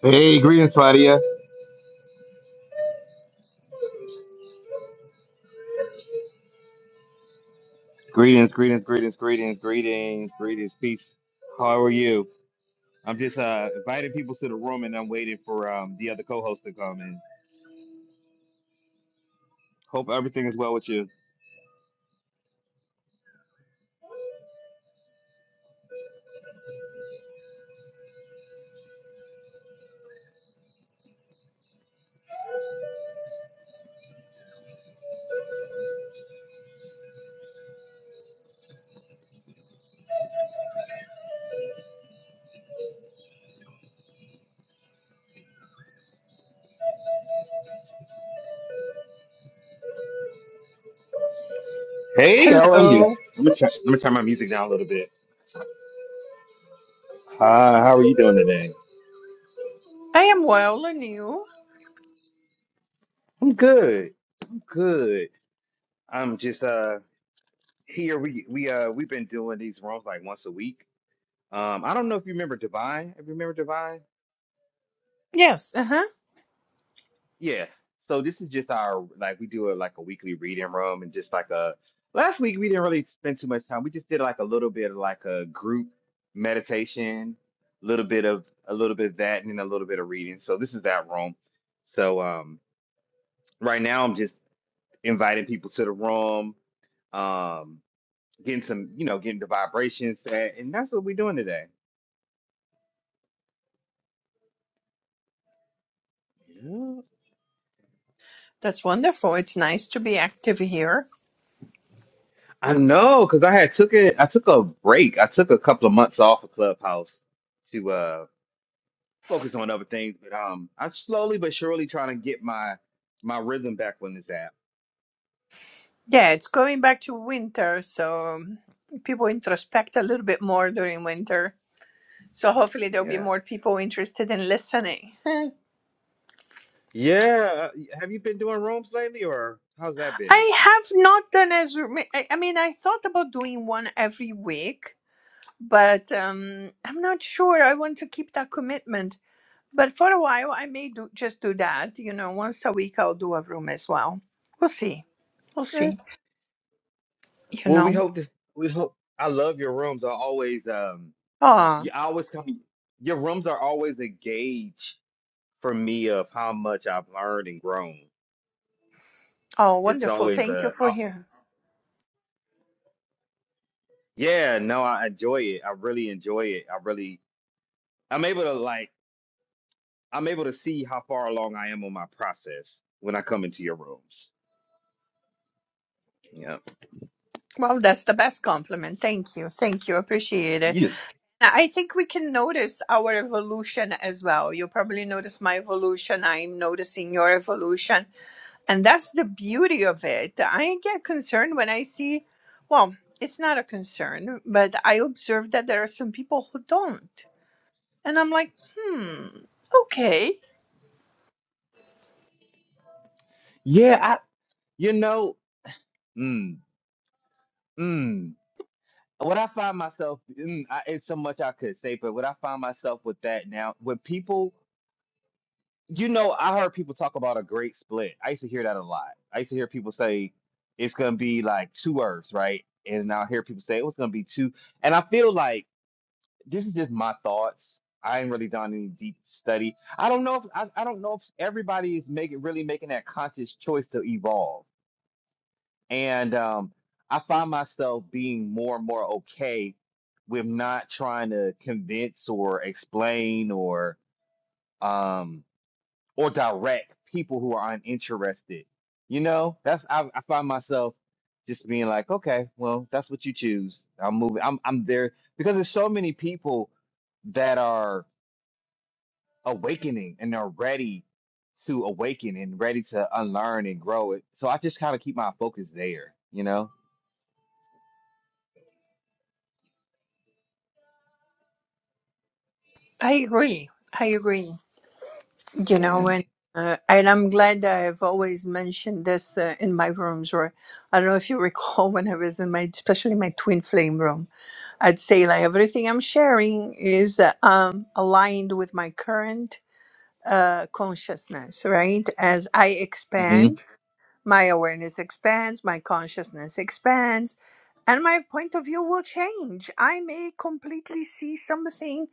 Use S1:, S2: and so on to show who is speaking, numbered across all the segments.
S1: Hey, greetings, Claudia. Greetings, greetings, greetings, greetings, greetings, greetings. Peace. How are you? I'm just uh, inviting people to the room, and I'm waiting for um, the other co-host to come And Hope everything is well with you. Hey, how are you?
S2: Hello.
S1: Let me turn let me turn my music down a little bit. Hi, how are you doing today?
S2: I am well, and you?
S1: I'm good. I'm good. I'm just uh here. We we uh we've been doing these rooms like once a week. Um, I don't know if you remember Divine. If you remember Divine.
S2: Yes, uh huh.
S1: Yeah. So this is just our like we do a like a weekly reading room and just like a last week we didn't really spend too much time. We just did like a little bit of like a group meditation, a little bit of a little bit of that and then a little bit of reading. So this is that room. So um right now I'm just inviting people to the room, um getting some, you know, getting the vibrations set, and that's what we're doing today. Yeah.
S2: That's wonderful. It's nice to be active here.
S1: I know, because I had took it I took a break. I took a couple of months off of Clubhouse to uh focus on other things, but um, I'm slowly but surely trying to get my my rhythm back on this app.
S2: Yeah, it's going back to winter, so um, people introspect a little bit more during winter. So hopefully there'll be
S1: Yeah,
S2: more people interested in listening. Hmm.
S1: yeah. uh, Have you been doing rooms lately, or how's that been?
S2: I have not done as m- I I mean, I thought about doing one every week, but um, I'm not sure I want to keep that commitment. But for a while, I may do just do that. You know, once a week I'll do a room as well. We'll see. We'll
S1: Okay.
S2: see. You
S1: Well, we
S2: know.
S1: hope to, we hope. I love your rooms. Are always um,
S2: Oh,
S1: you I always come. Your rooms are always a gauge for me of how much I've learned and grown.
S2: oh,
S1: It's
S2: wonderful!
S1: always
S2: Thank you
S1: a
S2: for
S1: oh,
S2: here.
S1: yeah. No, I enjoy it. I really enjoy it. I really. I'm able to like. I'm able to see how far along I am on my process when I come into your rooms. Yeah.
S2: Well, that's the best compliment. Thank you. Thank you. Appreciate it.
S1: You just
S2: I think we can notice our evolution as well. You probably notice my evolution. I'm noticing your evolution. And that's the beauty of it. I get concerned when I see, well, it's not a concern, but I observe that there are some people who don't And I'm like, hmm, okay.
S1: yeah, I you know, mm, mm. What I find myself mm, I, it's so much I could say, but what I find myself with that now, when people you know, I heard people talk about a great split. I used to hear that a lot. I used to hear people say it's gonna be like two earths, right? And now i hear people say it was gonna be two. And I feel like this is just my thoughts. I ain't really done any deep study. I don't know if I, I don't know if everybody is making really making that conscious choice to evolve. And um, I find myself being more and more okay with not trying to convince or explain or um or direct people who are uninterested. You know, that's I, I find myself just being like, okay, well, that's what you choose. I'm moving. I'm I'm there because there's so many people that are awakening and they're ready to awaken and ready to unlearn and grow it. So I just kind of keep my focus there, you know?
S2: I agree. I agree. You know,
S1: And
S2: and uh, and I'm glad I've always mentioned this uh, in my rooms. Or I don't know if you recall when I was in my, especially my twin flame room, I'd say like everything I'm sharing is uh, um aligned with my current uh consciousness, right? As I
S1: hmm
S2: expand My awareness expands, my consciousness expands, and my point of view will change. I may completely see something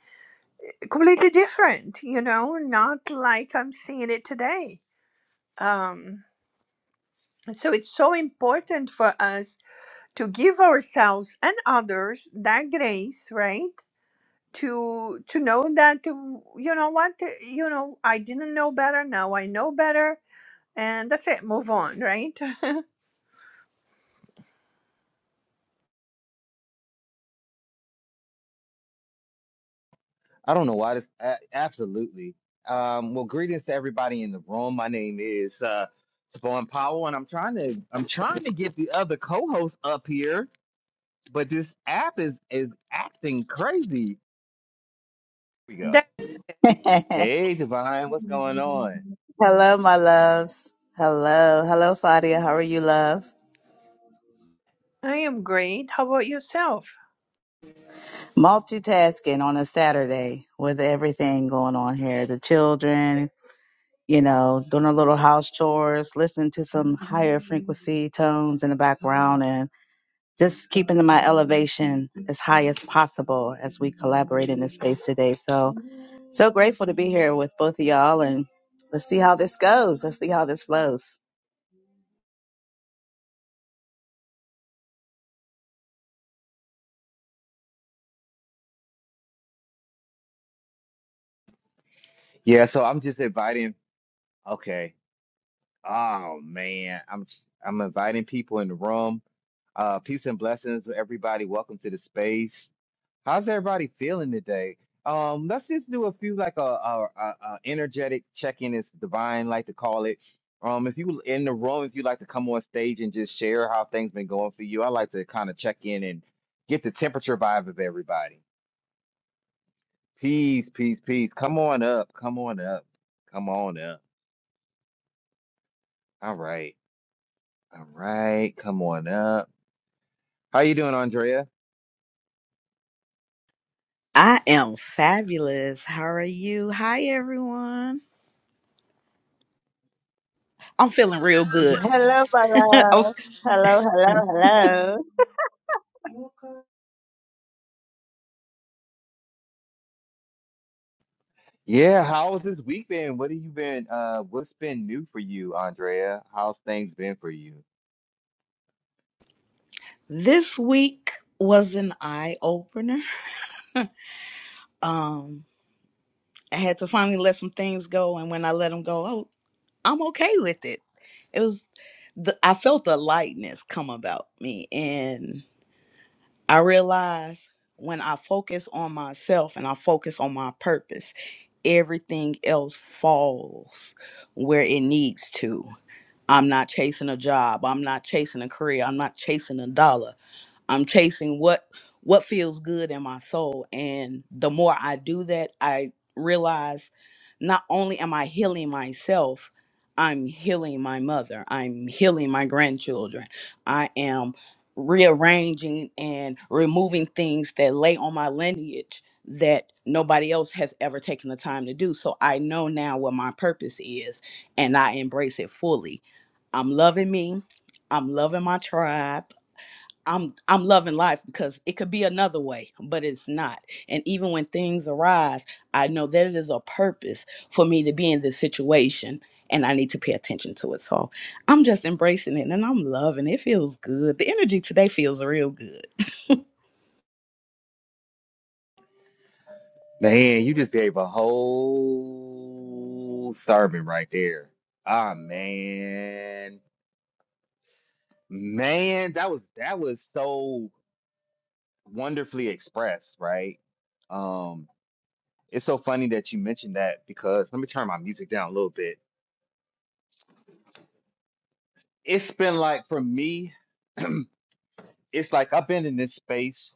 S2: completely different, you know, not like I'm seeing it today. Um, so it's so important for us to give ourselves and others that grace, right? To to know that uh, you know what you know I didn't know better now I know better and that's it move on right
S1: I don't know why this, a- absolutely. Um, well, greetings to everybody in the room. My name is uh, Tavon Powell, and I'm trying to I'm trying to get the other co-host up here, but this app is is acting crazy. Here we go.
S2: that
S1: Hey, Divine, what's going on?
S3: hello, my loves. Hello. Hello, Sadia. How are you, love?
S2: I am great how about yourself
S3: Multitasking on a Saturday with everything going on here. The children, you know, doing a little house chores, listening to some higher frequency tones in the background and just keeping my elevation as high as possible as we collaborate in this space today. So, so grateful to be here with both of y'all and let's see how this goes. Let's see how this flows.
S1: Yeah, so I'm just inviting. Okay, Oh man, I'm I'm inviting people in the room. Uh, peace and blessings, to everybody. Welcome to the space. How's everybody feeling today? Um, let's just do a few like a, a, a, a energetic check-in is divine, like to call it. Um, if you in the room, if you like to come on stage and just share how things been going for you, I like to kind of check in and get the temperature vibe of everybody. Peace, peace, peace. Come on up, come on up, come on up. All right, all right, come on up. How you doing, Andrea?
S4: I am fabulous. How are you? Hi, everyone. I'm feeling real good.
S3: Hello, my
S4: Oh,
S3: love. Hello, hello,
S4: mm.
S3: hello.
S1: Yeah, how has this week been? What have you been uh what's been new for you, Andrea? How's things been for you?
S4: this week was an eye opener. Um, I had to finally let some things go, and when I let them go, oh, I'm okay with it. It was, the, I felt the lightness come about me, and. I realize when I focus on myself and I focus on my purpose, everything else falls where it needs to. I'm not chasing a job. I'm not chasing a career. I'm not chasing a dollar. I'm chasing what what feels good in my soul. And the more I do that, I realize not only am I healing myself, I'm healing my mother, I'm healing my grandchildren. I am rearranging and removing things that lay on my lineage that nobody else has ever taken the time to do. So I know now what my purpose is and I embrace it fully. I'm loving me. I'm loving my tribe. I'm I'm loving life because it could be another way, but it's not. And even when things arise, I know that it is a purpose for me to be in this situation and I need to pay attention to it. So I'm just embracing it and I'm loving it. It feels good. The energy today feels real good.
S1: Man, you just gave a whole sermon right there. Ah man. Man, that was that was so wonderfully expressed, right? Um, it's so funny that you mentioned that because let me turn my music down a little bit. It's been like for me, it's like I've been in this space.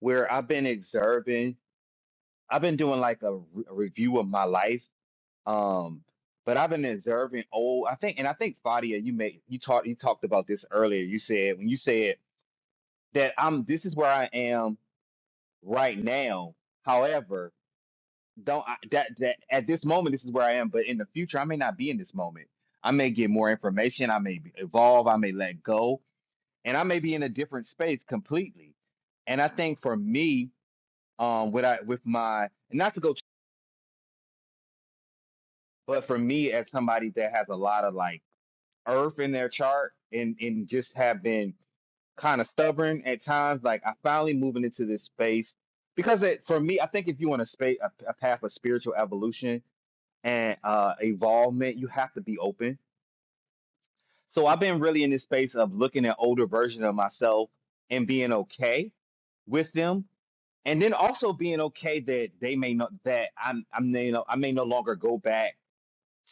S1: where I've been observing. I've been doing like a, re- a review of my life, um, but I've been observing. Oh, I think, and I think Fadia, you made you talked you talked about this earlier. You said when you said that I'm this is where I am right now. However, don't I, that that at this moment this is where I am, but in the future I may not be in this moment. I may get more information. I may be- evolve. I may let go, and I may be in a different space completely. And I think for me, um, what I with my not to go But for me, as somebody that has a lot of like earth in their chart and, and just have been kind of stubborn at times, like I finally moving into this space because it, for me, I think if you want a space a, a path of spiritual evolution and uh, evolvement, you have to be open. So I've been really in this space of looking at older versions of myself and being okay with them. And then also being okay that they may not that I'm I'm they know I may no longer go back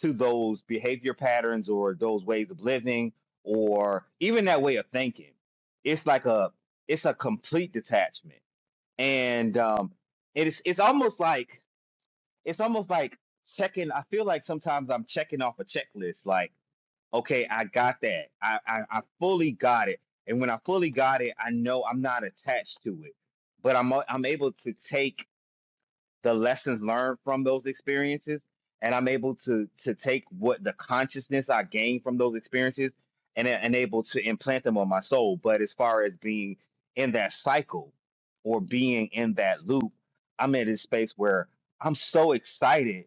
S1: to those behavior patterns or those ways of living or even that way of thinking. It's like a it's a complete detachment. And um it's it's almost like it's almost like checking I feel like sometimes I'm checking off a checklist like okay, I got that. I I, I fully got it. And when I fully got it, I know I'm not attached to it. But I'm I'm able to take the lessons learned from those experiences and i'm able to to take what the consciousness i gained from those experiences and, and able to implant them on my soul but as far as being in that cycle or being in that loop i'm in this space where i'm so excited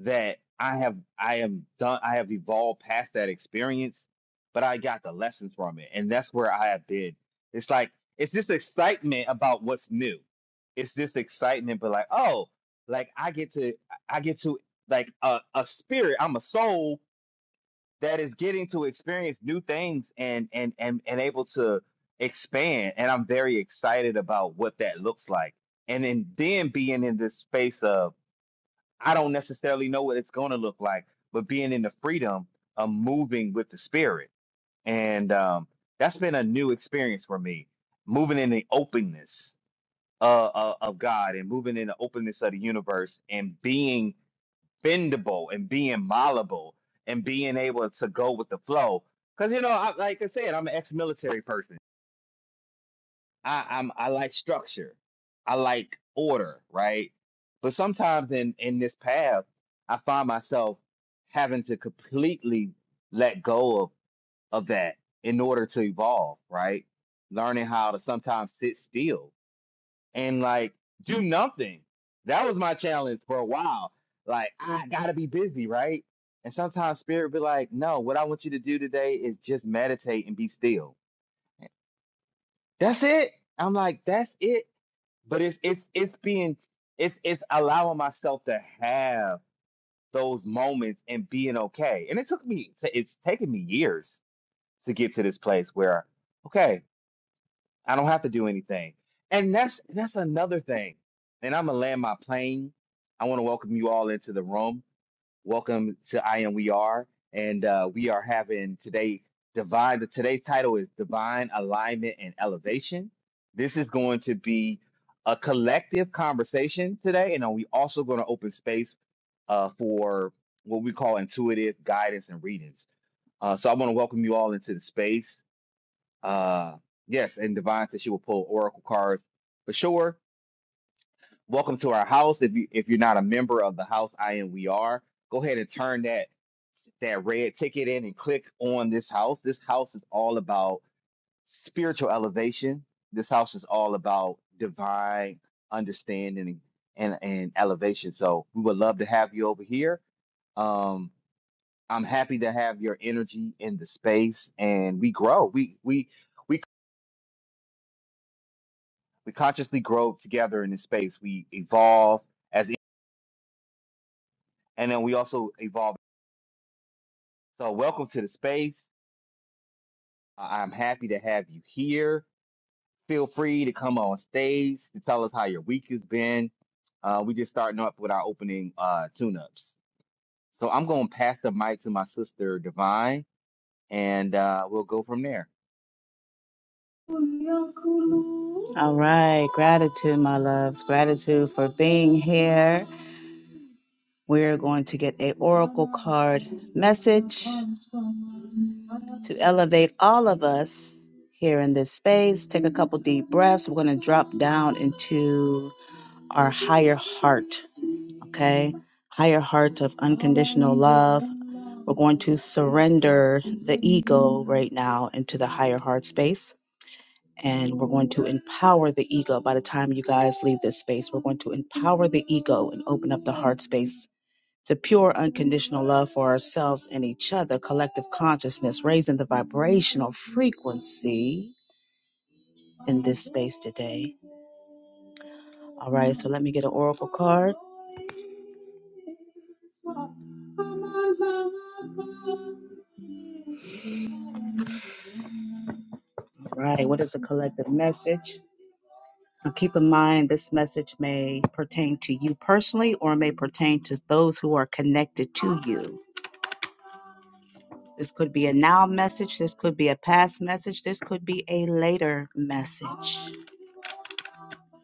S1: that I have I am done I have evolved past that experience, but I got the lessons from it. And that's where I have been. It's like it's this excitement about what's new. It's this excitement, but like, oh, like I get to I get to like a, a spirit, I'm a soul that is getting to experience new things and and and and able to expand. And I'm very excited about what that looks like. And then then being in this space of I don't necessarily know what it's going to look like, but being in the freedom of moving with the spirit. And um, that's been a new experience for me, moving in the openness uh, uh, of God and moving in the openness of the universe and being bendable and being malleable and being able to go with the flow. Because, you know, I, like I said, I'm an ex military person. I, I'm I like structure. I like order, right? But sometimes in in this path, I find myself having to completely let go of of that in order to evolve, right? Learning how to sometimes sit still and like do nothing. That was my challenge for a while. Like I gotta be busy, right? And sometimes spirit be like, no, what I want you to do today is just meditate and be still. That's it. I'm like, that's it but it's it's it's being it's it's allowing myself to have those moments and being okay. And it took me to, it's taken me years to get to this place where okay, I don't have to do anything. And that's that's another thing. And I'm gonna land my plane. I want to welcome you all into the room. Welcome to I Am We Are, and uh, we are having today divine. The today's title is Divine Alignment and Elevation. This is going to be a collective conversation today, and uh, we also going to open space uh, for what we call intuitive guidance and readings. Uh, so I want to welcome you all into the space. Uh, yes, and Divine says she will pull oracle cards for sure. Welcome to our house. If you if you're not a member of the house, I am. We are. Go ahead and turn that that red ticket in and click on this house. This house is all about spiritual elevation. This house is all about divine understanding and, and elevation. So we would love to have you over here. Um, I'm happy to have your energy in the space and we grow. We we we we consciously grow together in this space. We evolve as and then we also evolve. So welcome to the space. I- I'm happy to have you here. Feel free to come on stage to tell us how your week has been. Uh, we just starting up with our opening uh, tune-ups. So I'm going to pass the mic to my sister Divine, and uh, we'll go from there.
S3: All right, gratitude, my loves. Gratitude for being here. We're going to get a oracle card message to elevate all of us here in this space. Take a couple deep breaths. We're going to drop down into our higher heart, okay? Higher heart of unconditional love. We're going to surrender the ego right now into the higher heart space. and we're going to empower the ego by the time you guys leave this space we're going to empower the ego and open up the heart space to pure unconditional love for ourselves and each other collective consciousness raising the vibrational frequency in this space today all right so let me get an oracle card all right what is the collective message now keep in mind this message may pertain to you personally or may pertain to those who are connected to you This could be a now message. This could be a past message. This could be a later message.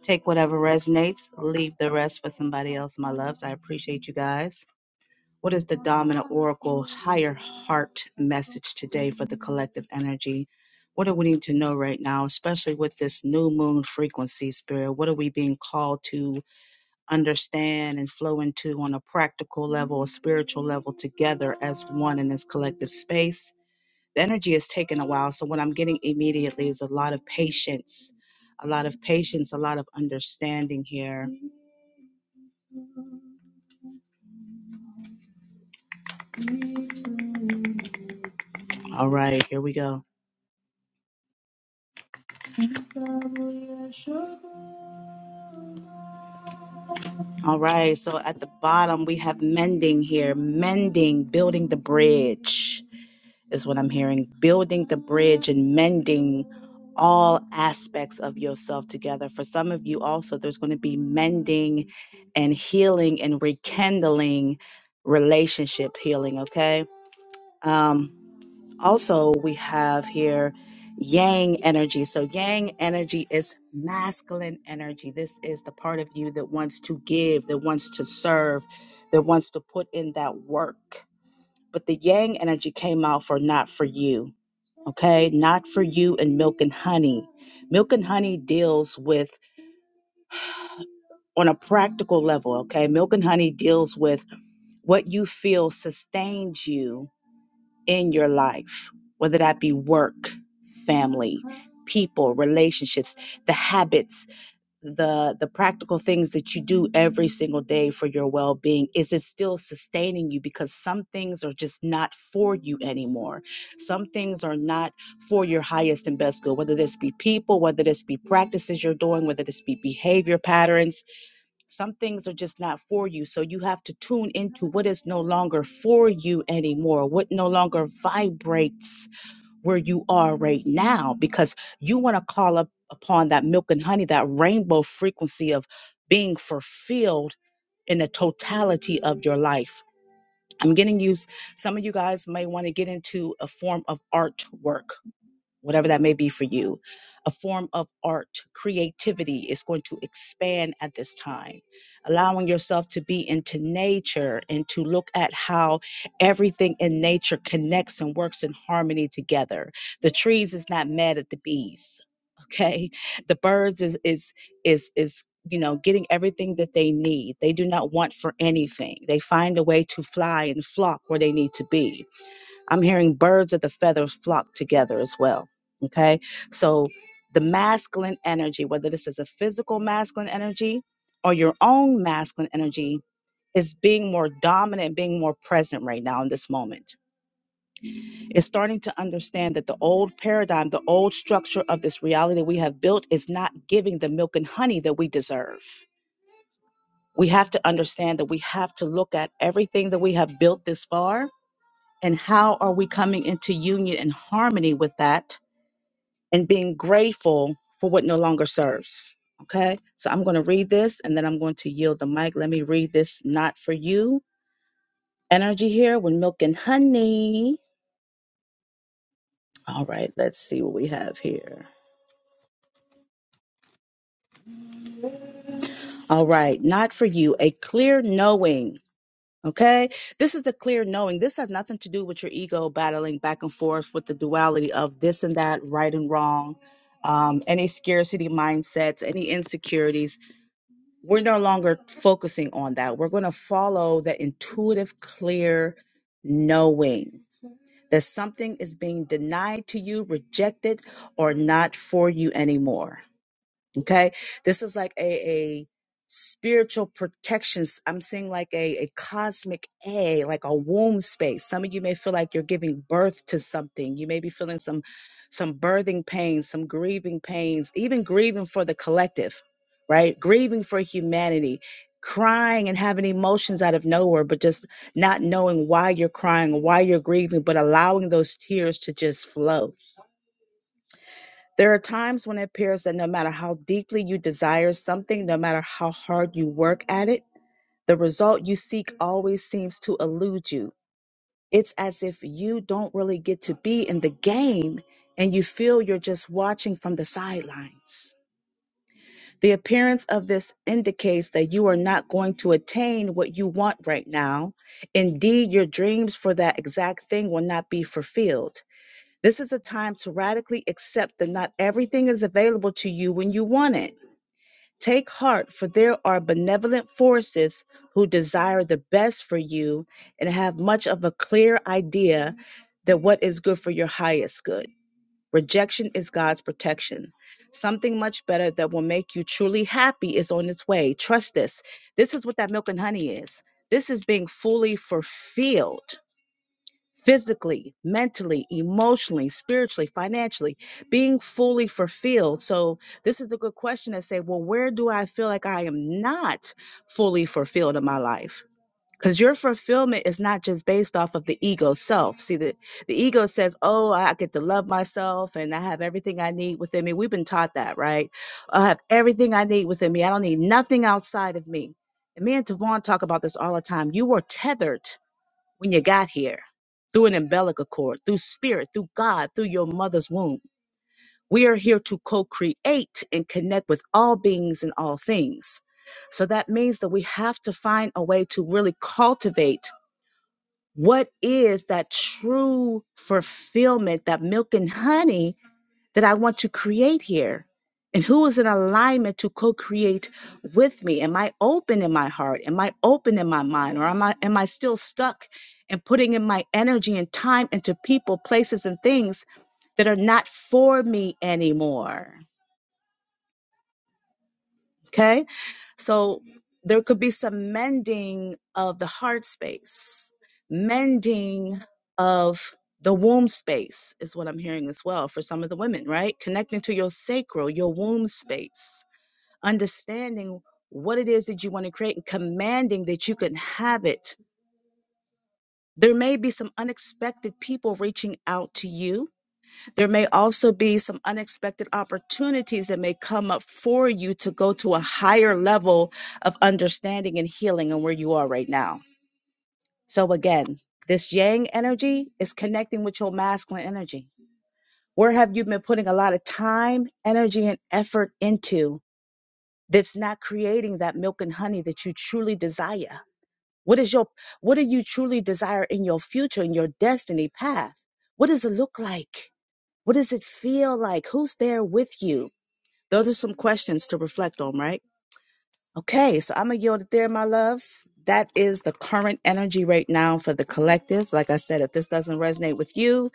S3: Take whatever resonates, leave the rest for somebody else, my loves. I appreciate you guys. What is the dominant oracle higher heart message today for the collective energy? What do we need to know right now, especially with this new moon frequency spirit? What are we being called to understand and flow into on a practical level, a spiritual level together as one in this collective space? the energy is taking a while. So what I'm getting immediately is a lot of patience, a lot of patience, a lot of understanding here. All right, here we go. All right, so at the bottom we have mending here. Mending, building the bridge is what I'm hearing. Building the bridge and mending all aspects of yourself together. For some of you also there's going to be mending and healing and rekindling relationship healing, okay? Um, also we have here yang energy so yang energy is masculine energy this is the part of you that wants to give that wants to serve that wants to put in that work but the yang energy came out for not for you okay not for you and milk and honey milk and honey deals with on a practical level okay milk and honey deals with what you feel sustains you in your life, whether that be work, family, people, relationships, the habits, the the practical things that you do every single day for your well-being, is it still sustaining you because some things are just not for you anymore. Some things are not for your highest and best good, whether this be people, whether this be practices you're doing, whether this be behavior patterns, some things are just not for you. So you have to tune into what is no longer for you anymore, what no longer vibrates where you are right now, because you want to call up upon that milk and honey, that rainbow frequency of being fulfilled in the totality of your life. I'm getting used, some of you guys may want to get into a form of artwork whatever that may be for you. A form of art, creativity is going to expand at this time. Allowing yourself to be into nature and to look at how everything in nature connects and works in harmony together. The trees is not mad at the bees. Okay. The birds is is is is you know getting everything that they need. They do not want for anything. They find a way to fly and flock where they need to be I'm hearing birds of the feathers flock together as well. Okay. So the masculine energy, whether this is a physical masculine energy or your own masculine energy, is being more dominant and being more present right now in this moment. It's starting to understand that the old paradigm, the old structure of this reality that we have built is not giving the milk and honey that we deserve. We have to understand that we have to look at everything that we have built this far and how are we coming into union and harmony with that and being grateful for what no longer serves. Okay, so I'm going to read this and then I'm going to yield the mic. Let me read this, not for you. Energy here with milk and honey. All right, let's see what we have here. All right, not for you, a clear knowing. Okay, this is the clear knowing. This has nothing to do with your ego battling back and forth with the duality of this and that, right and wrong, um, any scarcity mindsets, any insecurities we're no longer focusing on that. We're going to follow that intuitive, clear knowing that something is being denied to you, rejected, or not for you anymore. Okay. This is like a, a spiritual protection. s- I'm seeing like a, a cosmic A, like a womb space. Some of you may feel like you're giving birth to something. You may be feeling some some birthing pains, some grieving pains, even grieving for the collective, right? Grieving for humanity, crying and having emotions out of nowhere, but just not knowing why you're crying, why you're grieving, but allowing those tears to just flow there are times when it appears that no matter how deeply you desire something, no matter how hard you work at it, the result you seek always seems to elude you. It's as if you don't really get to be in the game and you feel you're just watching from the sidelines. The appearance of this indicates that you are not going to attain what you want right now. Indeed, your dreams for that exact thing will not be fulfilled. This is a time to radically accept that not everything is available to you when you want it. Take heart, for there are benevolent forces who desire the best for you and have much of a clear idea that what is good for your highest good. Rejection is God's protection. Something much better that will make you truly happy is on its way. Trust this. This is what that milk and honey is. This is being fully fulfilled physically, mentally, emotionally, spiritually, financially, being fully fulfilled. So this is a good question to say, well, where do I feel like I am not fully fulfilled in my life? Because your fulfillment is not just based off of the ego self. See, the, the ego says, oh, I get to love myself and I have everything I need within me. We've been taught that, right? I have everything I need within me. I don't need nothing outside of me. And me and Tavon talk about this all the time. You were tethered when you got here through an umbilical cord, through spirit, through God, through your mother's womb. We are here to co create and connect with all beings and all things. So that means that we have to find a way to really cultivate what is that true fulfillment, that milk and honey that I want to create here? And who is in alignment to co-create with me? Am I open in my heart? Am I open in my mind? Or am I am I still stuck and putting in my energy and time into people, places, and things that are not for me anymore? Okay. So there could be some mending of the heart space, mending of the womb space is what I'm hearing as well for some of the women, right? Connecting to your sacral, your womb space, understanding what it is that you want to create and commanding that you can have it. There may be some unexpected people reaching out to you there may also be some unexpected opportunities that may come up for you to go to a higher level of understanding and healing and where you are right now. So again, this yang energy is connecting with your masculine energy. Where have you been putting a lot of time, energy, and effort into that's not creating that milk and honey that you truly desire? What is your what do you truly desire in your future, in your destiny path? What does it look like? What does it feel like? Who's there with you? Those are some questions to reflect on, right? Okay, so I'm gonna yield it there, my loves. That is the current energy right now for the collective. Like I said, if this doesn't resonate with you,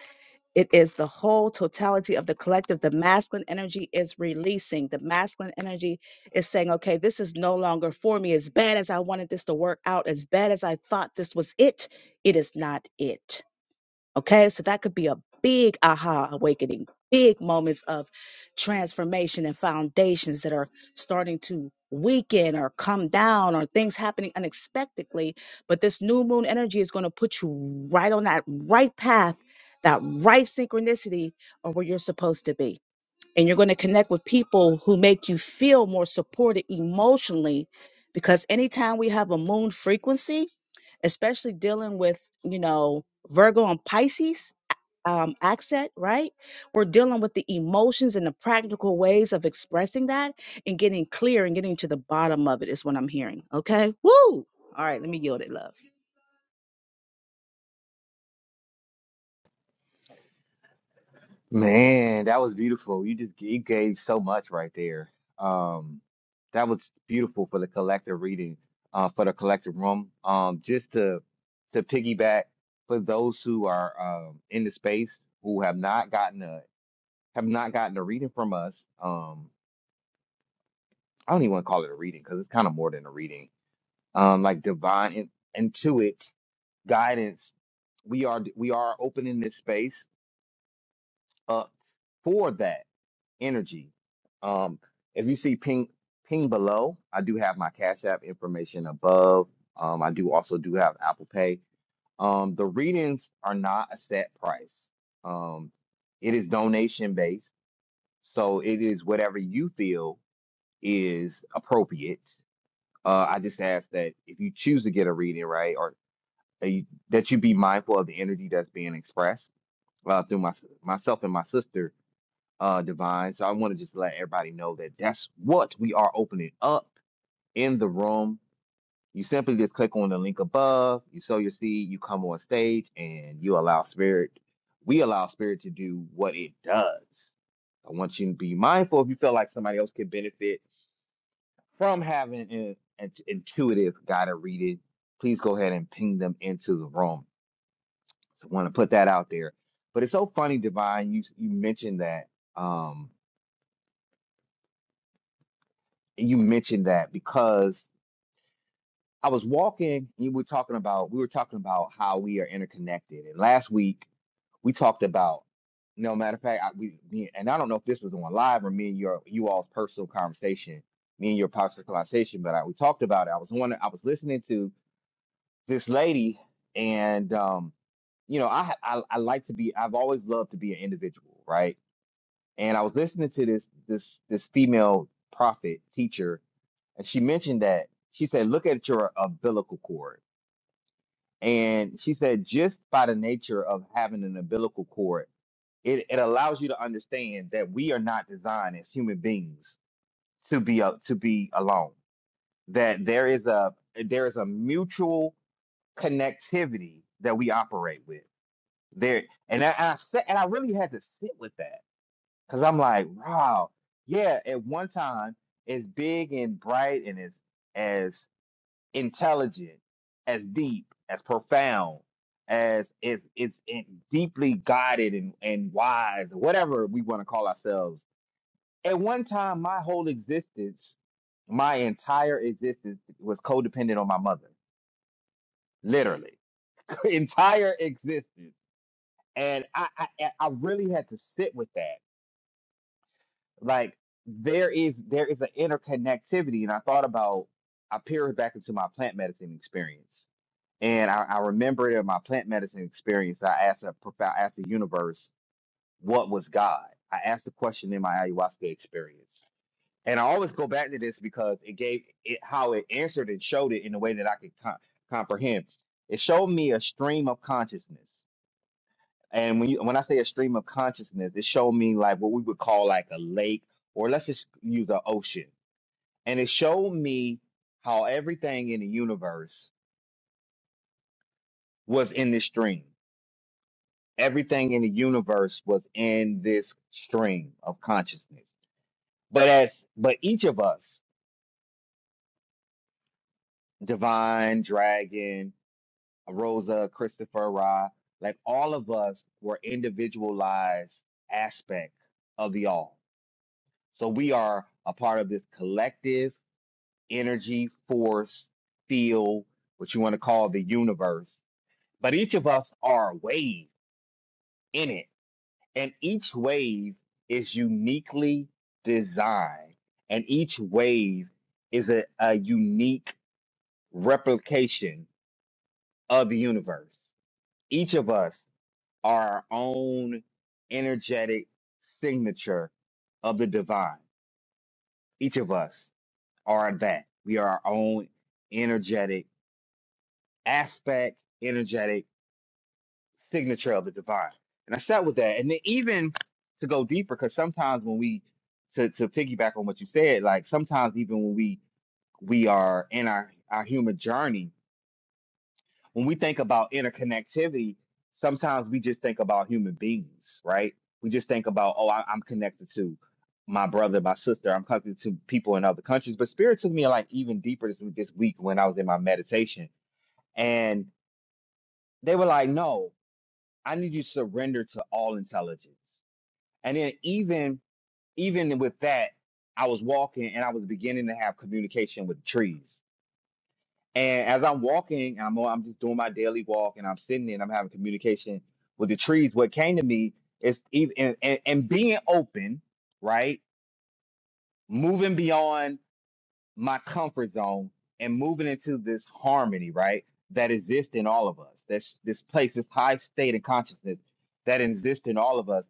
S3: it is the whole totality of the collective. The masculine energy is releasing. The masculine energy is saying, okay, this is no longer for me. As bad as I wanted this to work out, as bad as I thought this was it, it is not it. Okay, so that could be a big aha awakening, big moments of transformation and foundations that are starting to weaken or come down or things happening unexpectedly. But this new moon energy is going to put you right on that right path, that right synchronicity or where you're supposed to be and you're going to connect with people who make you feel more supported emotionally because anytime we have a moon frequency especially dealing with you know virgo and pisces um, accent, right? We're dealing with the emotions and the practical ways of expressing that and getting clear and getting to the bottom of it is what I'm hearing. Okay. Woo. All right. Let me yield it, love.
S1: Man, that was beautiful. You just you gave so much right there. Um, that was beautiful for the collective reading, uh, for the collective room. Um, just to to piggyback for those who are um, in the space who have not gotten a have not gotten a reading from us. Um, I don't even want to call it a reading because it's kind of more than a reading. Um, like divine in, intuit guidance. We are we are opening this space up for that energy. Um, if you see ping ping below, I do have my Cash App information above. Um, I do also do have Apple Pay. Um, the readings are not a set price. Um, it is donation based, so it is whatever you feel is appropriate Uh, I just ask that if you choose to get a reading, right, or that you, that you be mindful of the energy that's being expressed uh, through my, myself and my sister, uh, Divine. So I want to just let everybody know that that's what we are opening up in the room. You simply just click on the link above, you sow your seed, you come on stage, and you allow spirit. We allow spirit to do what it does. I want you to be mindful if you feel like somebody else can benefit from having an, an intuitive guy to read it, please go ahead and ping them into the room. So I want to put that out there. But it's so funny, Divine, you you mentioned that. Um, you mentioned that because I was walking, and you were talking about we were talking about how we are interconnected. And last week we talked about no matter of fact, I, we me- and I don't know if this was on live or me and your you all's personal conversation, me and your personal conversation, but I, we talked about it. I was on I was listening to this lady and um you know I, I i like to be i've always loved to be an individual right and i was listening to this this this female prophet teacher and she mentioned that she said look at your umbilical cord and she said just by the nature of having an umbilical cord it, it allows you to understand that we are not designed as human beings to be uh, to be alone that there is a there is a mutual connectivity that we operate with There and I, and I sat, and I really had to sit with that because I'm like, wow, yeah. At one time, as big and bright and as as intelligent, as deep, as profound, as is is it deeply guided and and wise, or whatever we want to call ourselves. At one time, my whole existence, my entire existence, was codependent on my mother, literally, entire existence. And I, I I I really had to sit with that like there is there is an interconnectivity and i thought about i peered back into my plant medicine experience and i, I remember in my plant medicine experience i asked a prof- I asked the universe what was god i asked the question in my ayahuasca experience and i always go back to this because it gave it how it answered and showed it in a way that i could co- comprehend it showed me a stream of consciousness and when you, when I say a stream of consciousness, it showed me like what we would call like a lake, or let's just use an ocean. And it showed me how everything in the universe was in this stream. Everything in the universe was in this stream of consciousness. But as but each of us, Divine, Dragon, Rosa, Christopher, Ra, like all of us were individualized aspect of the all. So we are a part of this collective energy, force, field, what you want to call the universe. But each of us are a wave in it, and each wave is uniquely designed, and each wave is a, a unique replication of the universe. Each of us are our own energetic signature of the divine. Each of us are that. We are our own energetic aspect, energetic signature of the divine. And I sat with that. And then even to go deeper, because sometimes when we to, to piggyback on what you said, like sometimes even when we we are in our, our human journey, when we think about interconnectivity, sometimes we just think about human beings, right? We just think about, oh, I, I'm connected to my brother, my sister, I'm connected to people in other countries. But spirit took me like even deeper this this week when I was in my meditation. And they were like, no, I need you to surrender to all intelligence. And then even even with that, I was walking and I was beginning to have communication with the trees. And as I'm walking, I'm I'm just doing my daily walk, and I'm sitting there and I'm having communication with the trees. What came to me is even and, and, and being open, right? Moving beyond my comfort zone and moving into this harmony, right? That exists in all of us. That's this place, this high state of consciousness that exists in all of us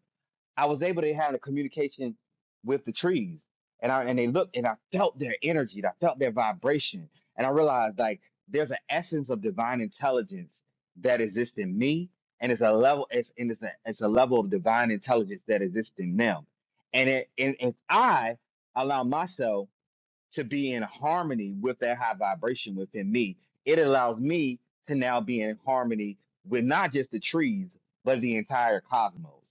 S1: I was able to have a communication with the trees, and I and they looked, and I felt their energy, and I felt their vibration, and I realized like there's an essence of divine intelligence that exists in me, and it's a level, it's and it's a it's a level of divine intelligence that exists in them, and it, and if I allow myself to be in harmony with that high vibration within me. It allows me to now be in harmony with not just the trees, but the entire cosmos.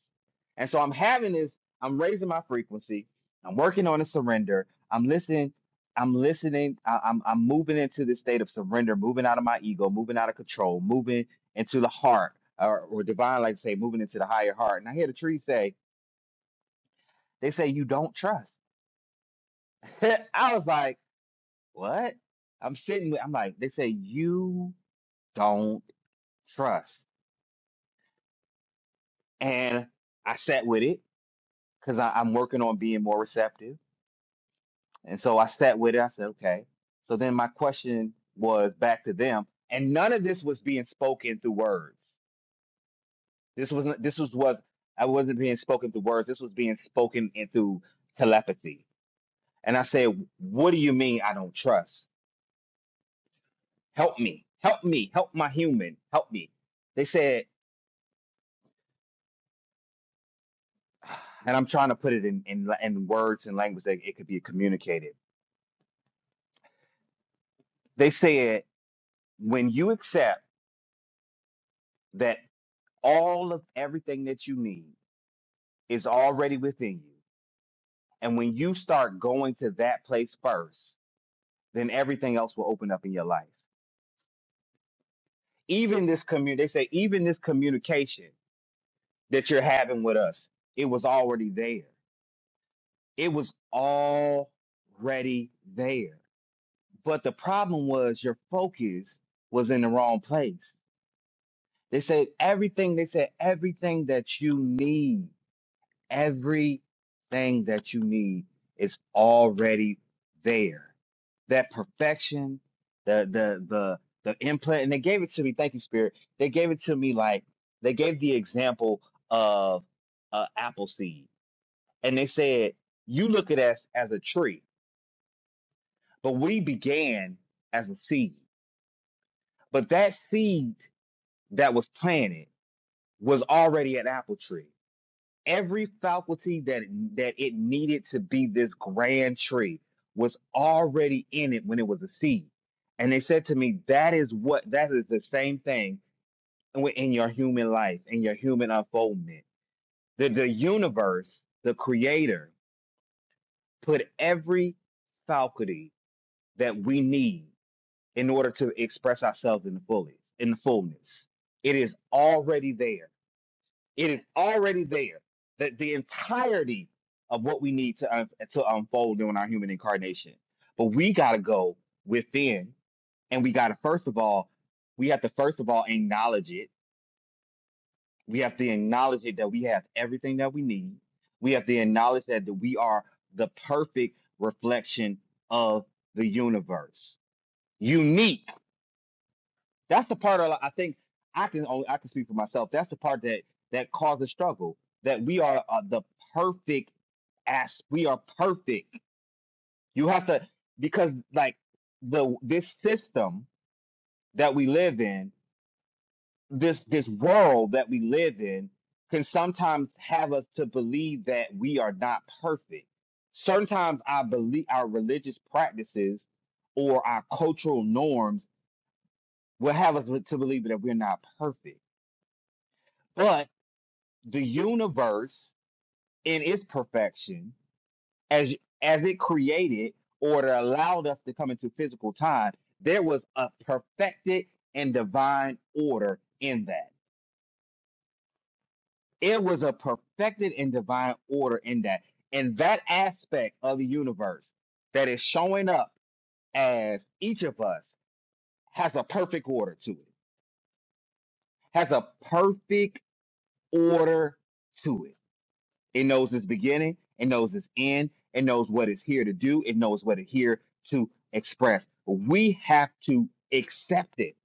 S1: And so I'm having this, I'm raising my frequency, I'm working on a surrender, I'm listening, I'm listening, I- I'm, I'm moving into this state of surrender, moving out of my ego, moving out of control, moving into the heart, or, or divine, like to say, moving into the higher heart. And I hear the trees say, they say, you don't trust. I was like, what? I'm sitting with, I'm like, they say, you don't trust. And I sat with it because I'm working on being more receptive. And so I sat with it. I said, okay. So then my question was back to them. And none of this was being spoken through words. This wasn't, this was what I wasn't being spoken through words. This was being spoken in through telepathy. And I said, what do you mean I don't trust? Help me. Help me. Help my human. Help me. They said. and I'm trying to put it in in, in words and language that it could be communicated. They said when you accept that all of everything that you need is already within you, and when you start going to that place first, then everything else will open up in your life. Even this commun they say even this communication that you're having with us, it was already there. It was already there. But the problem was your focus was in the wrong place They said everything, they said everything that you need, everything that you need is already there. That perfection, the the the the implant, and they gave it to me. Thank you, Spirit. They gave it to me like they gave the example of uh, apple seed, and they said you look at us as a tree, but we began as a seed. But that seed that was planted was already an apple tree every faculty that that it needed to be this grand tree was already in it when it was a seed and they said to me that is what that is the same thing in your human life in your human unfoldment the, the universe the creator put every faculty that we need in order to express ourselves in the fullness in the fullness it is already there It is already there. The, the entirety of what we need to, un- to unfold during our human incarnation. But we got to go within, and we got to, first of all, we have to, first of all, acknowledge it. We have to acknowledge it that we have everything that we need. We have to acknowledge that that we are the perfect reflection of the universe, unique That's the part of I think I can only I can speak for myself. That's the part that that causes struggle. That we are uh, the perfect ass. we are perfect. You have to because like the this system that we live in, this this world that we live in can sometimes have us to believe that we are not perfect. Sometimes I believe our religious practices or our cultural norms will have us to believe that we're not perfect. but. the universe in its perfection as as it created or that allowed us to come into physical time there was a perfected and divine order in that it was a perfected and divine order in that and that aspect of the universe that is showing up as each of us has a perfect order to it has a perfect order to it It knows its beginning, it knows its end, it knows what it's here to do, it knows what it's here to express. We have to accept it.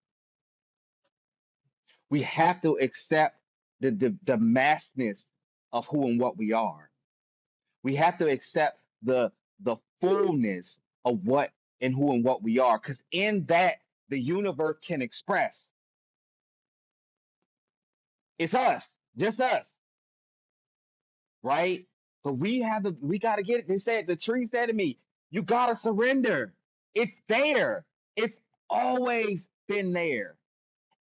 S1: We have to accept the, the, the massness of who and what we are. We have to accept the the fullness of what and who and what we are. Because in that the universe can express. It's us, just us. right? So we have the we gotta get it. They said the tree said to me, you gotta surrender. It's there. It's always been there.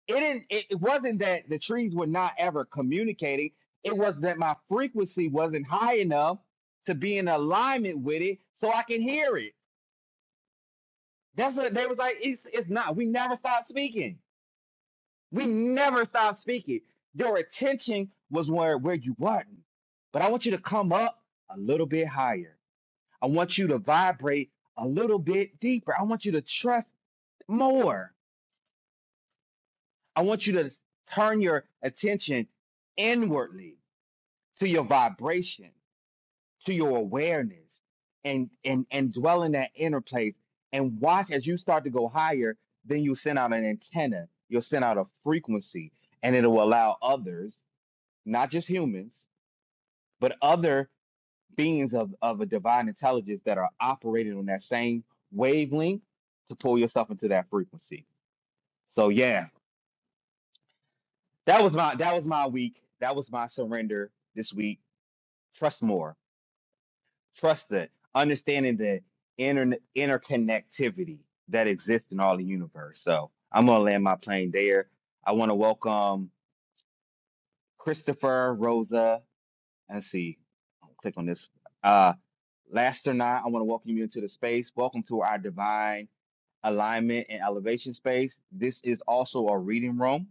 S1: It didn't it, it wasn't that the trees were not ever communicating. It was that my frequency wasn't high enough to be in alignment with it so I can hear it. That's what they was like, it's it's not. We never stop speaking. We never stop speaking. Your attention was where where you weren't. But I want you to come up a little bit higher. I want you to vibrate a little bit deeper. I want you to trust more. I want you to turn your attention inwardly to your vibration, to your awareness, and and and dwell in that inner place and watch as you start to go higher, then you send out an antenna, you'll send out a frequency, and it'll allow others, not just humans, but other beings of, of a divine intelligence that are operating on that same wavelength to pull yourself into that frequency. So yeah, that was my that was my week. That was my surrender this week. Trust more. Trust the understanding the inter, interconnectivity that exists in all the universe. So I'm gonna land my plane there. I want to welcome Christopher, Rosa, and see. I'll click on this. Uh, Lasterna, I want to welcome you into the space. Welcome to our divine alignment and elevation space. This is also a reading room.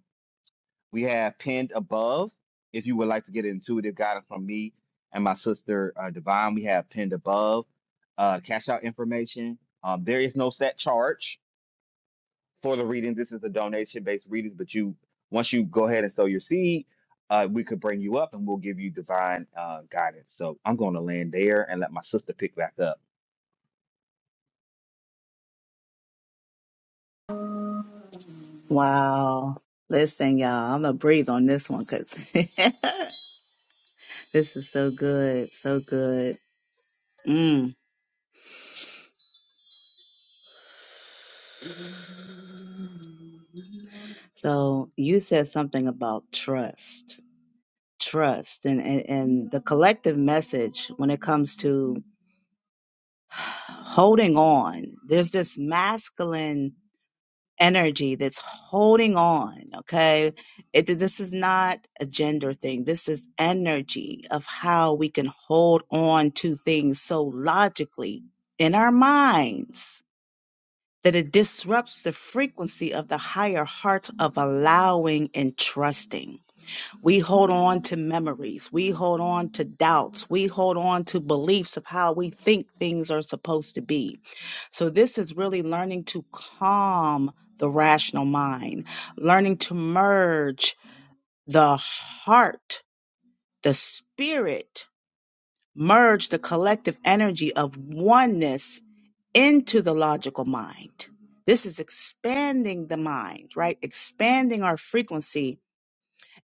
S1: We have pinned above. If you would like to get intuitive guidance from me and my sister uh, Divine, we have pinned above uh, cash out information. Um, there is no set charge for the reading. This is a donation based reading, but you once you go ahead and sow your seed, uh, we could bring you up and we'll give you divine uh, guidance. So I'm going to land there and let my sister pick back up.
S3: Wow. Listen, y'all, I'm going to breathe on this one because This is so good, so good. Mm. So you said something about trust, trust, and, and and the collective message when it comes to holding on. There's this masculine energy that's holding on. Okay, it, this is not a gender thing. This is energy of how we can hold on to things so logically in our minds that it disrupts the frequency of the higher heart of allowing and trusting. We hold on to memories. We hold on to doubts. We hold on to beliefs of how we think things are supposed to be. So this is really learning to calm the rational mind, learning to merge the heart, the spirit, merge the collective energy of oneness into the logical mind. This is expanding the mind, right? Expanding our frequency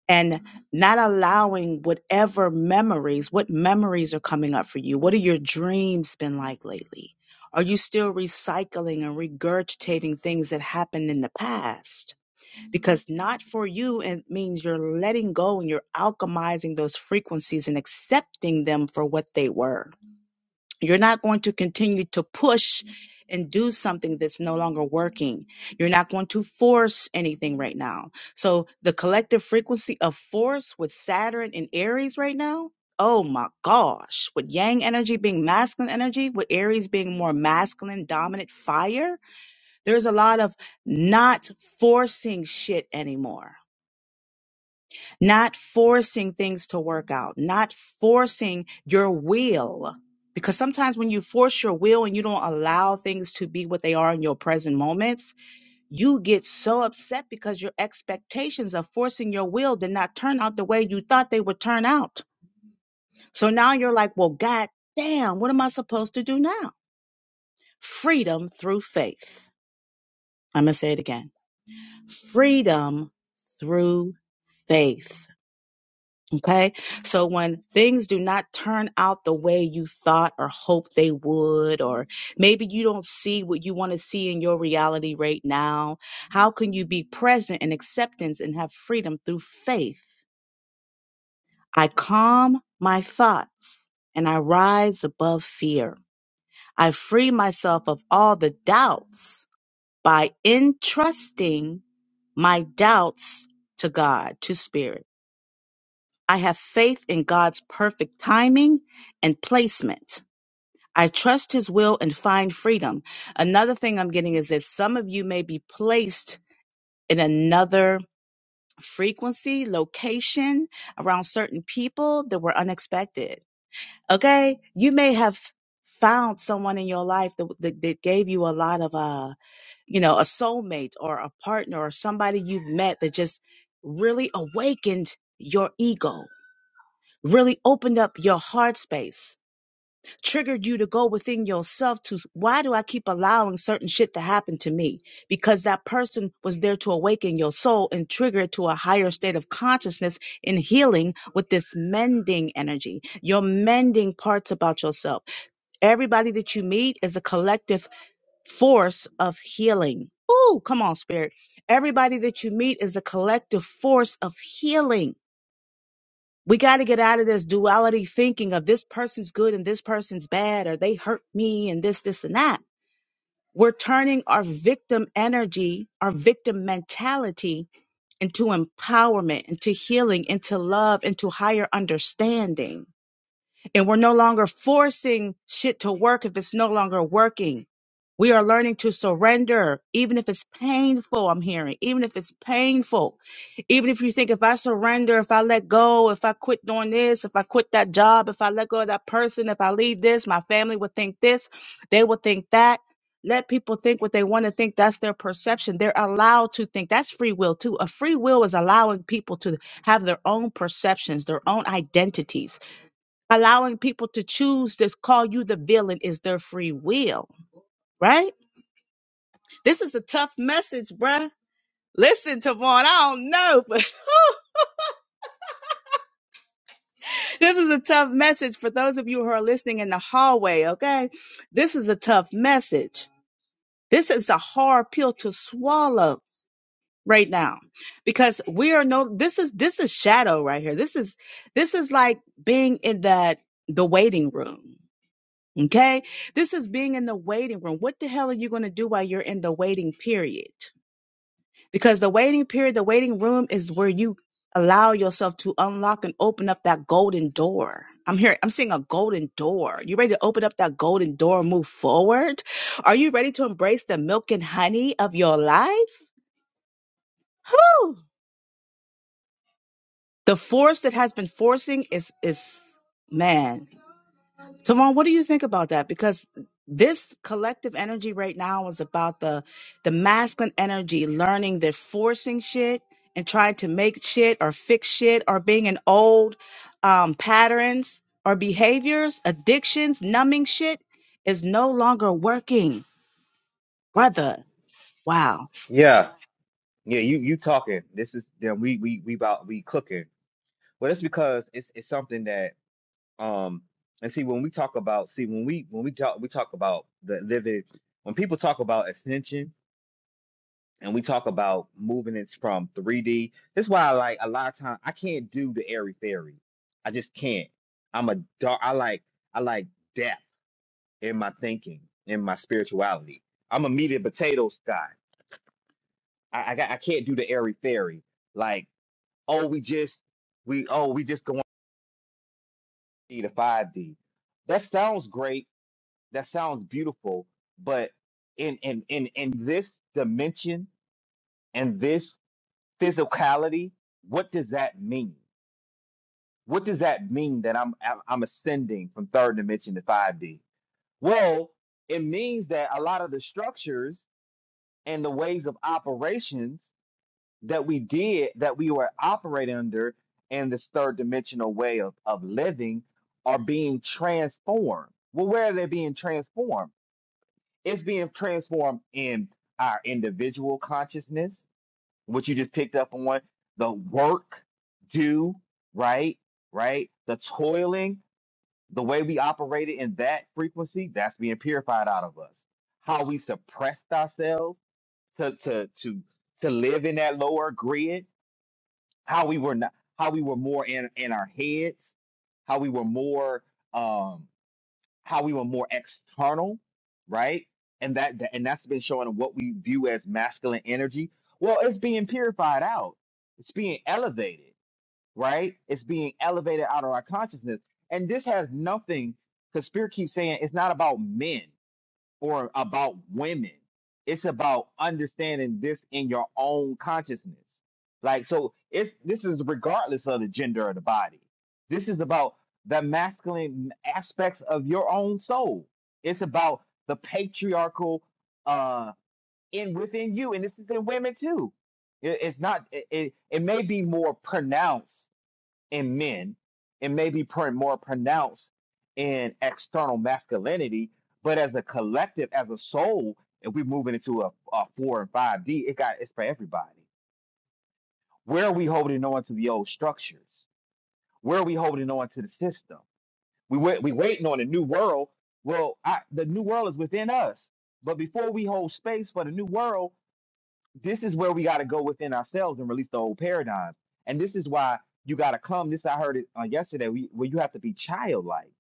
S3: and not allowing whatever memories, what memories are coming up for you? What are your dreams been like lately? Are you still recycling and regurgitating things that happened in the past? Because not for you, it means you're letting go and you're alchemizing those frequencies and accepting them for what they were you're not going to continue to push and do something that's no longer working. You're not going to force anything right now. So the collective frequency of force with Saturn and Aries right now, oh my gosh, with Yang energy being masculine energy, with Aries being more masculine, dominant fire, there's a lot of not forcing shit anymore not forcing things to work out, not forcing your will. Because sometimes when you force your will and you don't allow things to be what they are in your present moments, you get so upset because your expectations of forcing your will did not turn out the way you thought they would turn out. So now you're like, well, God damn, what am I supposed to do now? Freedom through faith. I'm going to say it again freedom through faith Okay. So when things do not turn out the way you thought or hoped they would, or maybe you don't see what you want to see in your reality right now, how can you be present in acceptance and have freedom through faith? I calm my thoughts and I rise above fear. I free myself of all the doubts by entrusting my doubts to God, to spirit. I have faith in God's perfect timing and placement. I trust his will and find freedom. Another thing I'm getting is that some of you may be placed in another frequency, location around certain people that were unexpected. Okay. You may have found someone in your life that, that, that gave you a lot of, uh, you know, a soulmate or a partner or somebody you've met that just really awakened your ego really opened up your heart space, triggered you to go within yourself to why do I keep allowing certain shit to happen to me? Because that person was there to awaken your soul and trigger it to a higher state of consciousness in healing with this mending energy. You're mending parts about yourself. Everybody that you meet is a collective force of healing. Ooh, come on, spirit. Everybody that you meet is a collective force of healing we got to get out of this duality thinking of this person's good and this person's bad, or they hurt me and this, this, and that. We're turning our victim energy, our victim mentality into empowerment, into healing, into love, into higher understanding. And we're no longer forcing shit to work if it's no longer working. We are learning to surrender, even if it's painful, I'm hearing, even if it's painful. Even if you think if I surrender, if I let go, if I quit doing this, if I quit that job, if I let go of that person, if I leave this, my family would think this, they would think that. Let people think what they want to think. That's their perception. They're allowed to think. That's free will, too. A free will is allowing people to have their own perceptions, their own identities allowing people to choose to call you the villain is their free will, right? This is a tough message, bruh. Listen, Tavon, I don't know, but this is a tough message for those of you who are listening in the hallway, okay? This is a tough message. This is a hard pill to swallow right now because we are no this is this is shadow right here. This is this is like being in that the waiting room Okay. This is being in the waiting room. What the hell are you going to do while you're in the waiting period? Because the waiting period, the waiting room is where you allow yourself to unlock and open up that golden door. I'm here. I'm seeing a golden door. You ready to open up that golden door and move forward? Are you ready to embrace the milk and honey of your life? Woo! The force that has been forcing is, is, man. Tavon, what do you think about that? Because this collective energy right now is about the the masculine energy learning that forcing shit and trying to make shit or fix shit or being in old um, patterns or behaviors, addictions, numbing shit is no longer working, brother. Wow.
S1: Yeah, yeah, you you talking? This is then we we we about we cooking. Well, that's because it's it's something that um and see when we talk about see when we when we talk we talk about the living when people talk about ascension and we talk about moving it from 3D, that's why I like a lot of time I can't do the airy fairy. I just can't. I'm a dark I like I like depth in my thinking, in my spirituality. I'm a meat and potatoes guy. I, I got I can't do the airy fairy. Like, oh we just we oh we just D to 5D. That sounds great. That sounds beautiful. But in in in in this dimension and this physicality, what does that mean? What does that mean that I'm I'm I'm ascending from third dimension to 5D? Well, it means that a lot of the structures and the ways of operations that we did that we were operating under in this third dimensional way of, of living are being transformed. Well, where are they being transformed? It's being transformed in our individual consciousness, which you just picked up on, the work, do, right, right, the toiling, the way we operated in that frequency, that's being purified out of us. How we suppressed ourselves to to to to live in that lower grid how we were not how we were more in in our heads how we were more um how we were more external right and that that- and that's been showing what we view as masculine energy well it's being purified out it's being elevated right it's being elevated out of our consciousness and this has nothing because spirit keeps saying it's not about men or about women. It's about understanding this in your own consciousness. Like so it's this is regardless of the gender of the body. This is about the masculine aspects of your own soul. It's about the patriarchal uh in within you and this is in women too. It- it's not it, it it may be more pronounced in men and maybe pr- more pronounced in external masculinity but as a collective as a soul if we're moving into a, a four and five d it got it's for everybody where are we holding on to the old structures where are we holding on to the system we wait we waiting on a new world well I, the new world is within us but before we hold space for the new world this is where we got to go within ourselves and release the old paradigms. And this is why you got to come. This I heard it uh, yesterday. We, where you have to be childlike,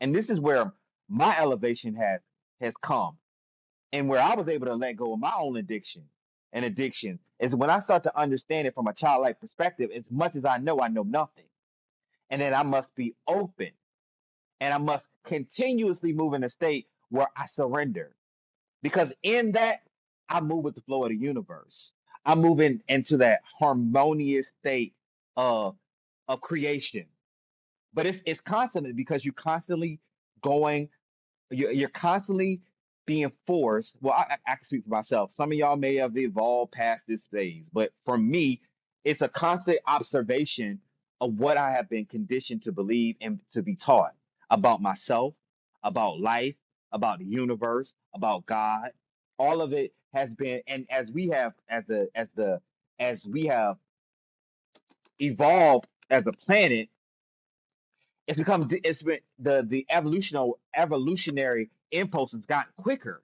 S1: and this is where my elevation has has come, and where I was able to let go of my own addiction. And addiction is when I start to understand it from a childlike perspective. As much as I know, I know nothing, and then I must be open, and I must continuously move in a state where I surrender because in that, I move with the flow of the universe. I move in into that harmonious state of of creation. But it's it's constantly because you're constantly going you're, you're constantly being forced. Well, I, I I can speak for myself. Some of y'all may have evolved past this phase, but for me, it's a constant observation of what I have been conditioned to believe and to be taught about myself, about life, about the universe, about God. All of it has been, and as we have, as the, as the, as we have evolved as a planet, it's become, it's been the the evolutional evolutionary impulse has gotten quicker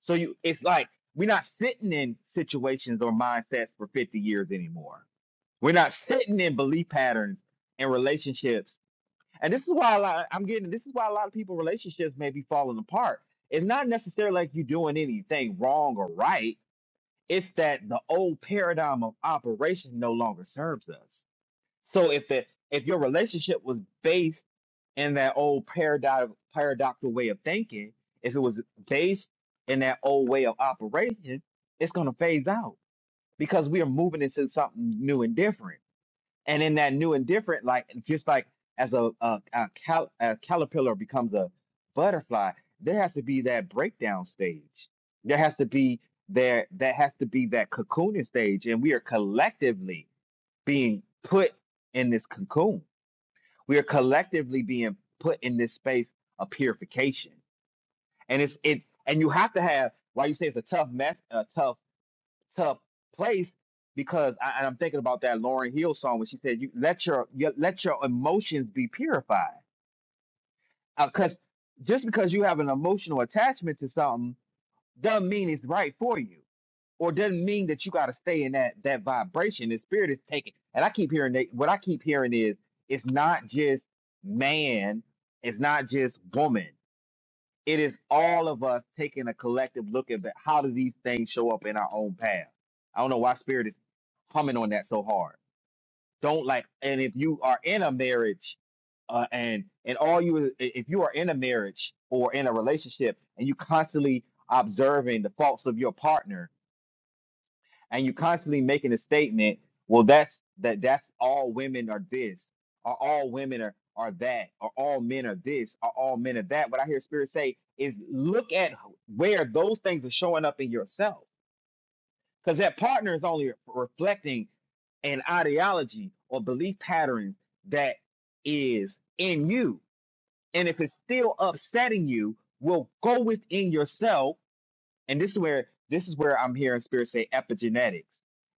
S1: So you, it's like we're not sitting in situations or mindsets for 50 years anymore. We're not sitting in belief patterns and relationships. And this is why a lot, I'm getting. This is why a lot of people relationships may be falling apart. It's not necessarily like you are doing anything wrong or right. It's that the old paradigm of operation no longer serves us. So if the if your relationship was based in that old paradox, paradoxical way of thinking, if it was based in that old way of operation, it's going to phase out because we are moving into something new and different. And in that new and different, like just like as a, a, a, cal- a caterpillar becomes a butterfly, there has to be that breakdown stage. There has to be there that has to be that cocooning stage, and we are collectively being put in this cocoon we're collectively being put in this space of purification and it's it and you have to have why you say it's a tough mess a tough tough place because I, and i'm thinking about that lauren hill song when she said you let your, your let your emotions be purified because just because you have an emotional attachment to something doesn't mean it's right for you or doesn't mean that you got to stay in that that vibration. The spirit is taking, and I keep hearing that. What I keep hearing is it's not just man, it's not just woman. It is all of us taking a collective look at that. How do these things show up in our own path? I don't know why spirit is humming on that so hard don't like, and if you are in a marriage, uh, and and all you, if you are in a marriage or in a relationship, and you constantly observing the faults of your partner, and you constantly making a statement, well, that's that that's all women are this, or all women are are that, or all men are this, or all men are that. What I hear Spirit say is, look at where those things are showing up in yourself because that partner is only reflecting an ideology or belief pattern that is in you. And if it's still upsetting you, will go within yourself. And this is where this is where I'm hearing spirit say epigenetics.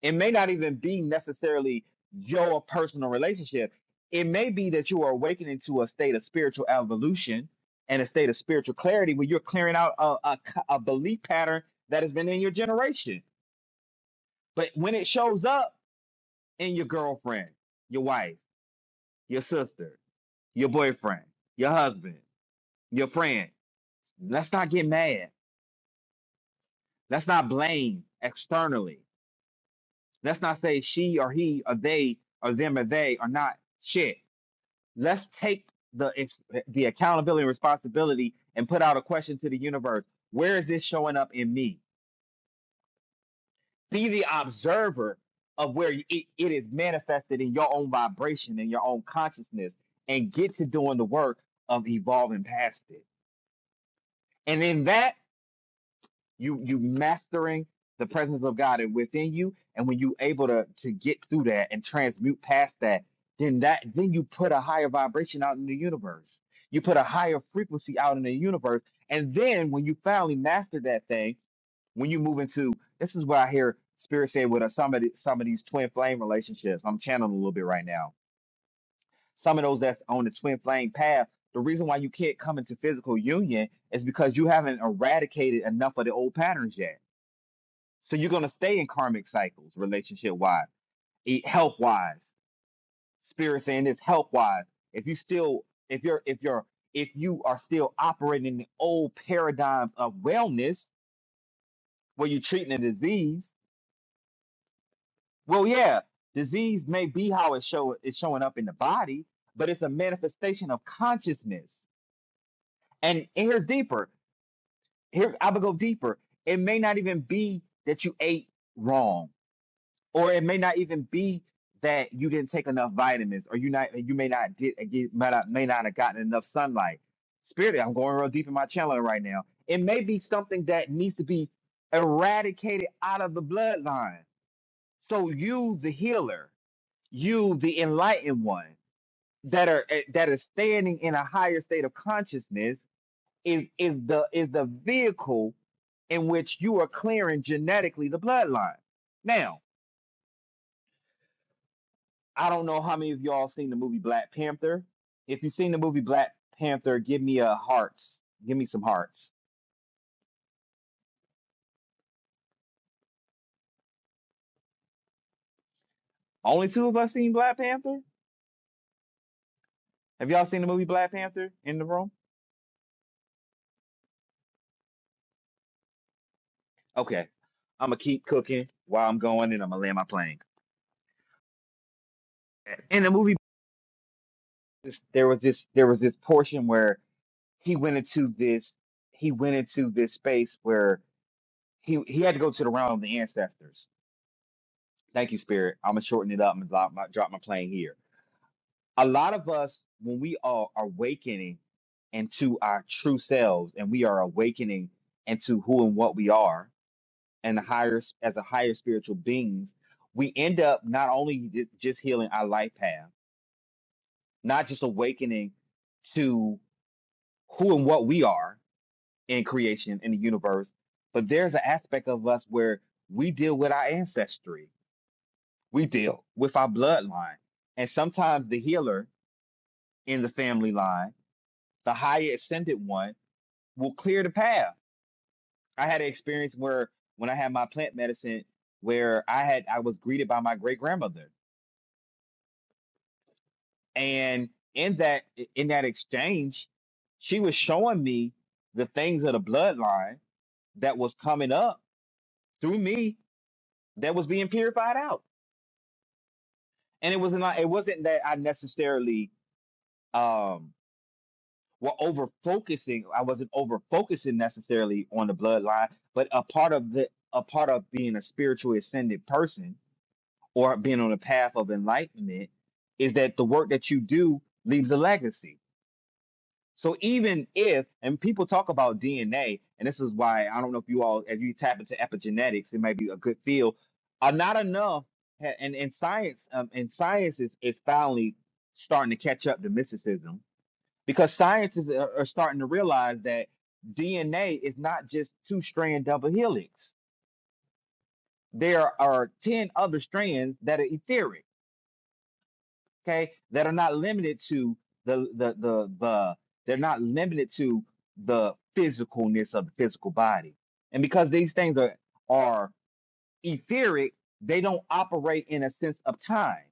S1: It may not even be necessarily your personal relationship. It may be that you are awakening to a state of spiritual evolution and a state of spiritual clarity where you're clearing out a, a, a belief pattern that has been in your generation but when it shows up in your girlfriend, your wife, your sister, your boyfriend, your husband, your friend, let's not get mad. Let's not blame externally. Let's not say she or he or they or them or they are not shit. Let's take the ex- the accountability and responsibility and put out a question to the universe. Where is this showing up in me? Be the observer of where it, it is manifested in your own vibration and your own consciousness, and get to doing the work of evolving past it. And in that, you you mastering the presence of God and within you. And when you able to to get through that and transmute past that, then that then you put a higher vibration out in the universe. You put a higher frequency out in the universe. And then when you finally master that thing when you move into this is what I hear Spirit say with uh, some of the, some of these twin flame relationships. I'm channeling a little bit right now. Some of those that's on the twin flame path. The reason why you can't come into physical union is because you haven't eradicated enough of the old patterns yet. So you're gonna stay in karmic cycles, relationship wise, health wise. Spirit saying this health wise. If you still, if you're, if you're, if you are still operating in the old paradigms of wellness, where you're treating a disease, Well, yeah, disease may be how it show it's showing up in the body, but it's a manifestation of consciousness. And here's deeper. Here I would go deeper. It may not even be that you ate wrong, or it may not even be that you didn't take enough vitamins, or you not you may not get, uh, get may not may not have gotten enough sunlight. Spirit, I'm going real deep in my channel right now. It may be something that needs to be eradicated out of the bloodline. So you, the healer you, the enlightened one, that are eh, that is standing in a higher state of consciousness, is is the is the vehicle in which you are clearing genetically the bloodline. Now, I don't know how many of y'all seen the movie Black Panther. If you've seen the movie Black Panther, give me a hearts. Give me some hearts. Only two of us seen Black Panther. Have y'all seen the movie Black Panther in the room? Okay. I'm gonna keep cooking while I'm going, and I'm gonna land my plane. In the movie this there was this there was this portion where he went into this he went into this space where he he had to go to the realm of the ancestors. Thank you, Spirit. I'm gonna shorten it up and drop my drop my plane here. A lot of us, when we are awakening into our true selves, and we are awakening into who and what we are, and the higher s- as a higher spiritual beings, we end up not only ju- just healing our life path, not just awakening to who and what we are, in creation in the universe but there's an aspect of us where we deal with our ancestry we deal with our bloodline and sometimes the healer in the family line the higher ascended one will clear the path i had an experience where when i had my plant medicine where i had i was greeted by my great grandmother and in that in that exchange she was showing me the things of the bloodline that was coming up through me that was being purified out and it wasn't like- it wasn't that I necessarily um were over focusing. I wasn't over focusing necessarily on the bloodline, but a part of the a part of being a spiritually ascended person or being on a path of enlightenment is that the work that you do leaves a legacy so even if, and people talk about DNA, and this is why I don't know if you all, if you tap into epigenetics, it might be a good field. Are not enough, ha- and and science, um, and science is is finally starting to catch up to mysticism because scientists are, are starting to realize that DNA is not just two strand double helix. There are ten other strands that are etheric okay, that are not limited to the the the the they're not limited to the physicalness of the physical body. And because these things are are etheric, they don't operate in a sense of time,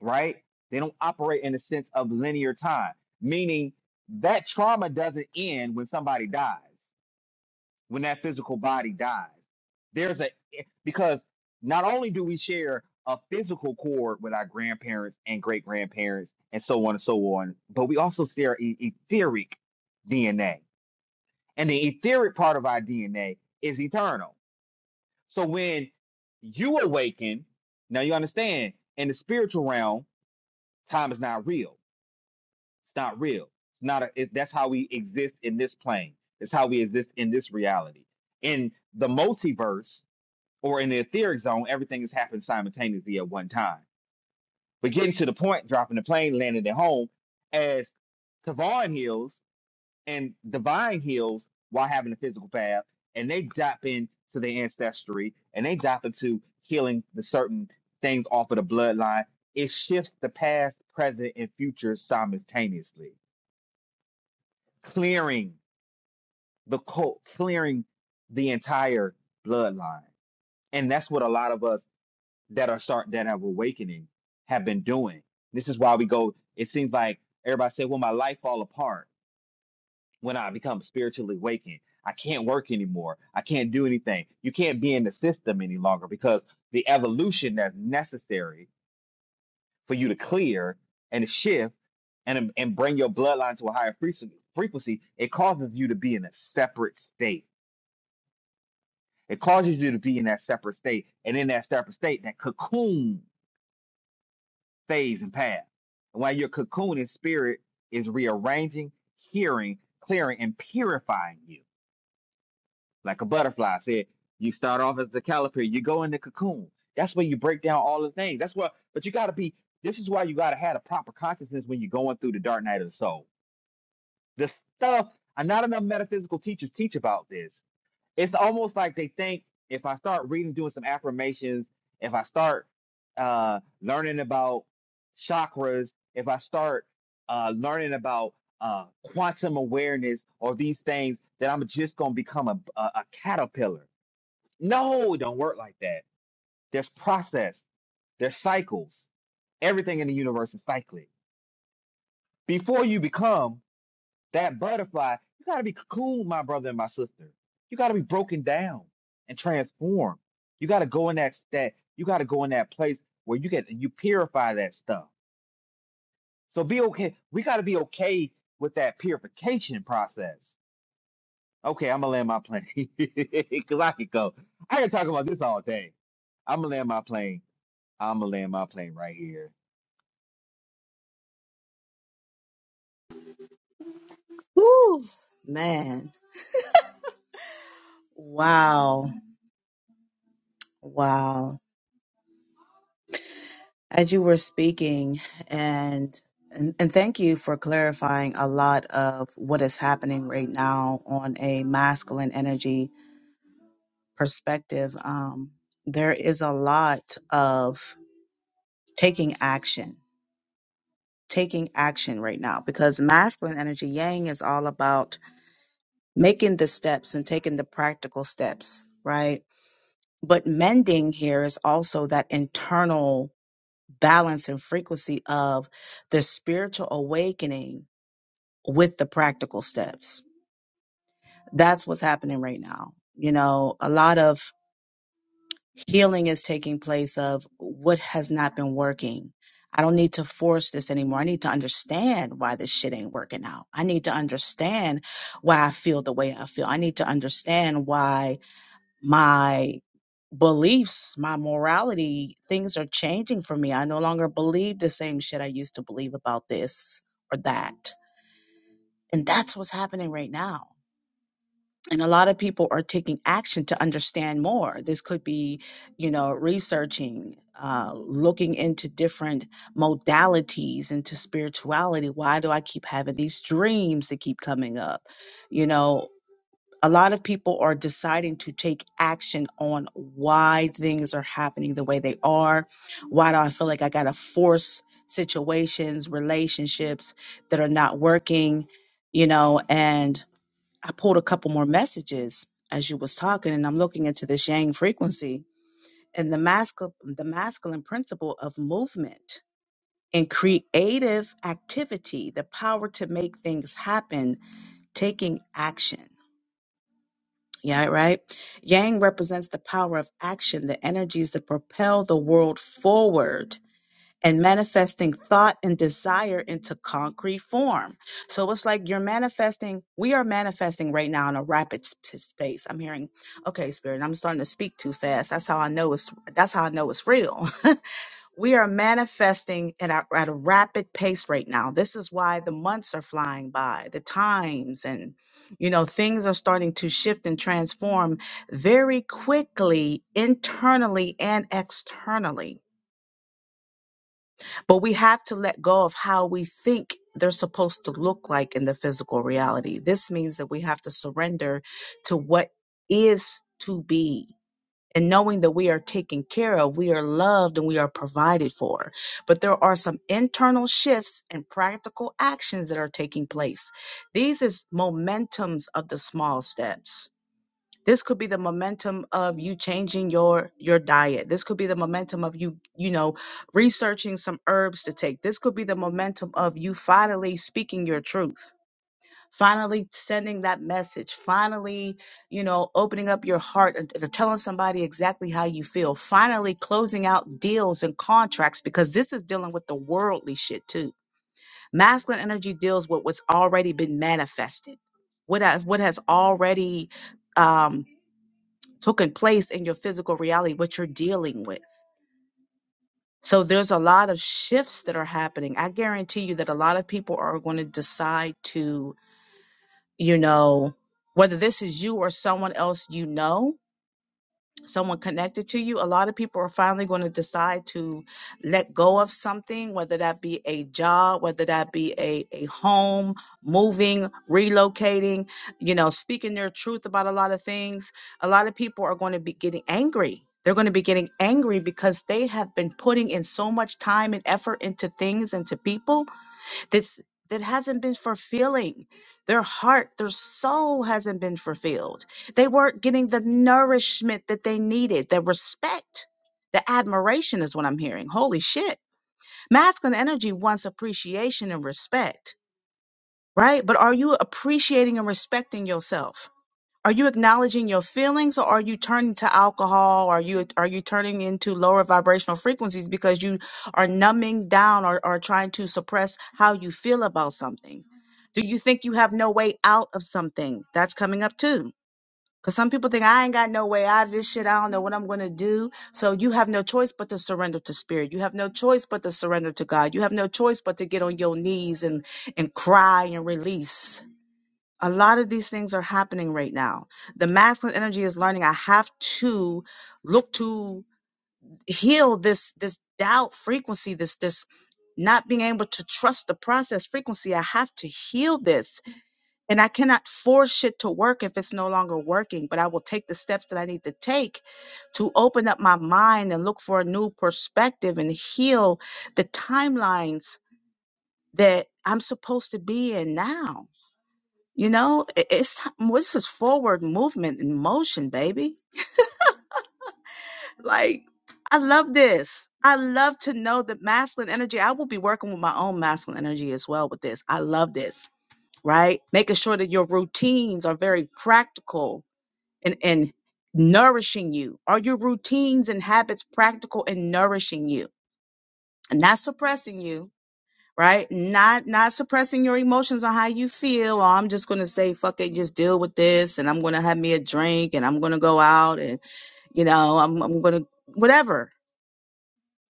S1: right? They don't operate in a sense of linear time, meaning that trauma doesn't end when somebody dies when that physical body dies. There's a eh, because not only do we share a physical cord with our grandparents and great grandparents and so on and so on, but we also share e- etheric DNA, and the etheric part of our DNA is eternal. So when you awaken, now you understand in the spiritual realm, time is not real. It's not real. It's not. A, it, that's how we exist in this plane. It's how we exist in this reality. In the multiverse, or in the etheric zone, everything is happening simultaneously at one time. But getting to the point, dropping the plane, landing at home, as Tavon heals and Divine heals while having a physical bath, and they drop into their ancestry and they drop into healing the certain things off of the bloodline. It shifts the past, present, and future simultaneously, clearing the cult, clearing the entire bloodline. And that's what a lot of us that are start that have awakening have been doing. This is why we go. It seems like everybody said, "Well, my life fall apart when I become spiritually awakened. I can't work anymore. I can't do anything. You can't be in the system any longer because the evolution that's necessary for you to clear and shift and and bring your bloodline to a higher frequ- frequency, it causes you to be in a separate state. It causes you to be in that separate state, and in that separate state, that cocoon stays and paths. And while your cocoon in spirit is rearranging, hearing, clearing, and purifying you. Like a butterfly said, you start off as a caliper, you go in the cocoon. That's where you break down all the things. That's what, but you got to be, this is why you got to have a proper consciousness when you're going through the dark night of the soul. The stuff, and not enough metaphysical teachers teach about this it's almost like they think if I start reading, doing some affirmations, if I start uh, learning about chakras, if I start uh, learning about uh, quantum awareness or these things, that I'm just going to become a, a, a caterpillar. No, it don't work like that. There's process, there's cycles. Everything in the universe is cyclic. Before you become that butterfly, you got to be cocooned, my brother and my sister. You got to be broken down and transformed. You got to go in that that you got to go in that place where you get you purify that stuff. So be okay. We got to be okay with that purification process. Okay, I'm gonna land my plane because I could go. I could talk about this all day. I'm gonna land my plane. I'm gonna land my plane right here.
S3: Whew, man. Wow. Wow. as you were speaking and and, and thank you for clarifying a lot of what is happening right now on a masculine energy perspective um, there is a lot of taking action taking action right now because masculine energy yang is all about making the steps and taking the practical steps right but mending here is also that internal balance and frequency of the spiritual awakening with the practical steps. That's what's happening right now. You know, a lot of healing is taking place of what has not been working. I don't need to force this anymore. I need to understand why this shit ain't working out. I need to understand why I feel the way I feel. I need to understand why my beliefs, my morality, things are changing for me. I no longer believe the same shit I used to believe about this or that. And that's what's happening right now and a lot of people are taking action to understand more this could be you know researching uh, looking into different modalities into spirituality why do i keep having these dreams that keep coming up you know a lot of people are deciding to take action on why things are happening the way they are why do i feel like i gotta force situations relationships that are not working you know and I pulled a couple more messages as you was talking, and I'm looking into this yang frequency and the masculine, the masculine principle of movement and creative activity, the power to make things happen, taking action. Yeah, right. Yang represents the power of action, the energies that propel the world forward and manifesting thought and desire into concrete form. So it's like you're manifesting, we are manifesting right now in a rapid s- space. I'm hearing, okay, spirit, I'm starting to speak too fast. That's how I know it's, that's how I know it's real. we are manifesting at a, at a rapid pace right now. This is why the months are flying by, the times and, you know, things are starting to shift and transform very quickly, internally and externally but we have to let go of how we think they're supposed to look like in the physical reality. This means that we have to surrender to what is to be and knowing that we are taken care of, we are loved, and we are provided for. But there are some internal shifts and practical actions that are taking place. These is momentums of the small steps this could be the momentum of you changing your your diet this could be the momentum of you you know researching some herbs to take this could be the momentum of you finally speaking your truth finally sending that message finally you know opening up your heart and, and telling somebody exactly how you feel finally closing out deals and contracts because this is dealing with the worldly shit too masculine energy deals with what's already been manifested what has, what has already um taking place in your physical reality, what you're dealing with. So there's a lot of shifts that are happening. I guarantee you that a lot of people are going to decide to, you know, whether this is you or someone else you know, someone connected to you. A lot of people are finally going to decide to let go of something, whether that be a job, whether that be a, a home, moving, relocating, you know, speaking their truth about a lot of things. A lot of people are going to be getting angry. They're going to be getting angry because they have been putting in so much time and effort into things, into people that's that hasn't been fulfilling their heart their soul hasn't been fulfilled they weren't getting the nourishment that they needed the respect the admiration is what i'm hearing holy shit masculine energy wants appreciation and respect right but are you appreciating and respecting yourself are you acknowledging your feelings or are you turning to alcohol are you are you turning into lower vibrational frequencies because you are numbing down or, or trying to suppress how you feel about something do you think you have no way out of something that's coming up too because some people think i ain't got no way out of this shit i don't know what i'm gonna do so you have no choice but to surrender to spirit you have no choice but to surrender to god you have no choice but to get on your knees and and cry and release a lot of these things are happening right now. The masculine energy is learning I have to look to heal this this doubt frequency, this this not being able to trust the process frequency. I have to heal this. And I cannot force shit to work if it's no longer working, but I will take the steps that I need to take to open up my mind and look for a new perspective and heal the timelines that I'm supposed to be in now you know, i- it's ti- what's this is forward movement and motion, baby? Like, I love this. I love to know the masculine energy. I will be working with my own masculine energy as well with this. I love this, right? Making sure that your routines are very practical and, and nourishing you. Are your routines and habits practical and nourishing you? And not suppressing you right? Not not suppressing your emotions on how you feel. Or I'm just gonna say fuck it, just deal with this, and I'm gonna have me a drink, and I'm gonna go out, and you know, I'm I'm gonna whatever.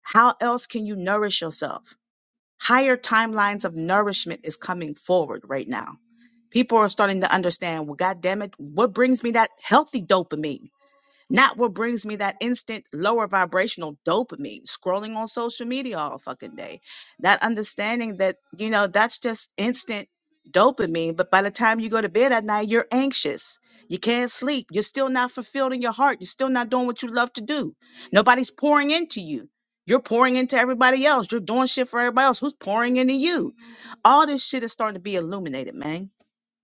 S3: How else can you nourish yourself? Higher timelines of nourishment is coming forward right now. People are starting to understand. Well, God damn it, what brings me that healthy dopamine? Not what brings me that instant lower vibrational dopamine, scrolling on social media all fucking day. That understanding that, you know, that's just instant dopamine. But by the time you go to bed at night, you're anxious. You can't sleep. You're still not fulfilled in your heart. You're still not doing what you love to do. Nobody's pouring into you. You're pouring into everybody else. You're doing shit for everybody else. Who's pouring into you? All this shit is starting to be illuminated, man.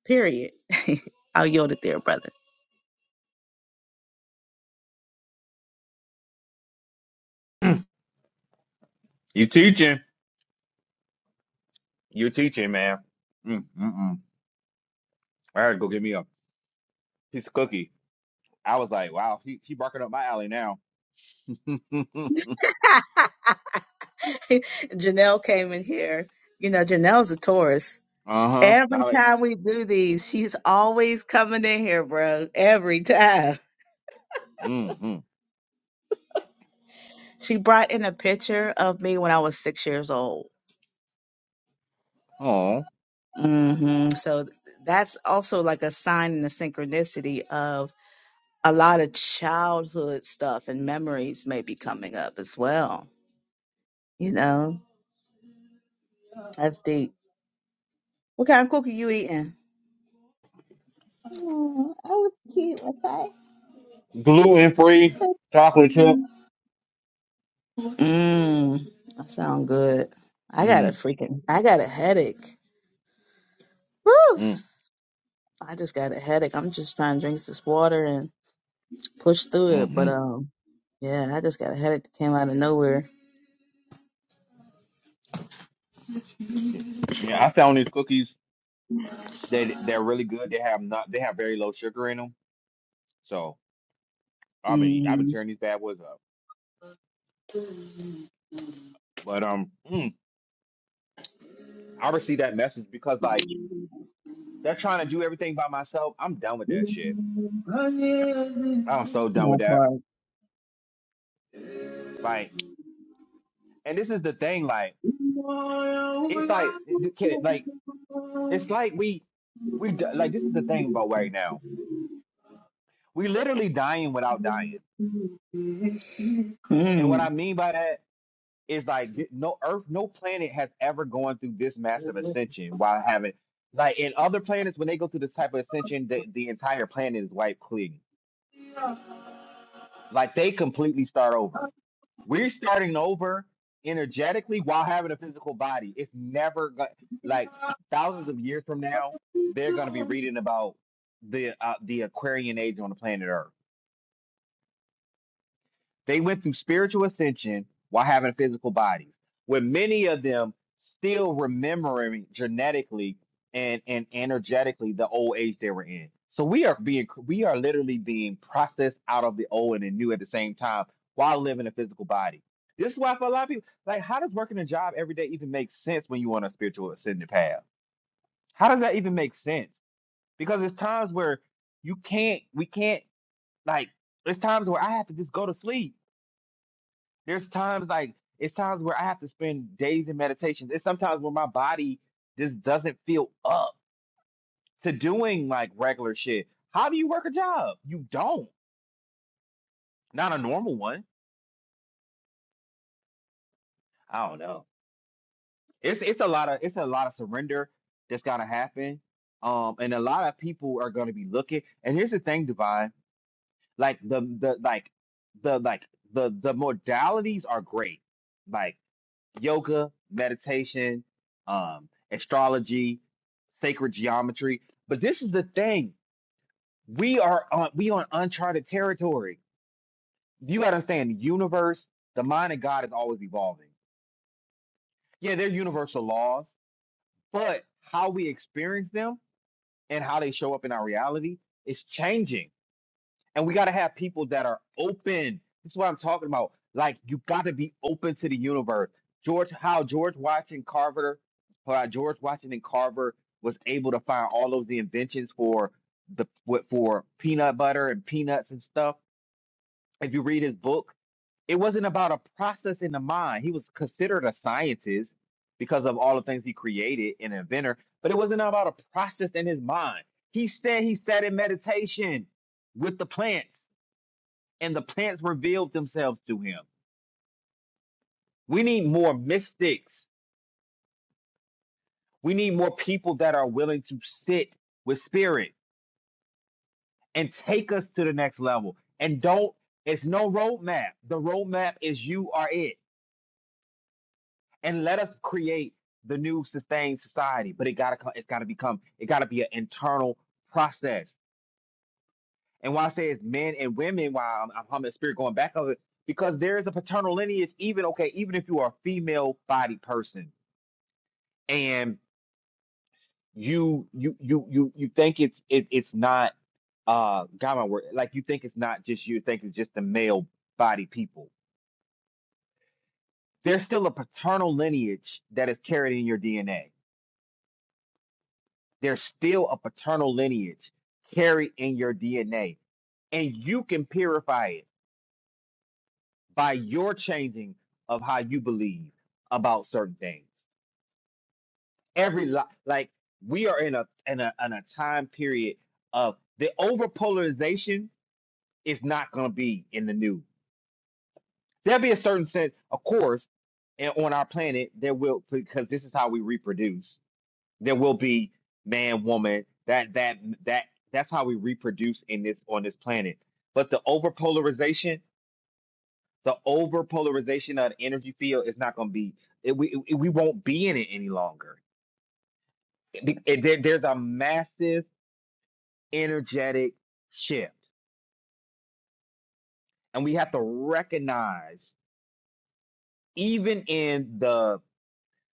S3: Period. I'll yield it there, brother.
S1: You teaching? You teaching, man? Mm, mm, mm. I gotta go get me a piece of cookie. I was like, wow, he he barking up my alley now. uh-huh.
S3: Janelle came in here. You know, Janelle's a Taurus.
S1: I
S3: Every
S1: like,
S3: time we do these, she's always coming in here, bro. Every time.
S1: mm-hmm.
S3: She brought in a picture of me when I was six years old.
S1: Oh.
S3: hmm So th- that's also like a sign and a synchronicity of a lot of childhood stuff and memories may be coming up as well. You know, that's deep. What kind of cookie you eating? Oh, I was cute,
S1: Gluten free
S3: okay?
S1: chocolate chip.
S3: Mm, that sound good. I got a
S1: Mm-hmm.
S3: freaking, I got a headache. Woof! I just got a headache. I'm just trying to drink this water and push through it. But
S1: Mm-hmm.
S3: um, yeah, I just got a headache that came out of nowhere.
S1: Yeah. yeah, I found these cookies. They they're really good. They have not they have very low sugar in them. So I've been I've been
S3: Mm-hmm.
S1: tearing these bad boys up. But um mm, I received that message because like they're trying to do everything by myself. I'm done with that shit. I'm so done with
S3: That
S1: that. Like, and this is the thing, like,
S3: part.
S1: it's like like it's like we We d- like this is the thing about right now. We literally dying without dying, and what I
S3: Mm,
S1: mean by that is like th- no Earth, no planet has ever gone through this massive ascension while having like in other planets when they go through this type of ascension, the, the entire planet is wiped clean. Like they completely start over. We're starting over energetically while having a physical body. It's never go- like thousands of years from now they're going to be reading about the uh, the Aquarian age on the planet Earth They went through spiritual ascension while having physical bodies, with many of them still remembering genetically and, and energetically the old age they were in. So we are being we are literally being processed out of the old and the new at the same time while living a physical body. This is why for a lot of people, like how does working a job every day even make sense when you're on a spiritual ascending path? How does that even make sense? Because there's times where you can't we can't like there's times where I have to just go to sleep there's times like it's times where I have to spend days in meditations. It's sometimes where my body just doesn't feel up to doing like regular shit. How do you work a job? You don't. Not a normal one. I don't know. It's it's a lot of it's a lot of surrender that's gotta happen. Um, and a lot of people are gonna be looking. And here's the thing, Divine. Like the the like the like the the modalities are great. Like yoga, meditation, um, astrology, sacred geometry. But this is the thing: we are on we on uncharted territory. You got to understand the universe, the mind of God is always evolving. Yeah, they're universal laws, but how we experience them and how they show up in our reality is changing. And we got to have people that are open. This is what I'm talking about. Like, you got to be open to the universe. George, how George Washington Carver, how George Washington Carver was able to find all those the inventions for the what- for peanut butter and peanuts and stuff. If you read his book, it wasn't about a process in the mind. He was considered a scientist because of all the things he created and inventor, but it wasn't about a process in his mind. He said he sat in meditation with the plants and the plants revealed themselves to him. We need more mystics. We need more people that are willing to sit with spirit and take us to the next level. And don't, it's no roadmap. The roadmap is you are it. And let us create the new sustained society. But it gotta come, it's gotta become, it gotta be an internal process. And why I say it's men and women, why I'm, I'm humming spirit going back of it, because there is a paternal lineage, even okay, even if you are a female bodied person. And you you you you you think it's it, it's not uh God my word like you think it's not just you think it's just the male body people. There's still a paternal lineage that is carried in your DNA. There's still a paternal lineage carried in your DNA, and you can purify it by your changing of how you believe about certain things. Every li- like we are in a in a in a time period of the over polarization it's not going to be in the news. There'll be a certain sense, of course, and on our planet there will because this is how we reproduce. There will be man, woman. That that that that's how we reproduce in this on this planet. But the overpolarization, the overpolarization of the energy field is not going to be. It, we it, we won't be in it any longer. It- it- there- there's a massive energetic shift, and we have to recognize even in the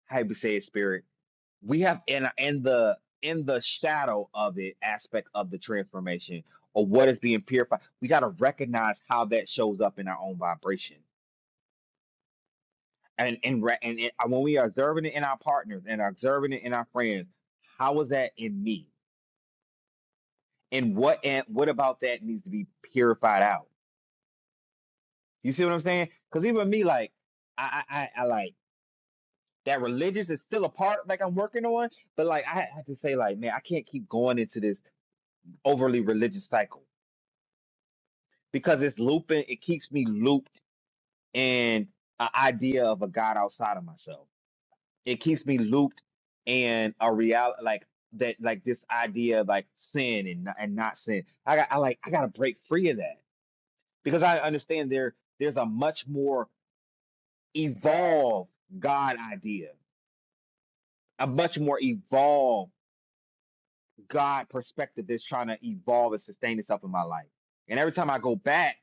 S1: hypostatic spirit. We have in in the in the shadow of it aspect of the transformation or what is being purified. We got to recognize how that shows up in our own vibration, and and re- and it, uh, when we are observing it in our partners and observing it in our friends, how is that in me? And what and what about that needs to be purified out? You see what I'm saying? Because even me, like I I, I I, like that religious is still a part like I'm working on, but like I have to say like man, I can't keep going into this overly religious cycle because it's looping. It keeps me looped in an idea of a God outside of myself. It keeps me looped in a reality like that, like this idea of like sin and not- and not sin. I got I like I got to break free of that because I understand there there's a much more evolved God idea, a much more evolved God perspective that's trying to evolve and sustain itself in my life. And every time I go back,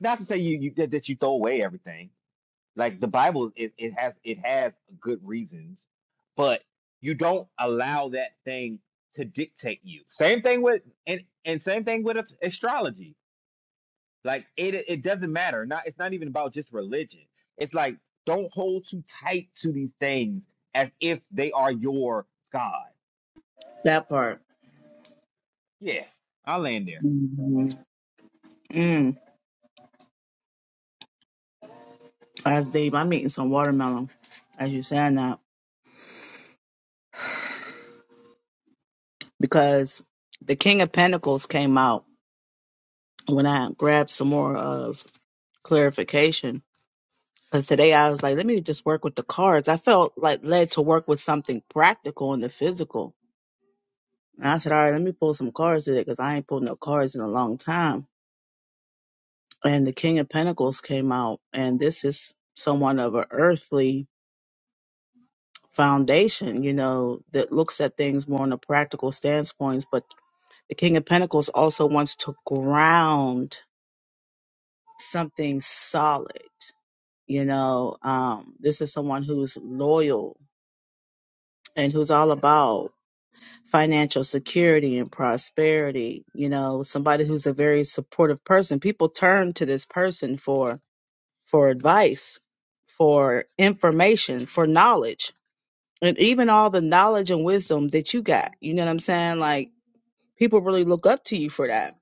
S1: not to say you, you that that you throw away everything Like the Bible, it, it has it has good reasons, but you don't allow that thing to dictate you. Same thing with and and same thing with as- astrology. Like it it doesn't matter. Not it's not even about just religion. It's like don't hold too tight to these things as if they are your God.
S3: that part.
S1: Yeah, I'll land there.
S3: Mm-hmm. Mm, that's deep. I'm eating some watermelon as you saying that because the King of Pentacles came out when I grabbed some more of clarification Because today I was like, let me just work with the cards. I felt like led to work with something practical in the physical. And I said, all right, let me pull some cards today because I ain't pulled no cards in a long time. And the King of Pentacles came out, and this is someone of an earthly foundation, you know, that looks at things more on a practical standpoint. But the King of Pentacles also wants to ground something solid. You know, um, this is someone who's loyal and who's all about financial security and prosperity you know somebody who's a very supportive person people turn to this person for for advice for information for knowledge and even all the knowledge and wisdom that you got you know what i'm saying like people really look up to you for that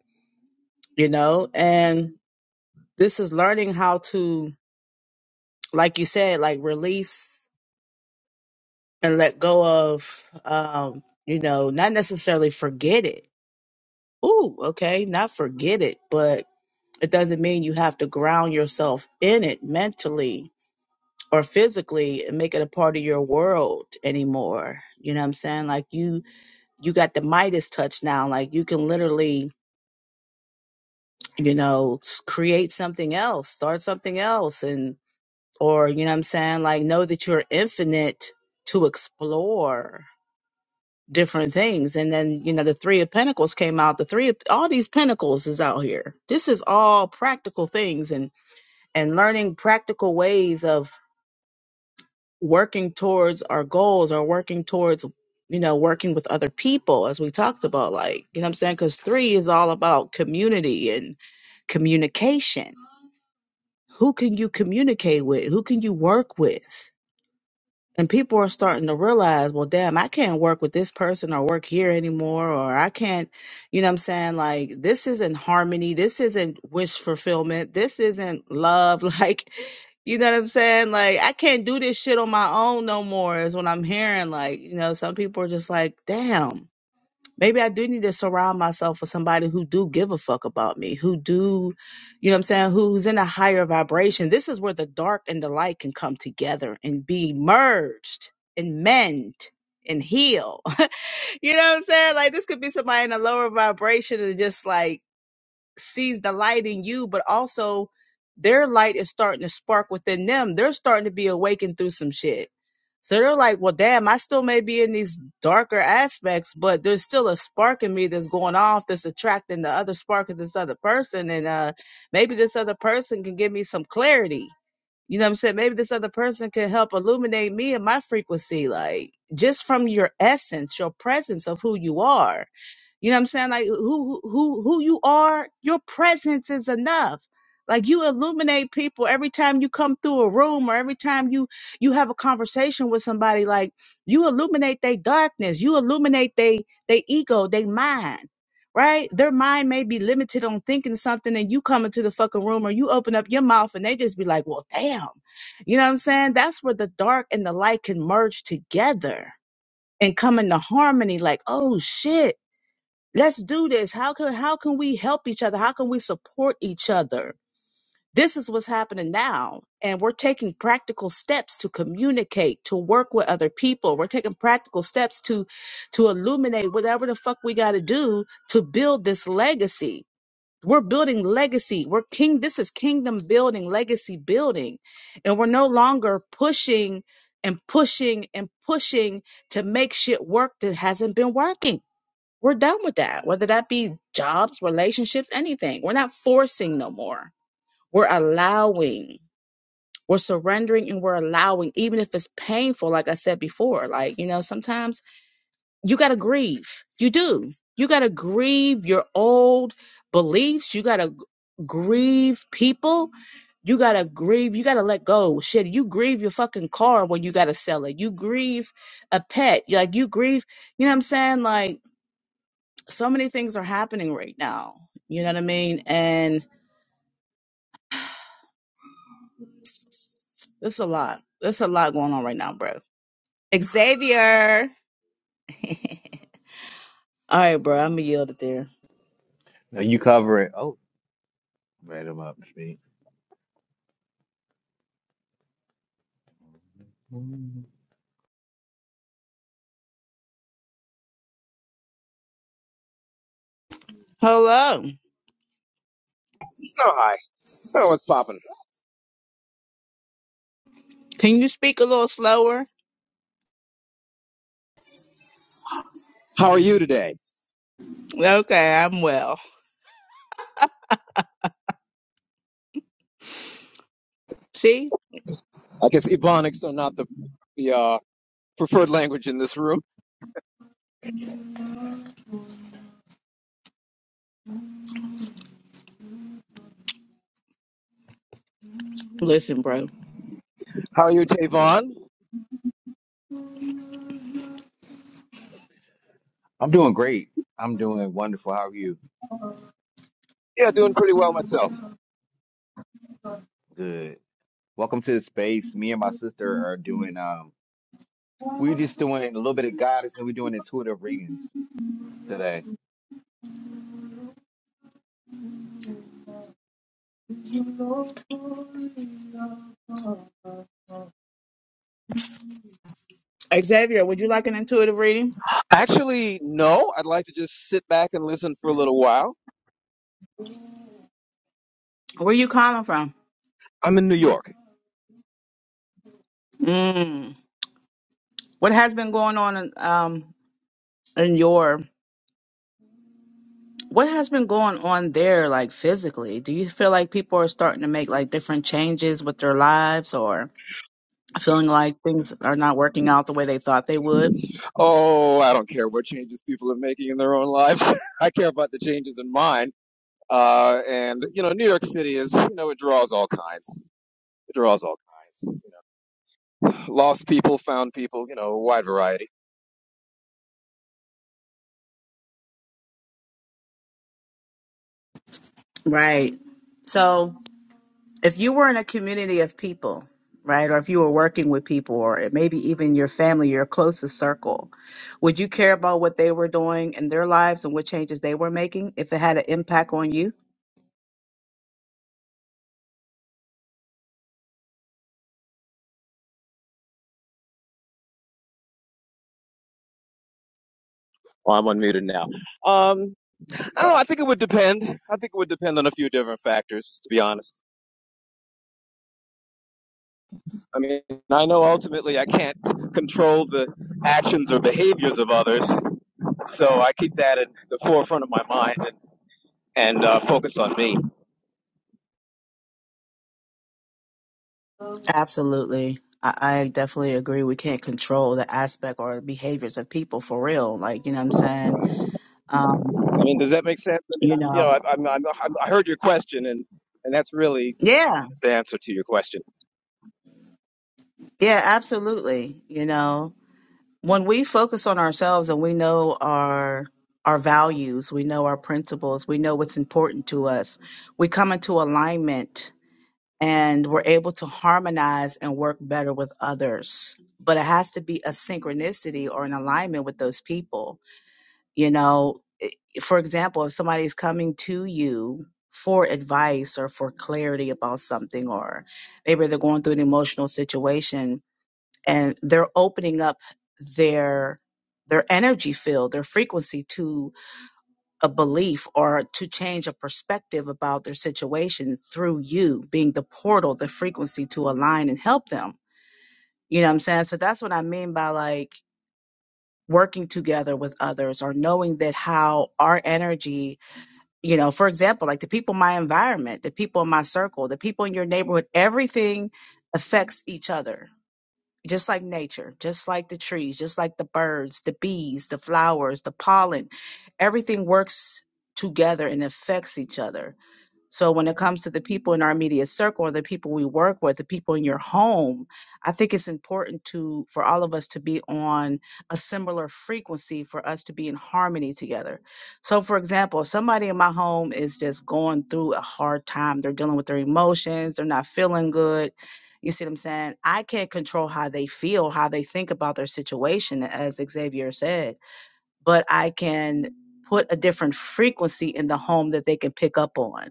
S3: you know and this is learning how to like you said like release and let go of um you know not necessarily forget it ooh okay not forget it but it doesn't mean you have to ground yourself in it mentally or physically and make it a part of your world anymore you know what i'm saying like you you got the midas touch now like you can literally you know s- create something else start something else and or you know what i'm saying like know that you're infinite to explore different things and then you know the three of pentacles came out the three of all these pentacles is out here this is all practical things and. and learning practical ways of working towards our goals or working towards you know working with other people as we talked about like you know what i'm saying because three is all about community and communication who can you communicate with who can you work with and people are starting to realize, well, damn, I can't work with this person or work here anymore, or I can't, you know what I'm saying? Like, this isn't harmony. This isn't wish fulfillment. This isn't love. Like, you know what I'm saying? Like, I can't do this shit on my own no more, is what I'm hearing. Like, you know, some people are just like, damn maybe I do need to surround myself with somebody who do give a fuck about me, who do, you know what I'm saying, who's in a higher vibration. This is where the dark and the light can come together and be merged and mend and heal. you know what I'm saying? Like this could be somebody in a lower vibration and just like sees the light in you, but also their light is starting to spark within them. They're starting to be awakened through some shit. So they're like, well, damn, I still may be in these darker aspects, but there's still a spark in me that's going off that's attracting the other spark of this other person. And uh, maybe this other person can give me some clarity. You know what I'm saying? Maybe this other person can help illuminate me and my frequency, like just from your essence, your presence of who you are you know what I'm saying? Like who who who who you are, your presence is enough. Like you illuminate people every time you come through a room or every time you you have a conversation with somebody like you illuminate their darkness, you illuminate they they ego, they mind. Right? Their mind may be limited on thinking something and you come into the fucking room or you open up your mouth and they just be like, "Well, damn." You know what I'm saying? That's where the dark and the light can merge together and come into harmony like, "Oh shit." let's do this how can how can we help each other how can we support each other this is what's happening now and we're taking practical steps to communicate to work with other people we're taking practical steps to to illuminate whatever the fuck we got to do to build this legacy we're building legacy we're king this is kingdom building legacy building and we're no longer pushing and pushing and pushing to make shit work that hasn't been working we're done with that, whether that be jobs, relationships, anything. We're not forcing no more. We're allowing, we're surrendering, and we're allowing, even if it's painful, like I said before. Like, you know, sometimes you got to grieve. You do. You got to grieve your old beliefs. You got to grieve people. You got to grieve. You got to let go. Shit, you grieve your fucking car when you got to sell it. You grieve a pet. Like, you grieve, you know what I'm saying? Like, so many things are happening right now. You know what I mean? And it's a lot. There's a lot going on right now, bro. Xavier. All right, bro. I'm gonna yield it there.
S1: Now you cover it. Oh, right, I'm up to speed.
S3: Hello.
S5: So hi. So what's poppin'?
S3: Can you speak a little slower?
S5: How are you today?
S3: Okay, I'm well. See?
S5: I guess Ebonics are not the the uh, preferred language in this room.
S3: Listen, bro.
S5: How are you, Tavon?
S1: I'm doing great. I'm doing wonderful. How are you?
S5: Yeah, doing pretty well myself.
S1: Good. Welcome to the space. Me and my sister are doing um we're just doing a little bit of guidance and we're doing intuitive readings today.
S3: Xavier, would you like an intuitive reading?
S5: Actually, no. I'd like to just sit back and listen for a little while.
S3: Where you calling from?
S5: I'm in New York.
S3: Mm. What has been going on in um in your What has been going on there, like physically? Do you feel like people are starting to make like different changes with their lives or feeling like things are not working out the way they thought they would?
S5: Oh, I don't care what changes people are making in their own lives. I care about the changes in mine. Uh, and you know, New York City is you know it draws all kinds. It draws all kinds. You know. Lost people, found people. You know, a wide variety.
S3: Right. So, if you were in a community of people, right, or if you were working with people, or it- maybe even your family, your closest circle, would you care about what they were doing in their lives and what changes they were making if it had an impact on you?
S5: Oh, I'm unmuted now. Um, I don't know. I think it would depend. I think it would depend on a few different factors, to be honest. I mean, I know ultimately I can't control the actions or behaviors of others, so I keep that at the forefront of my mind and, and uh, focus on me.
S3: Absolutely. I, I definitely agree. We can't control the aspect or behaviors of people for real. Like, you know what I'm saying? Um,
S5: I mean, does that make sense? I mean,
S3: you
S5: I'm, you
S3: know,
S5: know, I, I'm, I'm, I heard your question, and and that's really my
S3: yeah,
S5: honest answer to your question.
S3: yeah, absolutely. You know, when we focus on ourselves and we know our, our values, we know our principles, we know what's important to us, we come into alignment and we're able to harmonize and work better with others. But it has to be a synchronicity or an alignment with those people. You know, i- for example, if somebody's coming to you for advice or for clarity about something, or maybe they're going through an emotional situation and they're opening up their their energy field, their frequency to a belief or to change a perspective about their situation through you being the portal, the frequency to align and help them. You know what I'm saying? So that's what I mean by like working together with others or knowing that how our energy, you know, for example, like the people in my environment, the people in my circle, the people in your neighborhood, everything affects each other just like nature, just like the trees, just like the birds, the bees, the flowers, the pollen, everything works together and affects each other. So when it comes to the people in our media circle or the people we work with, the people in your home, I think it's important to for all of us to be on a similar frequency for us to be in harmony together. So for example, if somebody in my home is just going through a hard time, they're dealing with their emotions, they're not feeling good. You see what I'm saying? I can't control how they feel, how they think about their situation, as Xavier said, but I can put a different frequency in the home that they can pick up on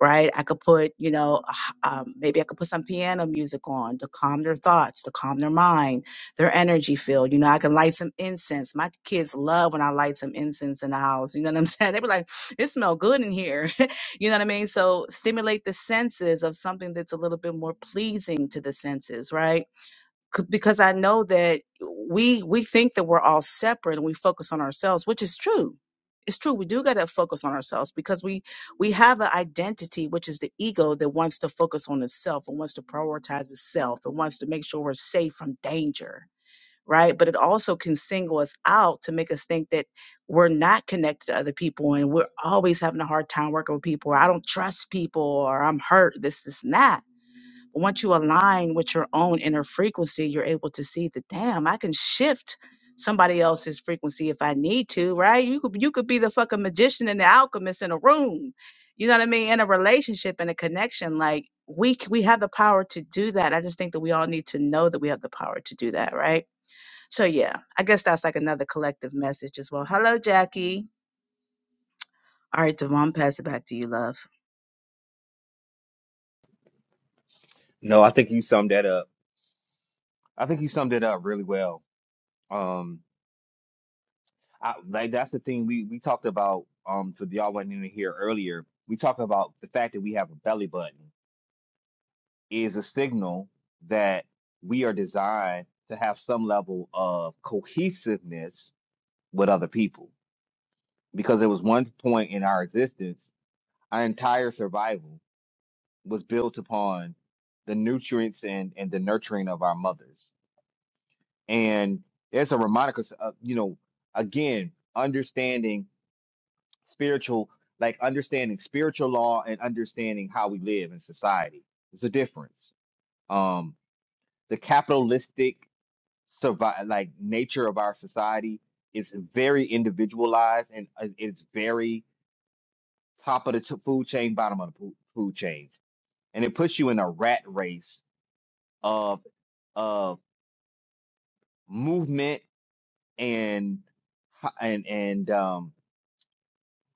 S3: right? I could put, you know, a h- um, maybe I could put some piano music on to calm their thoughts, to calm their mind, their energy field. You know, I can light some incense. My kids love when I light some incense in the house. You know what I'm saying? They were like, it smells good in here. you know what I mean? So stimulate the senses of something that's a little bit more pleasing to the senses, right? c- because I know that we we think that we're all separate and we focus on ourselves, which is true. It's true. We do got to focus on ourselves because we we have an identity, which is the ego that wants to focus on itself and wants to prioritize itself and wants to make sure we're safe from danger, right? But it also can single us out to make us think that we're not connected to other people and we're always having a hard time working with people. Or I don't trust people, or I'm hurt. This, this, and that once you align with your own inner frequency, you're able to see the damn, I can shift somebody else's frequency if I need to, right? You could you could be the fucking magician and the alchemist in a room. You know what I mean? In a relationship and a connection, like we c- we have the power to do that. I just think that we all need to know that we have the power to do that, right? So yeah, I guess that's like another collective message as well. Hello, Jackie. All right, Devon, pass it back to you, love.
S1: No, I think you summed that up. I think you summed it up really well. Um I like that's the thing we we talked about um to y'all wasn't in here earlier. We talked about the fact that we have a belly button is a signal that we are designed to have some level of cohesiveness with other people. Because there was one point in our existence, our entire survival. was built upon the nutrients and, and the nurturing of our mothers. And there's a reminder, uh, you know, again, understanding spiritual, like understanding spiritual law and understanding how we live in society. There's a difference. Um, the capitalistic survive, like nature of our society is very individualized and uh, it's very top of the t- food chain, bottom of the fo- food chain. And it puts you in a rat race of, of movement and ho- and and um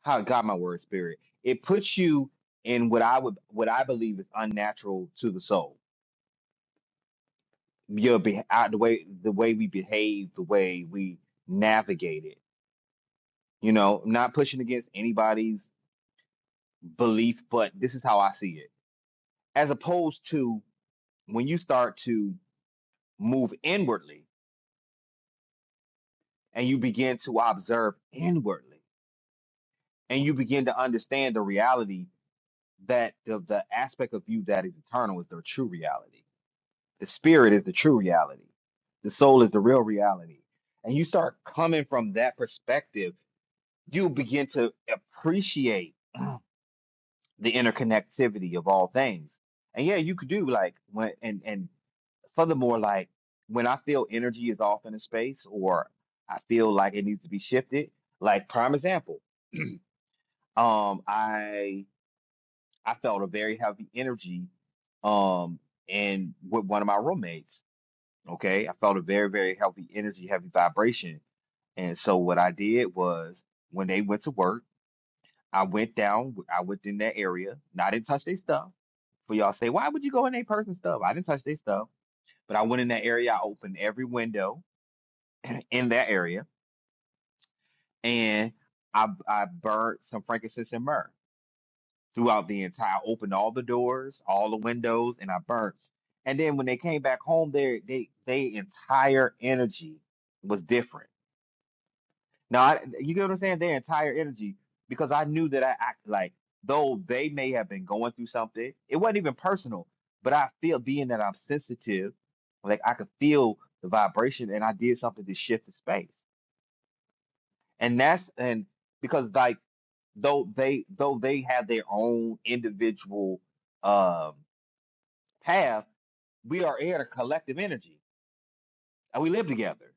S1: how God my word spirit. It puts you in what I would what I believe is unnatural to the soul. Your be out the way the way we behave, the way we navigate it. You know, not pushing against anybody's belief, but this is how I see it. As opposed to when you start to move inwardly and you begin to observe inwardly and you begin to understand the reality that the, the aspect of you that is eternal is the true reality. The spirit is the true reality. The soul is the real reality. And you start coming from that perspective, you begin to appreciate the interconnectivity of all things. And yeah, you could do like when and and furthermore, like when I feel energy is off in a space or I feel like it needs to be shifted, like prime example, um, I. I felt a very heavy energy um and with one of my roommates. Okay. I felt a very, very healthy energy, heavy vibration. And so what I did was when they went to work, I went down, I went in that area. Now I didn't touch their stuff. For y'all say, why would you go in that person's stuff? I didn't touch their stuff. But I went in that area, I opened every window in that area, and I I burned some frankincense and myrrh. throughout the entire opened all the doors all the windows and i burnt and then when they came back home their they they entire energy was different now I, you get what i'm saying their entire energy because i knew that i, I like though they may have been going through something it wasn't even personal but i feel being that i'm sensitive like i could feel the vibration and i did something to shift the space and that's and because like though they though they have their own individual um path, we are air to collective energy and we live together.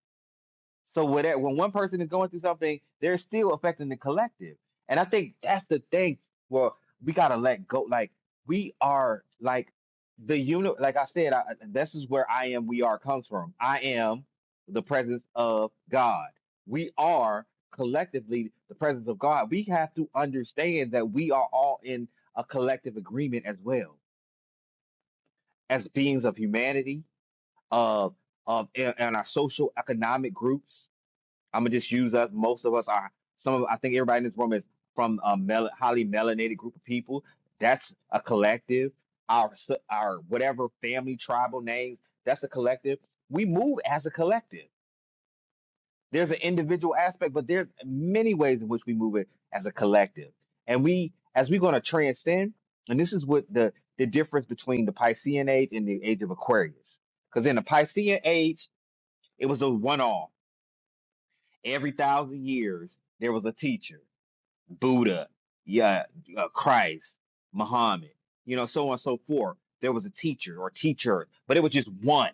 S1: So whatever, when one person is going through something, they're still affecting the collective. And I think that's the thing. Well, we gotta let go. Like we are like the unit. Like I said, I, this is where I am. We are comes from. I am the presence of God. We are collectively the presence of God. We have to understand that we are all in a collective agreement as well as beings of humanity, of of and and our social economic groups I'm gonna just use us. Most of us are some of I think everybody in this room is from a mel- highly melanated group of people. That's a collective. Our s- our whatever family tribal names. That's a collective. We move as a collective. There's an individual aspect, but there's many ways in which we move it as a collective. And we as we're gonna transcend. And this is what the the difference between the Piscean age and the age of Aquarius. Because in the Piscean age, it was a one-off every thousand years there was a teacher buddha yeah uh, christ muhammad you know so on and so forth there was a teacher or teacher but it was just one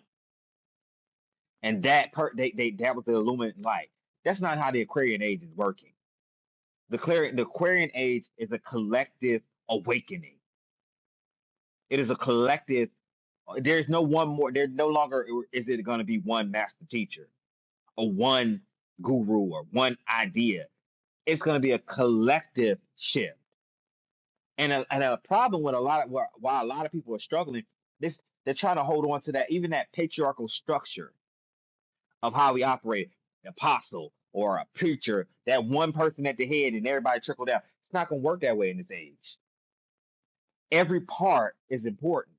S1: and that per they, they that was the illuminant light that's not how the aquarian age is working the Clarion, the aquarian age is a collective awakening it is a collective there's no one more there no longer is it going to be one master teacher or one guru or one idea it's going to be a collective shift and a, and a problem with a lot of why why a lot of people are struggling this they're trying to hold on to that even that patriarchal structure of how we operate an apostle or a preacher that one person at the head and everybody trickle down it's not going to work that way in this age every part is important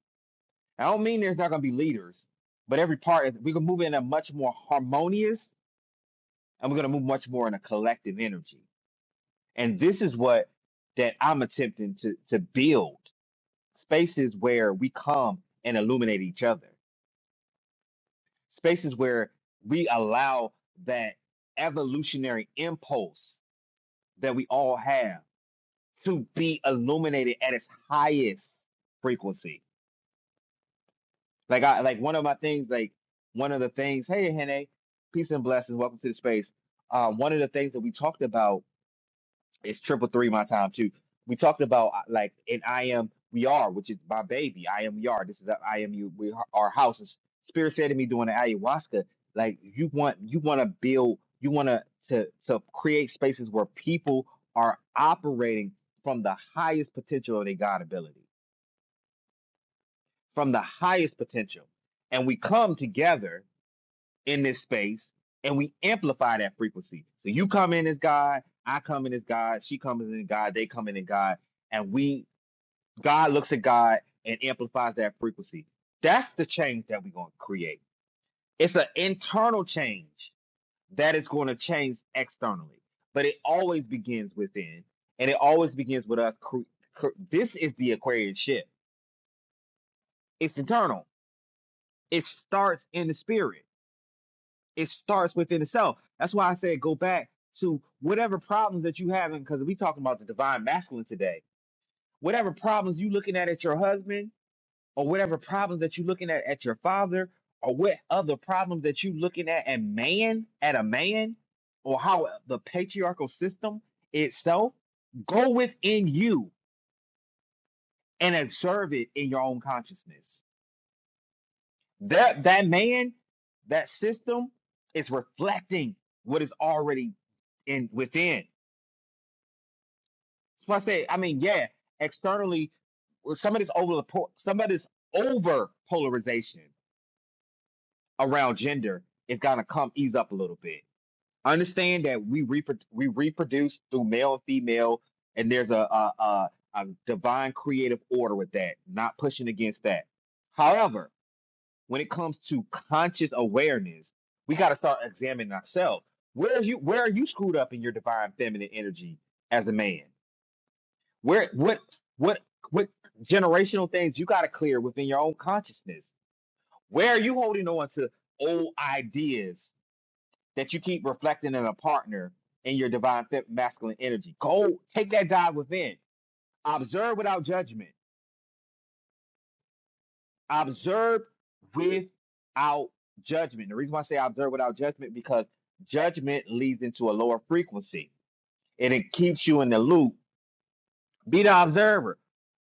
S1: i don't mean there's not going to be leaders but every part is we're going to move in a much more harmonious and we're going to move much more in a collective energy and this is what that i'm attempting to to build spaces where we come and illuminate each other, spaces where we allow that evolutionary impulse that we all have to be illuminated at its highest frequency. Like I like one of my things, like one of the things, hey Hene, peace and blessings, welcome to the space. Uh, one of the things that we talked about It's triple three my time too. We talked about uh, like in I am we are, which is my baby. I am we are. This is a, I am you. We are our house. And Spirit said to me during the ayahuasca, like you want you want to build, you want to to to create spaces where people are operating from the highest potential of their God ability, from the highest potential, and we come together in this space and we amplify that frequency. So you come in as God, I come in as God, she comes in as God, they come in as God, and we God looks at God and amplifies that frequency. That's the change that we're going to create. It's an internal change that is going to change externally, but it always begins within, and it always begins with us. Cre- cre- this is the Aquarius shift. It's internal. It starts in the spirit. it starts within itself. That's why I said go back to whatever problems that you having, because we talking about the divine masculine today. Whatever problems you looking at at your husband, or whatever problems that you looking at at your father, or what other problems that you looking at at man, at a man, or how the patriarchal system itself, go within you and observe it in your own consciousness That that man, that system is reflecting what is already in within. So I say, I mean, yeah, externally, well, some of this over some of this over polarization around gender is gonna come ease up a little bit. Understand that we repro- we reproduce through male and female, and there's a a, a a divine creative order with that. Not pushing against that. however. when it comes to conscious awareness, we got to start examining ourselves. Where are you? Where are you screwed up in your divine feminine energy as a man? Where? What? What? What generational things you got to clear within your own consciousness? Where are you holding on to old ideas that you keep reflecting in a partner in your divine fe- masculine energy? Go take that dive within. Observe without judgment. observe without judgment. The reason why I say observe without judgment because judgment leads into a lower frequency and it keeps you in the loop. Be the observer.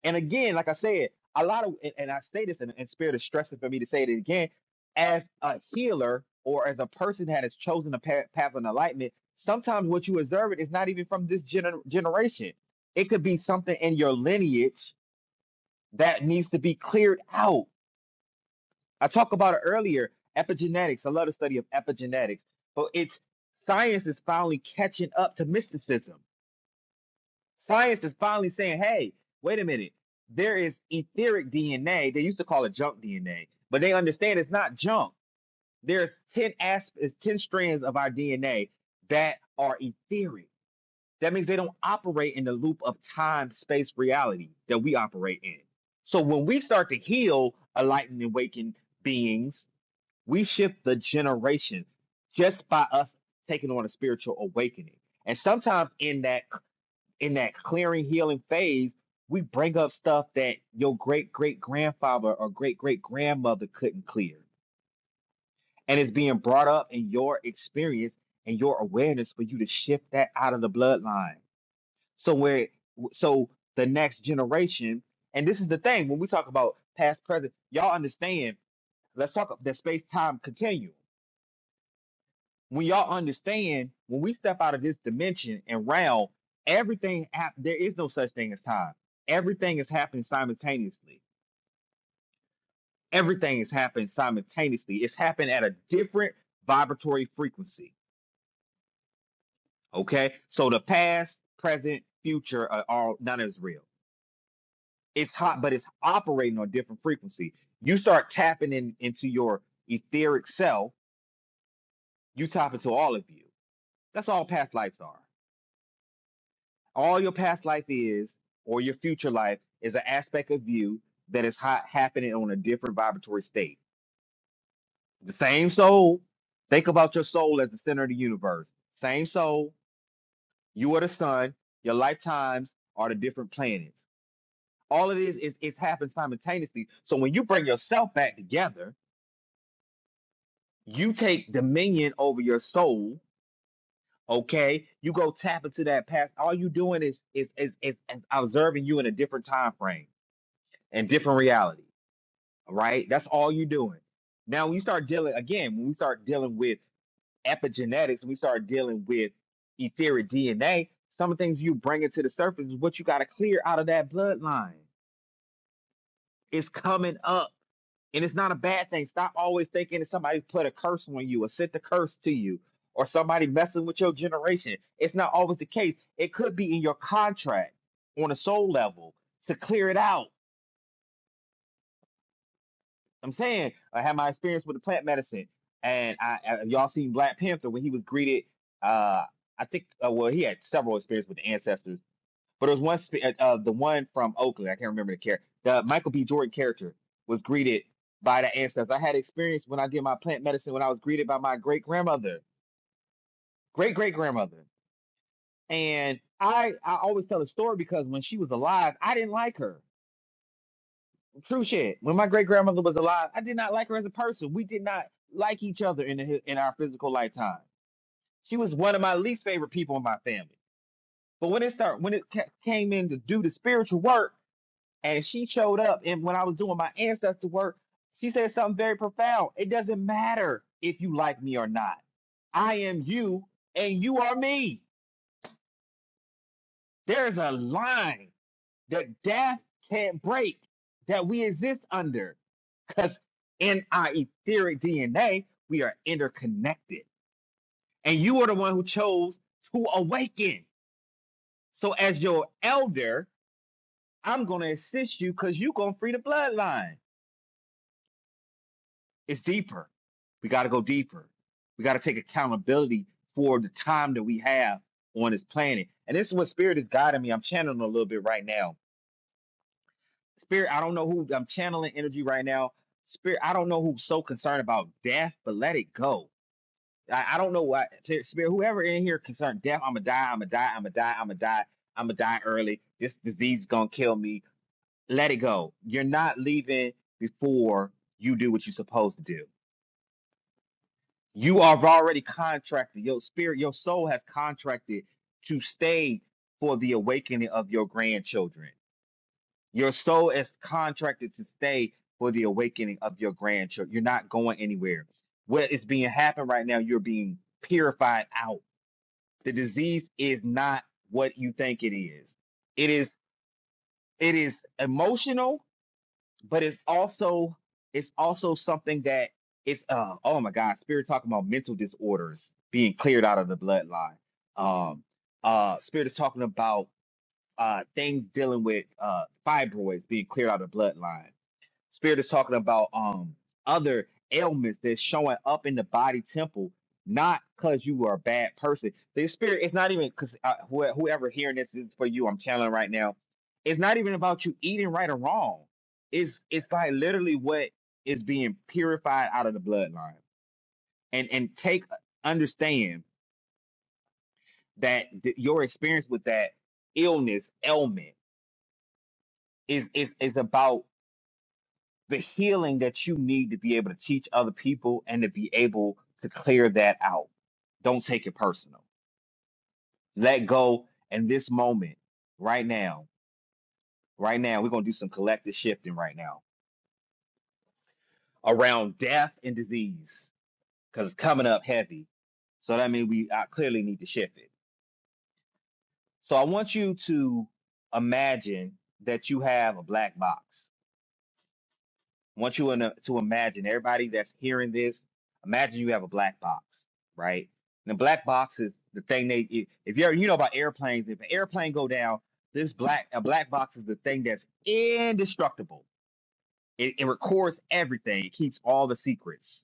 S1: And again, like I said, a lot of and, and I say this in, in spirit of stressing for me to say it again, as a healer or as a person that has chosen a path, path of enlightenment, sometimes what you observe it is not even from this gener- generation. It could be something in your lineage that needs to be cleared out I talked about it earlier, epigenetics. I love the study of epigenetics. But it's science is finally catching up to mysticism. Science is finally saying, hey, wait a minute. There is etheric DNA. They used to call it junk DNA, but they understand it's not junk. There's 10 asp- is 10 strands of our DNA that are etheric. That means they don't operate in the loop of time, space, reality that we operate in. So when we start to heal, enlightened, awakened beings, we shift the generation just by us taking on a spiritual awakening. And sometimes in that in that clearing healing phase, we bring up stuff that your great great grandfather or great great grandmother couldn't clear. And it's being brought up in your experience and your awareness for you to shift that out of the bloodline. So where so the next generation, and this is the thing when we talk about past, present, y'all understand, let's talk about the space-time continuum when y'all understand when we step out of this dimension and realm, everything hap- there is no such thing as time. Everything is happening simultaneously. Everything is happening simultaneously. It's happening at a different vibratory frequency. Okay, so the past, present, future are all none is real. It's hot, but it's operating on different frequency. You start tapping in into your etheric self. You tap into all of you. That's all past lives are. all your past life is or your future life is an aspect of you that is ha- happening on a different vibratory state the same soul think about your soul as the center of the universe same soul you are the sun your lifetimes are the different planets all it is is it's happened simultaneously so when you bring yourself back together you take dominion over your soul okay you go tap into that past all you doing is is is, is, is observing you in a different time frame and different reality right? That's all you're doing. Now, when you start dealing again, when we start dealing with epigenetics, when we start dealing with etheric DNA, some of the things you bring it to the surface is what you got to clear out of that bloodline. It's coming up, and it's not a bad thing. Stop always thinking that somebody put a curse on you or sent a curse to you. Or somebody messing with your generation. It's not always the case. It could be in your contract on a soul level to clear it out I'm saying I had my experience with the plant medicine, and I, I y'all seen Black Panther when he was greeted. Uh, I think uh, well he had several experiences with the ancestors, but there was one spe- uh, uh, the one from Oakland. I can't remember the character. The Michael B. Jordan character was greeted by the ancestors. I had experience when I did my plant medicine when I was greeted by my great grandmother, great great grandmother, and I I always tell the story because when she was alive, I didn't like her True shit. When my great grandmother was alive, I did not like her as a person. We did not like each other in the, in our physical lifetime. She was one of my least favorite people in my family. But when it start when it ca- came in to do the spiritual work, and she showed up, and when I was doing my ancestor work, she said something very profound. It doesn't matter if you like me or not. I am you, and you are me. There's a line that death can't break that we exist under. Because in our etheric DNA, we are interconnected. And you are the one who chose to awaken. So, as your elder, I'm going to assist you because you're going to free the bloodline. It's deeper. We got to go deeper. We got to take accountability for the time that we have on this planet. And this is what spirit is guiding me. I'm channeling a little bit right now. Spirit, I don't know who I'm channeling energy right now. Spirit, I don't know who's so concerned about death, but let it go I, I don't know what spirit. Whoever in here concerned death, I'ma die. I'ma die. I'ma die. I'ma die. I'ma die early. This disease is gonna kill me. Let it go. You're not leaving before you do what you're supposed to do. You are already contracted. Your spirit, your soul has contracted to stay for the awakening of your grandchildren. Your soul is contracted to stay for the awakening of your grandchildren. You're not going anywhere. What is being happened right now, you're being purified out The disease is not what you think it is. It is it is emotional, but it's also it's also something that it's uh oh my God, spirit talking about mental disorders being cleared out of the bloodline. Um uh spirit is talking about uh things dealing with uh fibroids being cleared out of the bloodline. Spirit is talking about um other ailments that's showing up in the body temple, not because you are a bad person. The spirit, it's not even because uh, whoe- whoever hearing this this is for you. I'm telling right now, it's not even about you eating right or wrong. It's it's like literally what is being purified out of the bloodline, and and take uh, understand that th- your experience with that illness ailment is is is about the healing that you need to be able to teach other people and to be able to clear that out. Don't take it personal. Let go in this moment, right now, right now, we're going to do some collective shifting right now around death and disease because it's coming up heavy. So that means we I clearly need to shift it. So I want you to imagine that you have a black box I want you to to imagine everybody that's hearing this. Imagine you have a black box, right? And the black box is the thing they i- if you're you know about airplanes. If an airplane go down, this black a black box is the thing that's indestructible. It, it records everything. It keeps all the secrets.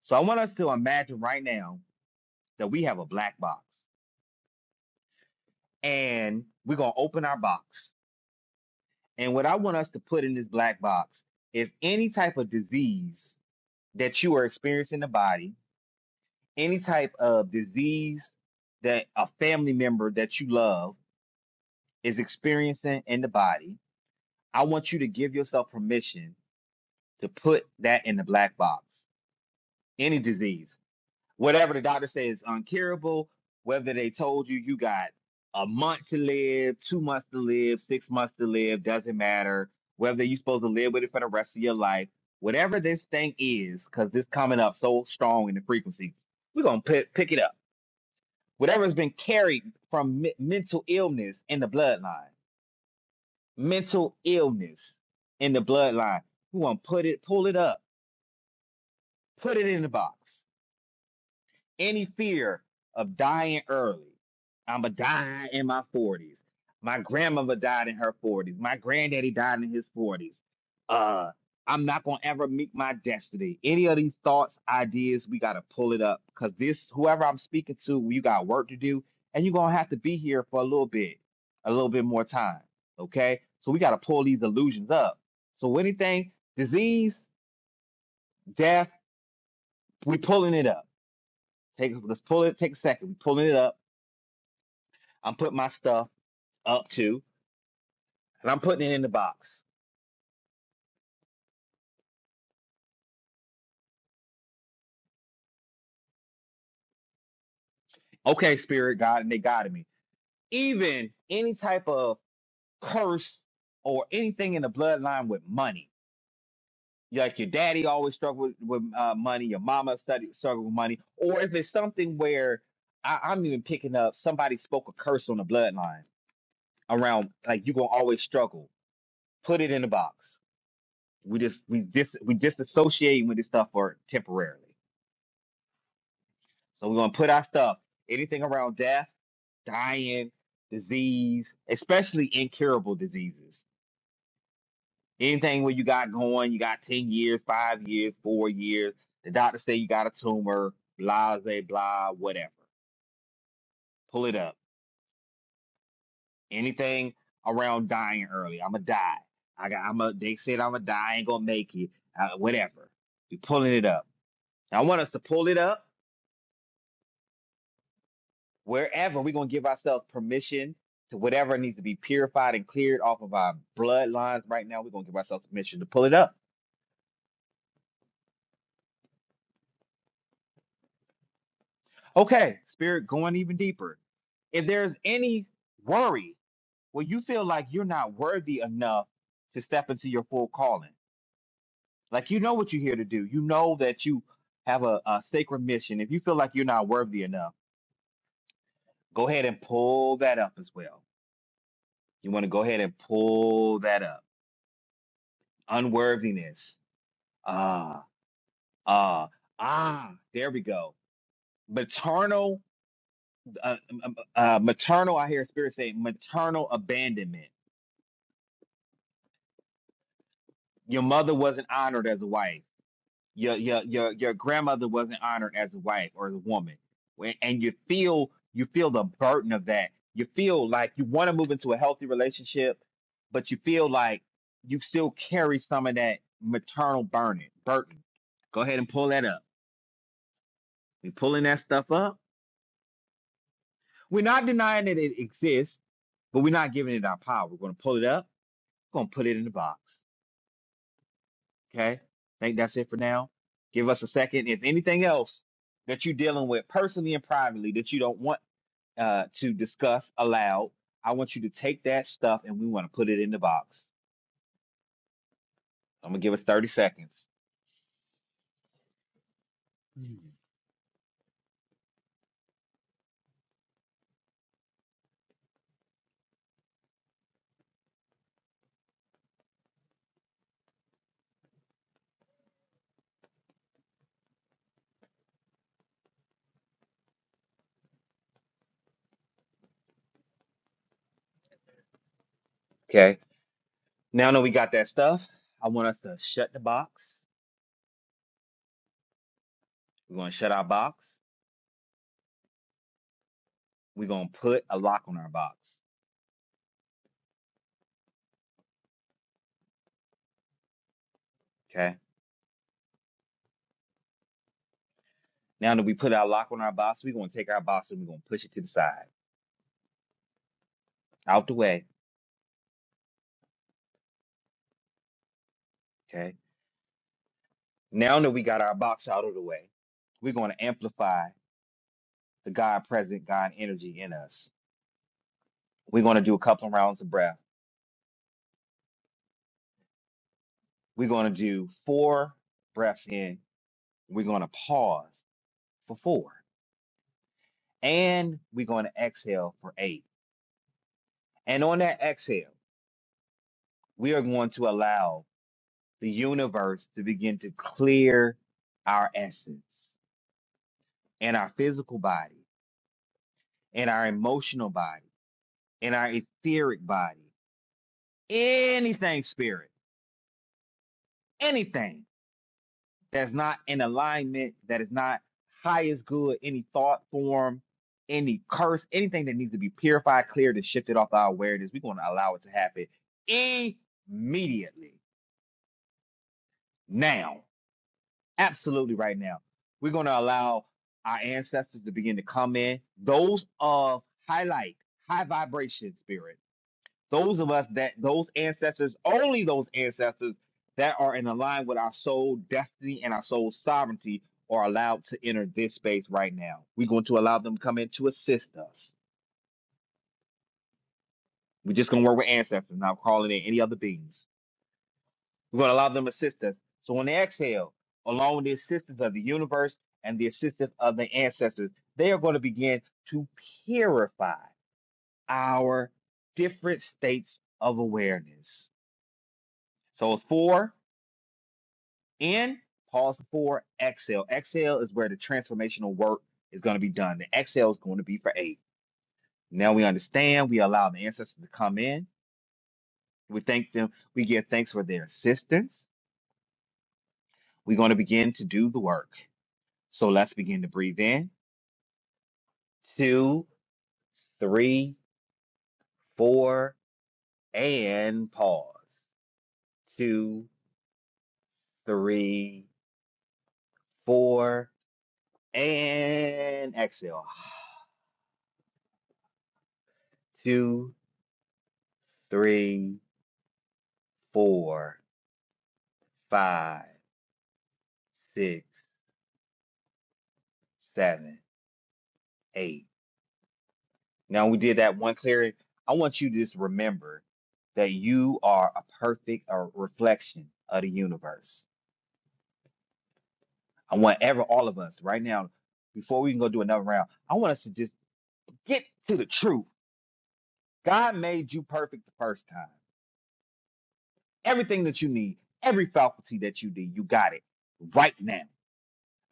S1: So I want us to imagine right now that we have a black box, and we're gonna open our box. And what I want us to put in this black box is any type of disease that you are experiencing in the body any type of disease that a family member that you love is experiencing in the body, I want you to give yourself permission to put that in the black box. Any disease, whatever the doctor says is uncurable, whether they told you you got a month to live, two months to live, six months to live, doesn't matter. Whether you're supposed to live with it for the rest of your life, whatever this thing is, because this coming up so strong in the frequency, we're gonna pick pick it up Whatever has been carried from me- mental illness in the bloodline, mental illness in the bloodline. You want to put it, pull it up, put it in the box. any fear of dying early. I'ma die in my forties. My grandmother died in her forties. My granddaddy died in his forties. Uh, I'm not gonna ever meet my destiny. Any of these thoughts, ideas, we gotta pull it up. Cause this, whoever I'm speaking to, you got work to do, and you're gonna have to be here for a little bit, a little bit more time. Okay, so we gotta pull these illusions up. So anything, disease, death, we pulling it up. Take let's pull it. Take a second. We pulling it up I'm putting my stuff up to, and I'm putting it in the box. Okay, spirit God, and they guided me. Even any type of curse or anything in the bloodline with money. Like your daddy always struggled with, with uh, money, your mama studied, struggled with money, or if it's something where I, I'm even picking up somebody spoke a curse on the bloodline around, like you're gonna always struggle. Put it in the box. We just we dis we disassociating with this stuff for temporarily. So we're gonna put our stuff anything around death dying, disease, especially incurable diseases. Anything where you got going, you got 10 years, five years, four years, the doctor say you got a tumor, blah, blah, blah, whatever. Pull it up. Anything around dying early. I'ma die. I got I'm a they said I'ma die, I ain't gonna make it. Uh, whatever. We pulling it up. I want us to pull it up wherever we're gonna give ourselves permission to whatever needs to be purified and cleared off of our bloodlines right now. We're gonna give ourselves permission to pull it up Okay, spirit going even deeper. If there's any worry where you feel like you're not worthy enough to step into your full calling, like you know what you're here to do, you know that you have a, a sacred mission. If you feel like you're not worthy enough, go ahead and pull that up as well. You want to go ahead and pull that up. Unworthiness. Ah, ah, ah, there we go. Maternal, uh, uh, uh, maternal, I hear spirit say maternal abandonment Your mother wasn't honored as a wife. Your your your your grandmother wasn't honored as a wife or as a woman. When- And you feel you feel the burden of that. You feel like you want to move into a healthy relationship, but you feel like you still carry some of that maternal burden. Burden. Go ahead and pull that up. We're pulling that stuff up. We're not denying that it exists, but we're not giving it our power. We're going to pull it up. We're going to put it in the box. Okay. I think that's it for now. Give us a second. If anything else that you're dealing with personally and privately that you don't want uh, to discuss aloud, I want you to take that stuff and we want to put it in the box. I'm going to give us 30 seconds. Okay. Now that we got that stuff, I want us to shut the box. We're going to shut our box. We're going to put a lock on our box. Okay. Now that we put our lock on our box, we're going to take our box and we're going to push it to the side, out the way. Okay. Now that we got our box out of the way, we're going to amplify the God present, God energy in us. We're going to do a couple of rounds of breath. We're going to do four breaths in. We're going to pause for four. And we're going to exhale for eight. And on that exhale, we are going to allow the universe to begin to clear our essence and our physical body and our emotional body and our etheric body. Anything, spirit, anything that's not in alignment, that is not highest good, any thought form, any curse, anything that needs to be purified, cleared, and shifted off our awareness, we're going to allow it to happen immediately, now, absolutely right now. We're going to allow our ancestors to begin to come in, those of high light, high vibration spirit those of us that those ancestors, only those ancestors that are in line with our soul destiny and our soul sovereignty are allowed to enter this space right now. We're going to allow them to come in to assist us. We're just going to work with ancestors, not calling in any other beings. We're going to allow them to assist us. So on the exhale, along with the assistance of the universe and the assistance of the ancestors, they are going to begin to purify our different states of awareness. So it's four, N, pause for exhale. Exhale is where the transformational work is going to be done. The exhale is going to be for eight. Now we understand. We allow the ancestors to come in. We thank them. We give thanks for their assistance. We're going to begin to do the work. So let's begin to breathe in. Two, three, four, and pause. Two, three, four, and exhale. Two, three, four, five. six, seven, eight. Now we did that one clear. I want you to just remember that you are a perfect uh, reflection of the universe. I want ever all of us right now, before we can go do another round, I want us to just get to the truth. God made you perfect the first time. Everything that you need, every faculty that you need, you got it right now.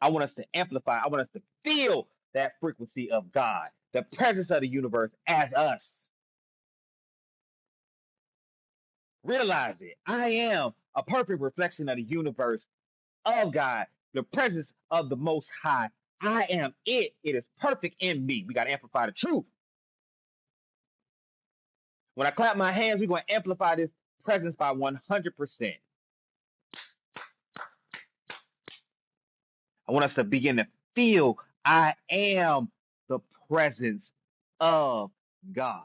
S1: I want us to amplify. I want us to feel that frequency of God, the presence of the universe as us Realize it. I am a perfect reflection of the universe, of God, the presence of the Most High. I am it. It is perfect in me. We got to amplify the truth. When I clap my hands, we're going to amplify this presence by 100%. I want us to begin to feel I am the presence of God.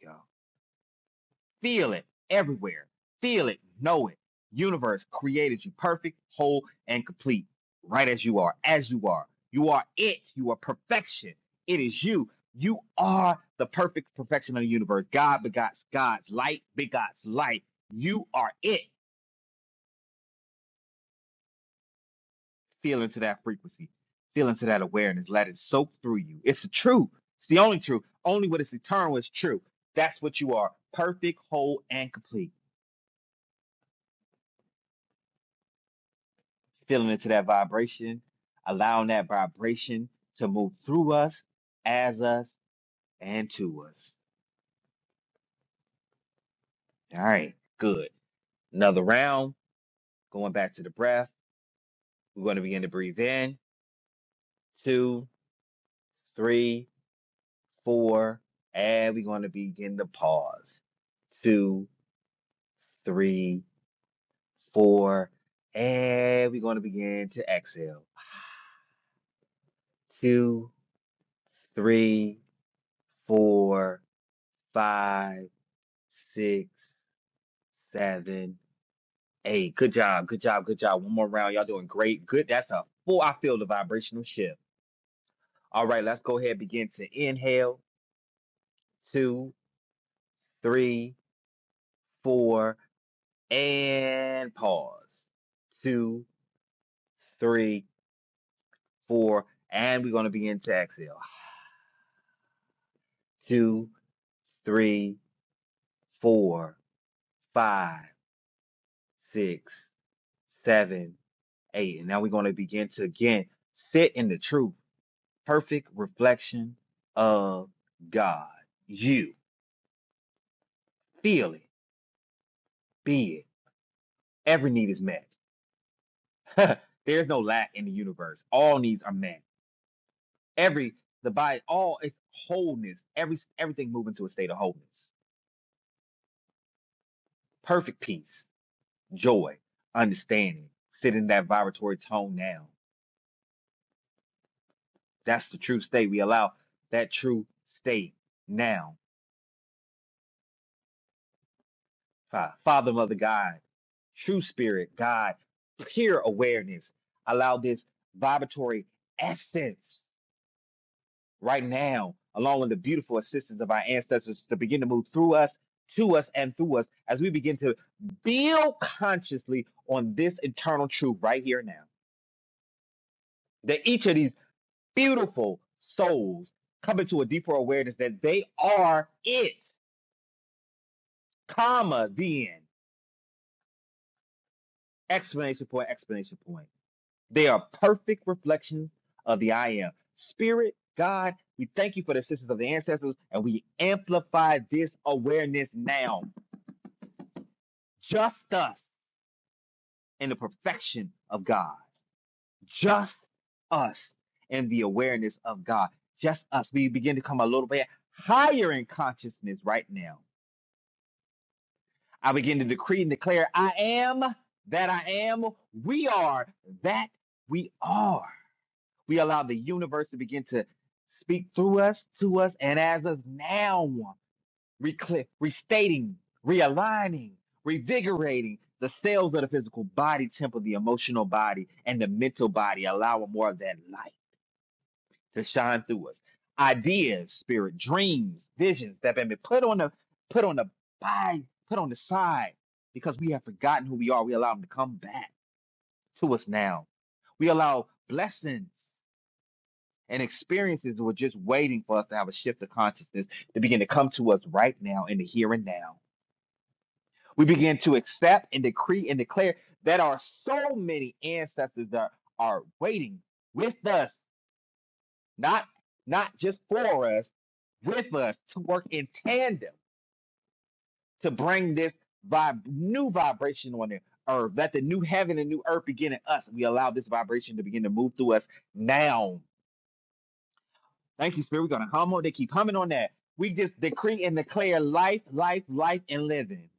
S1: y'all. Feel it everywhere. Feel it. Know it. Universe created you perfect, whole, and complete. Right as you are, as you are. You are it. You are perfection. It is you. You are the perfect perfection of the universe. God begots God's light, begots light. You are it. Feel into that frequency. Feel into that awareness. Let it soak through you. It's the truth. It's the only truth. Only what is eternal is true. That's what you are. Perfect, whole, and complete. feeling into that vibration, allowing that vibration to move through us, as us, and to us. All right, good. Another round, going back to the breath. We're going to begin to breathe in, two, three, four, and we're going to begin to pause. Two, three, four, and we're going to begin to exhale. Two, three, four, five, six, seven Hey, good job, good job, good job. One more round. Y'all doing great. Good. That's a full. I feel the vibrational shift. All right, let's go ahead and begin to inhale. Two, three, four, and pause. Two, three, four, and we're going to begin to exhale. Two, three, four, five, six, seven, eight. And now we're going to begin to again sit in the truth. perfect reflection of God. You feel it, be it. Every need is met. There's no lack in the universe. All needs are met. Every the body, all its wholeness, every everything moving to a state of wholeness, perfect peace, joy, understanding. Sit in that vibratory tone now. That's the true state. We allow that true state now. Fa- Father, Mother, God, True Spirit, God, pure awareness. Allow this vibratory essence right now, along with the beautiful assistance of our ancestors, to begin to move through us, to us, and through us as we begin to build consciously on this eternal truth right here and now. That each of these beautiful souls come into a deeper awareness that they are it, comma, the Explanation point, explanation point They are perfect reflections of the I am. Spirit, God, we thank you for the assistance of the ancestors and we amplify this awareness now. Just us in the perfection of God. Just us in the awareness of God. Just us. We begin to come a little bit higher in consciousness right now. I begin to decree and declare I am that I am. We are that we are. We allow the universe to begin to speak through us, to us, and as us now, recli- restating, realigning, revigorating the cells of the physical body, temple, the emotional body, and the mental body, allowing more of that light to shine through us. Ideas, spirit, dreams, visions that have been put on the put on the by, put on the side because we have forgotten who we are. We allow them to come back to us now. We allow blessings and experiences were just waiting for us to have a shift of consciousness to begin to come to us right now in the here and now. We begin to accept and decree and declare that our so many ancestors are, are waiting with us, not not just for us, with us to work in tandem to bring this vib- new vibration on the earth. Let the new heaven and new earth begin in us. We allow this vibration to begin to move through us now Thank you, Spirit. We're gonna hum on. They keep humming on that. We just decree and declare life, life, life, and living.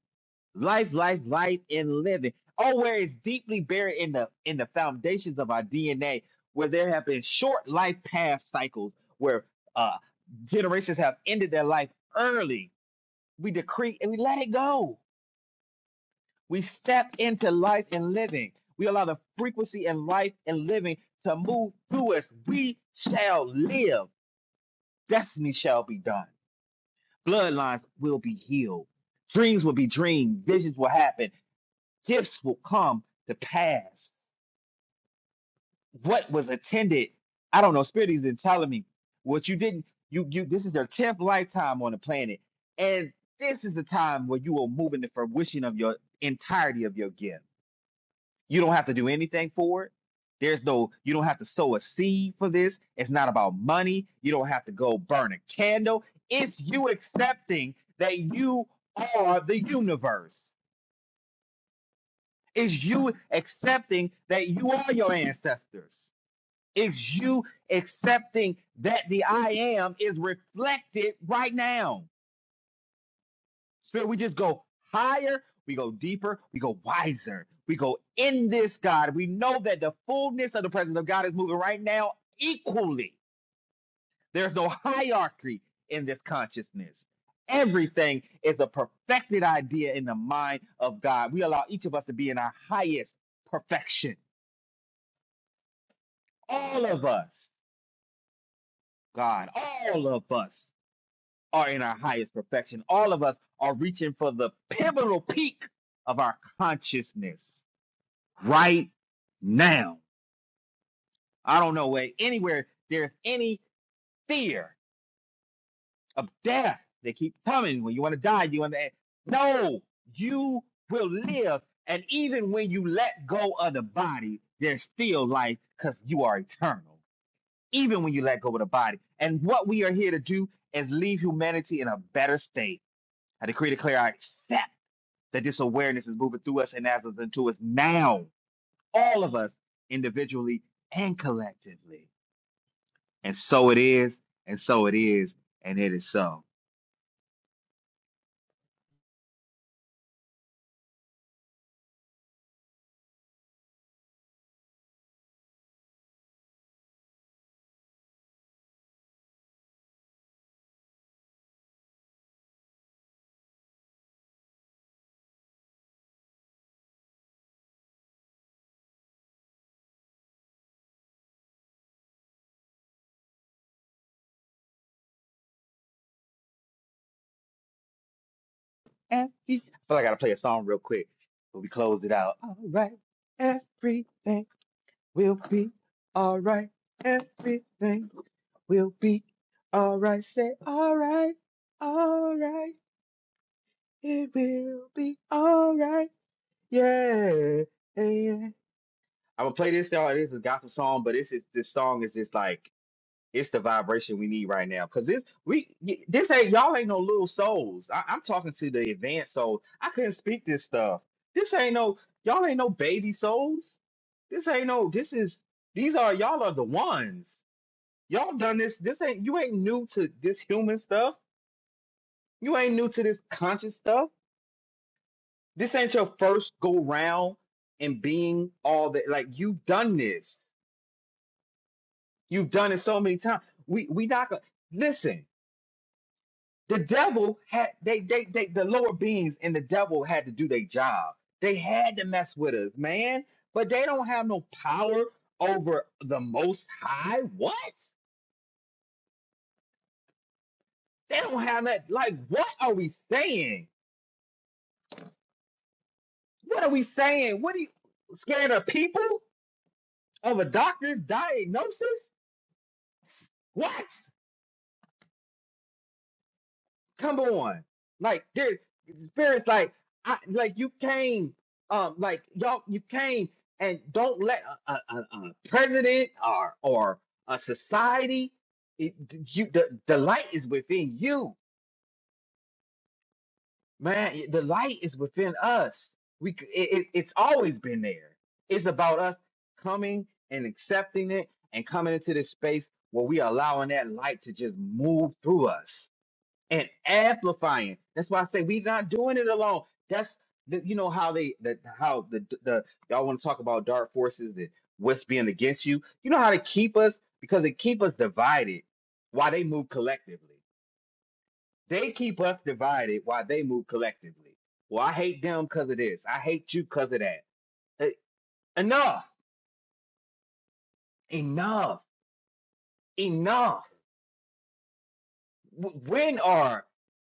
S1: Life, life, life, and living. Oh, where it's deeply buried in the in the foundations of our DNA, where there have been short life path cycles where uh generations have ended their life early. We decree and we let it go. We step into life and living. We allow the frequency and life and living to move through us. We shall live. Destiny shall be done. Bloodlines will be healed. Dreams will be dreamed. Visions will happen. Gifts will come to pass. What was attended, I don't know. Spirit is telling me what you didn't. You you. This is your tenth lifetime on the planet, and this is the time where you are moving the fruition of your entirety of your gift. You don't have to do anything for it. There's no, you don't have to sow a seed for this. It's not about money. You don't have to go burn a candle. It's you accepting that you are the universe. It's you accepting that you are your ancestors. It's you accepting that the I am is reflected right now. Spirit, we just go higher, we go deeper, we go wiser, we go in this God. We know that the fullness of the presence of God is moving right now equally. There's no hierarchy in this consciousness. Everything is a perfected idea in the mind of God. We allow each of us to be in our highest perfection. All of us, God, all of us are in our highest perfection. All of us are reaching for the pivotal peak of our consciousness right now. I don't know where anywhere there's any fear of death. They keep coming when you want to die. You want to no, you will live. And even when you let go of the body, there's still life because you are eternal. Even when you let go of the body. And what we are here to do is leave humanity in a better state. I decree declare I accept that this awareness is moving through us and as us into us now. All of us individually and collectively. And so it is, and so it is, and it is so. Every- I feel like I gotta play a song real quick, but we close it out. All right, everything will be all right. Everything will be all right. Say all right, all right. It will be all right. Yeah, yeah. I'm gonna play this song. This is a gospel song, but this is this song is just like It's the vibration we need right now. Cause this we y- this ain't y'all ain't no little souls. I, I'm talking to the advanced souls. I couldn't speak this stuff. This ain't no y'all ain't no baby souls. This ain't no this is these are y'all are the ones. Y'all done this. This ain't you ain't new to this human stuff. You ain't new to this conscious stuff. This ain't your first go round and being all that like you've done this. You've done it so many times. We we not gonna listen the devil had they they they the lower beings and the devil had to do their job. They had to mess with us, man. But they don't have no power over the most high. What? They don't have that like what are we saying? What are we saying? What are you scared of people? Of a doctor's diagnosis? What? Come on. Like there spirits like I like you came um like y'all you came and don't let a, a, a, a president or or a society it, you the, the light is within you man the light is within us we c- it, it, it's always been there it's about us coming and accepting it and coming into this space where we allowing that light to just move through us and amplifying. That's why I say we're not doing it alone. That's the, you know how they the how the the y'all want to talk about dark forces and what's being against you. You know how to keep us because they keep us divided while they move collectively. They keep us divided while they move collectively. Well, I hate them because of this. I hate you because of that. Eh, Enough, enough, enough. W- When are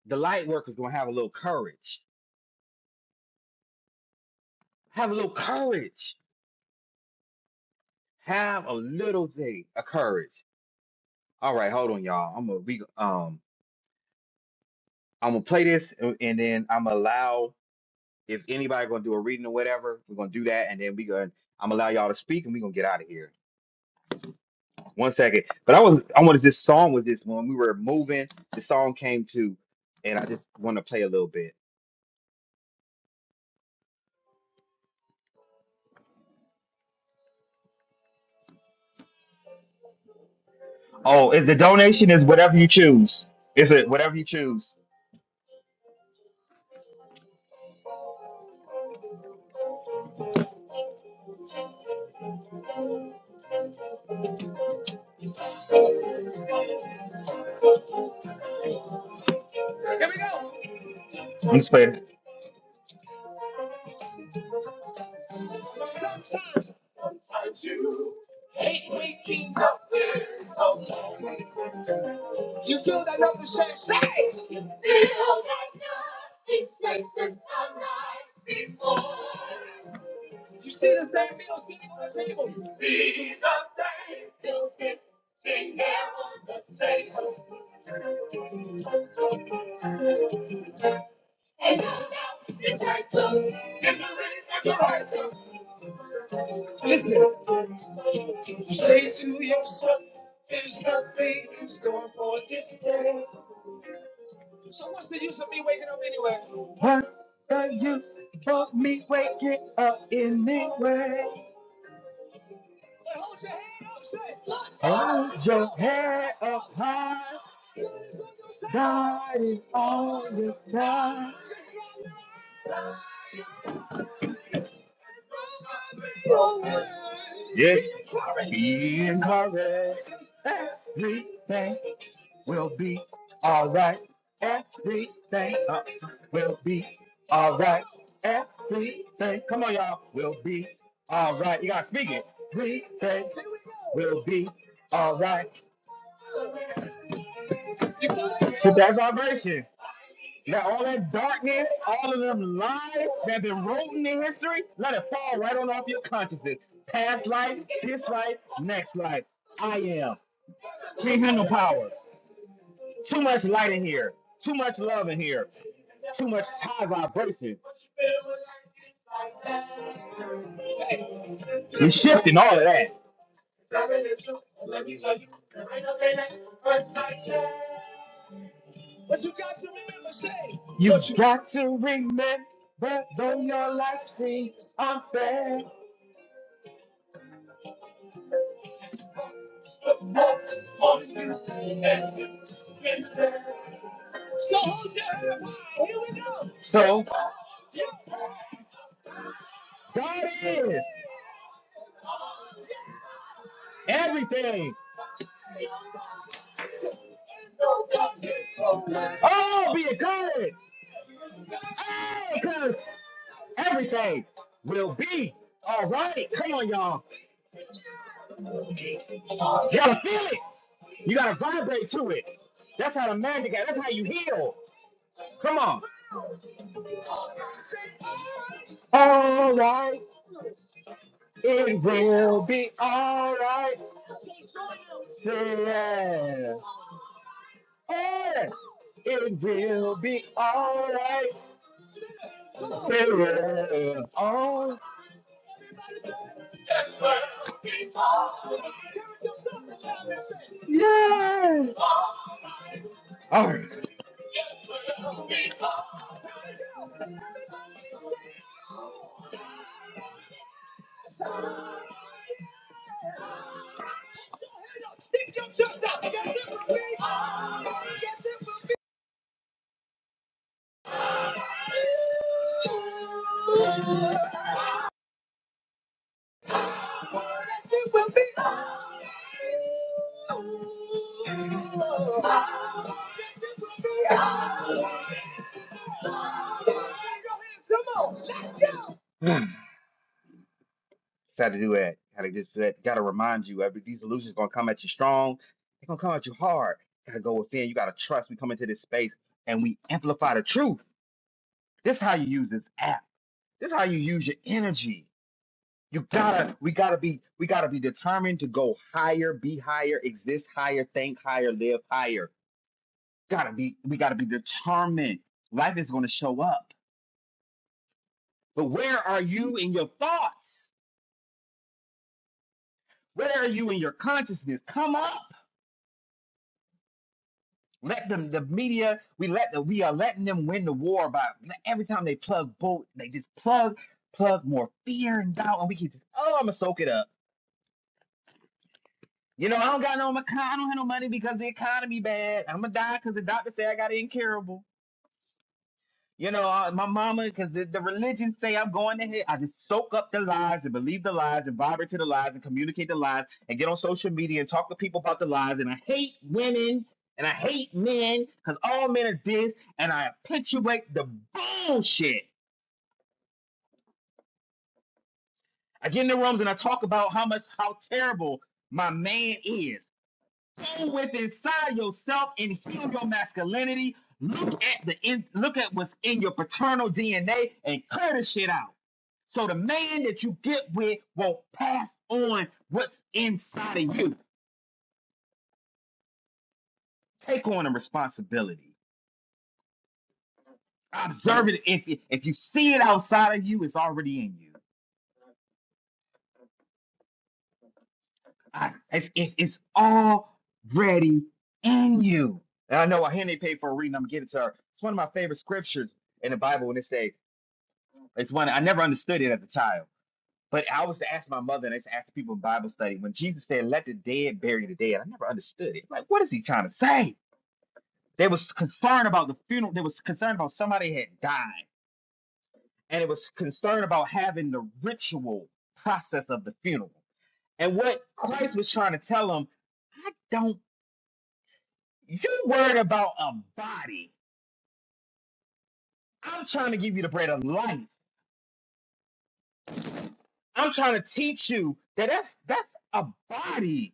S1: the light workers gonna have a little courage? Have a little courage Have a little thing of courage. All right, hold on, y'all. I'm gonna we um I'm gonna play this and and then I'm gonna allow if anybody gonna do a reading or whatever, we're gonna do that and then we gonna I'm gonna allow y'all to speak and we gonna get out of here. One second. But I was I wanted this song with this when we were moving, the song came to and I just wanna play a little bit. Oh, and the donation is whatever you choose. Is it whatever you choose? Here we go. Let's play it. You do that nothing say, say. You feel that nothing's tasted the night before. You see the same meal sitting on the table. You see the same meal sitting there on the table. And you know it's right too. It's a it's a right too. Listen, say to yourself, there's nothing in store for this day. So what's the use of me waking up anyway? But hold your head up straight. Hold your head You just look upside down. down. Yes, Be encouraged. be Everything will be all right. Everything uh, will be all right. Everything, come on, y'all, will be all right. You gotta speak it. Everything will be all right. Hit that vibration. Let all that darkness, all of them lies that have been written in history, let it fall right on off your consciousness. Past life, this life, next life. I am. Can't handle power. Too much light in here. Too much love in here. Too much high vibration. We shifting all of that. But you got to remember, say. You what you- got to remember, though your life seems unfair. But what on you and you been there. So hold your head high. Here we go. So God is everything. Oh, be encouraged. Oh, because everything will be all right. Come on, y'all. Y'all feel it. You gotta vibrate to it. That's how the magic. is. That's how you heal. Come on. All right, it will be all right. Say yeah. Yes, it will be all right. Say yeah. Oh. Yeah. All right. Stick your chest out. Yes, it will be. Yes, it will be. Yes, it will be. Yes, it will be. Come on. Let's go. how to do that. How to just that. Got to remind you. Every, these illusions gonna come at you strong. They're gonna come at you hard. Gotta go within. You gotta trust. We come into this space and we amplify the truth. This is how you use this app. This is how you use your energy. You gotta. We gotta be. We gotta be determined to go higher, be higher, exist higher, think higher, live higher. Gotta be. We gotta be determined. Life is gonna show up. But where are you in your thoughts? Where are you in your consciousness? Come up. Let them, the media, we let the, we are letting them win the war by every time they plug bull, they just plug, plug more fear and doubt, and we can just, oh, I'm gonna soak it up. You know, I don't got no, I don't have no money because the economy bad. I'm gonna die because the doctor said I got incurable. You know, uh, my mama, because the, the religion say I'm going to hell. I just soak up the lies and believe the lies and vibrate to the lies and communicate the lies and get on social media and talk to people about the lies. And I hate women and I hate men because all men are this. And I perpetuate the bullshit. I get in the rooms and I talk about how much, how terrible my man is. Go with inside yourself and heal your masculinity. Look at the in, look at what's in your paternal DNA and clear the shit out. So the man that you get with will pass on what's inside of you. Take on the responsibility. Observe it. If if if you see it outside of you, it's already in you. I, it's, it- it's already in you. And I know I hand they paid for a reading. I'm gonna get it to her. It's one of my favorite scriptures in the Bible when it says It's one I never understood it as a child. But I was to ask my mother, and I used to ask the people in Bible study when Jesus said, "Let the dead bury the dead." I never understood it. Like, what is he trying to say? They was concerned about the funeral. They was concerned about somebody had died, and it was concerned about having the ritual process of the funeral. And what Christ was trying to tell them, I don't. You worried about a body. I'm trying to give you the bread of life. I'm trying to teach you that that's that's a body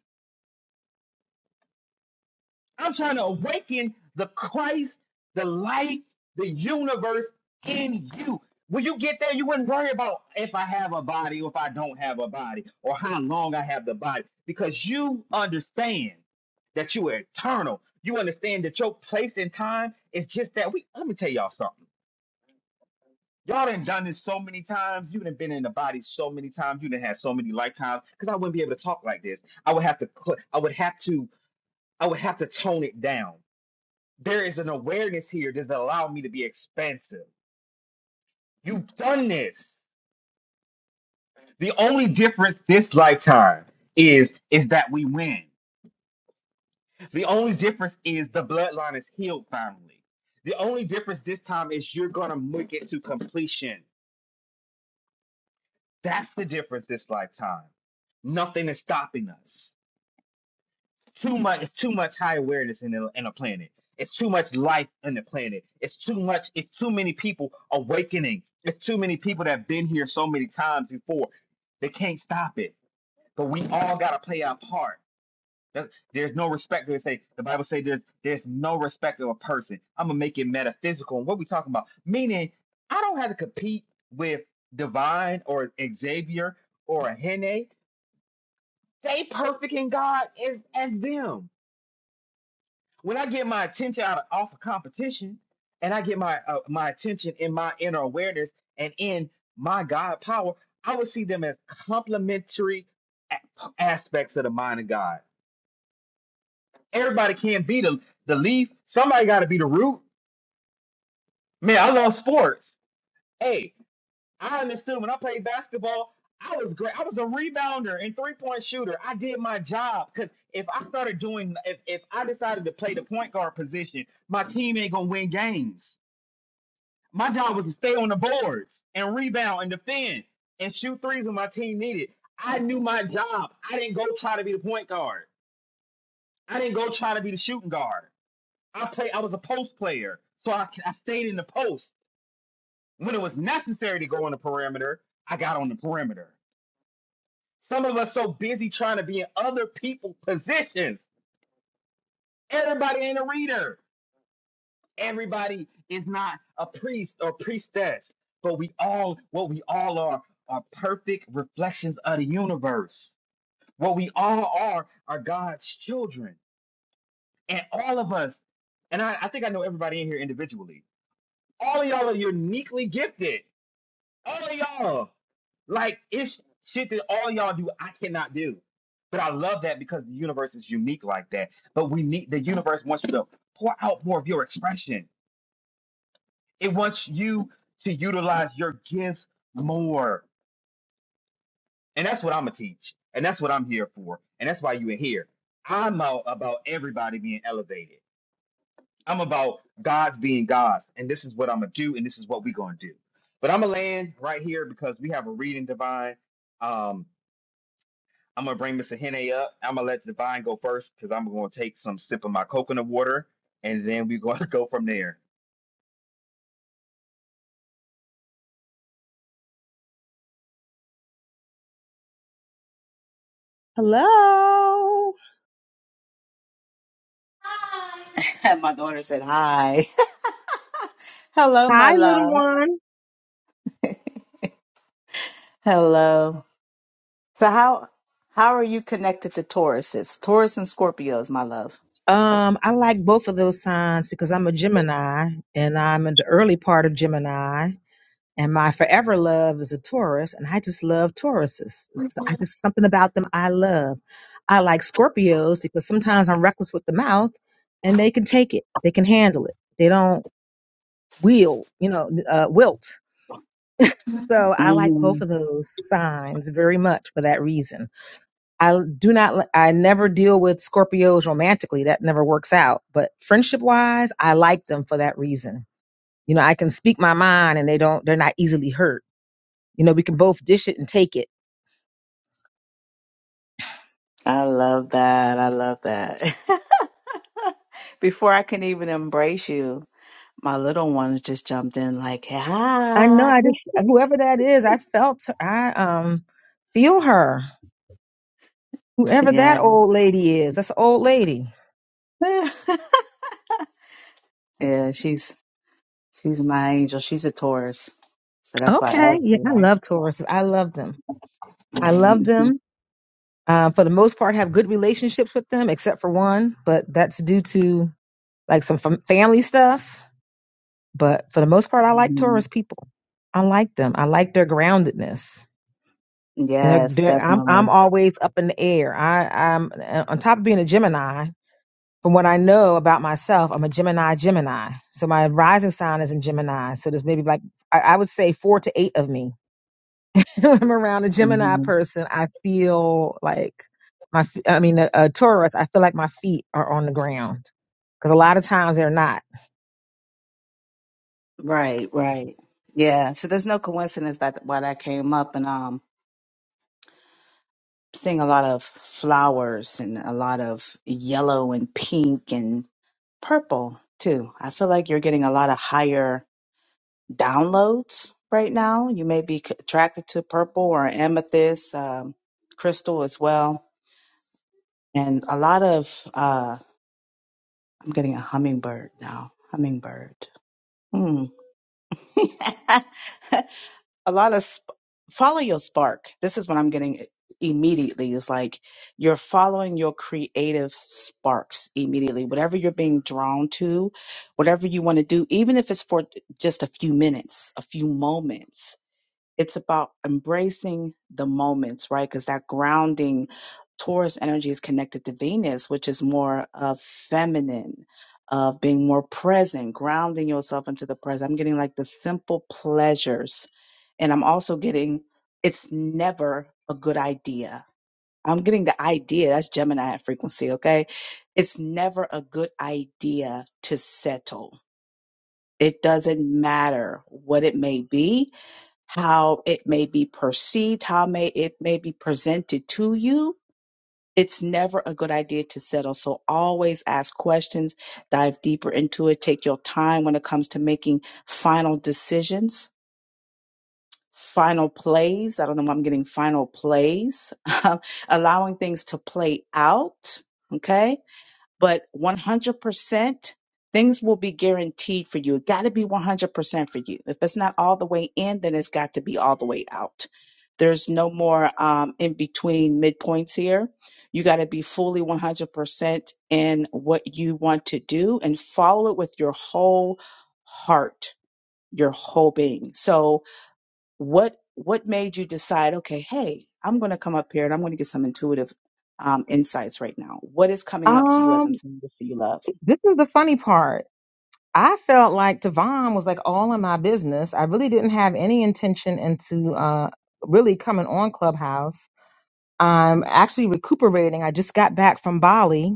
S1: I'm trying to awaken the Christ, the light, the universe in you. When you get there, you wouldn't worry about if I have a body or if I don't have a body or how long I have the body because you understand that you are eternal. You understand that your place in time is just that. We let me tell y'all something. Y'all done done this so many times. You done been in the body so many times. You done had so many lifetimes. Because I wouldn't be able to talk like this. I would have to. cl- I would have to. I would have to tone it down there is an awareness here that's allowed me to be expansive. You've done this. The only difference this lifetime is is that we win. The only difference is the bloodline is healed finally. The only difference this time is you're gonna make it to completion. That's the difference this lifetime. Nothing is stopping us. too much it's too much high awareness in a, in a planet it's too much life in the planet it's too much it's too many people awakening it's too many people that have been here so many times before they can't stop it but we all got to play our part There- there's no respect they say the bible says there's there's no respect of a person i'm gonna make it metaphysical and what we talking about meaning i don't have to compete with divine or xavier or a hene they perfect in god as as them when I get my attention out of off of competition, and I get my uh, my attention in my inner awareness and in my God power, I would see them as complementary a- aspects of the mind of God. Everybody can't be the the leaf. Somebody got to be the root. Man, I love sports. Hey, I understood when I played basketball. I was great. I was a rebounder and three point shooter. I did my job because if I started doing, if, if I decided to play the point guard position, my team ain't gonna win games My job was to stay on the boards and rebound and defend and shoot threes when my team needed. I knew my job. I didn't go try to be the point guard. I didn't go try to be the shooting guard. I play. I was a post player, so I, I stayed in the post. When it was necessary to go on the perimeter, I got on the perimeter. Some of us so busy trying to be in other people's positions. Everybody ain't a reader. Everybody is not a priest or priestess, but we all, what we all are, are perfect reflections of the universe. What we all are, are God's children. And all of us, and I, I think I know everybody in here individually, all of y'all are uniquely gifted. All of y'all. Like, it's shit that all y'all do, I cannot do. But I love that because the universe is unique like that. But we need, the universe wants you to pour out more of your expression It wants you to utilize your gifts more. And that's what I'm going to teach. And that's what I'm here for. And that's why you in here. I'm out about everybody being elevated. I'm about God's being God. And this is what I'm going to do. And this is what we're going to do. But I'm going to land right here because we have a reading divine. Um, I'm going to bring Mr. Henne up. I'm going to let divine go first because I'm going to take some sip of my coconut water. And then we're going to go from there.
S6: Hello.
S3: my daughter said hi. Hello, my
S6: Hi, little
S3: love.
S6: one.
S3: Hello. So how how are you connected to Tauruses? Taurus and Scorpios, my love.
S6: Um, I like both of those signs because I'm a Gemini and I'm in the early part of Gemini. And my forever love is a Taurus, and I just love Tauruses. It's- I just something about them I love. I like Scorpios because sometimes I'm reckless with the mouth, and they can take it. They can handle it. They don't wield, you know, uh, wilt. So I like
S3: hmm
S6: both of those signs very much for that reason. I do not, I never deal with Scorpios romantically. That never works out. But friendship wise, I like them for that reason. You know, I can speak my mind and they don't, they're not easily hurt. You know, we can both dish it and take it.
S3: I love that. I love that. Before I can even embrace you, my little one just jumped in like,
S6: I know.
S3: hi.
S6: I just, whoever that is, I felt, I, um, feel her. Whoever that
S3: Yeah.
S6: old lady is, that's an old lady.
S3: yeah, she's she's my angel. She's a Taurus. So that's why I
S6: Okay.
S3: asked
S6: Yeah,
S3: you
S6: I love Tauruses. I love them. I love
S3: that.
S6: them. Uh, for the most part, have good relationships with them, except for one, but that's due to like some fam- family stuff. But for the most part, I like
S3: Mhm.
S6: Taurus people. I like them. I like their groundedness. They're,
S3: Yes,
S6: they're, I'm I'm
S3: definitely.
S6: always up in the air. I, I'm uh, on top of being a Gemini. From what I know about myself, I'm a Gemini. Gemini. So my rising sign is in Gemini. So there's maybe like I, I would say four to eight of me I'm around a Gemini
S3: hmm
S6: person, I feel like my, f- I mean, a, a Taurus, I feel like my feet are on the ground because a lot of times they're not.
S3: Right, right. Yeah. So there's no coincidence that why that came up and um seeing a lot of flowers and a lot of yellow and pink and purple too. I feel like you're getting a lot of higher downloads right now. You may be c- attracted to purple or amethyst, um, crystal as well. And a lot of uh I'm getting a hummingbird now. Hummingbird. Hmm. a lot of sp- follow your spark. This is what I'm getting immediately is like you're following your creative sparks immediately. Whatever you're being drawn to, whatever you want to do, even if it's for just a few minutes, a few moments it's about embracing the moments, right? Because that grounding Taurus energy is connected to Venus, which is more of feminine, of being more present, grounding yourself into the present. I'm getting like the simple pleasures. And I'm also getting it's never a good idea. I'm getting the idea. That's Gemini at frequency, okay? It's never a good idea to settle. It doesn't matter what it may be how it may be perceived, how may it may be presented to you. It's never a good idea to settle. So always ask questions, dive deeper into it, take your time when it comes to making final decisions, final plays. I don't know why I'm getting final plays, allowing things to play out. Okay but 100% things will be guaranteed for you. It got to be 100% for you. If it's not all the way in, then it's got to be all the way out. There's no more um, in between midpoints here. You got to be fully 100% in what you want to do and follow it with your whole heart, your whole being. So, what what made you decide okay hey i'm going to come up here and i'm going to get some intuitive um, insights right now what is coming up to you as i'm
S6: Um,
S3: saying this to you love
S6: this is the funny part. I felt like Devon was like all in my business. I really didn't have any intention into uh really coming on Clubhouse. I'm actually recuperating. I just got back from Bali.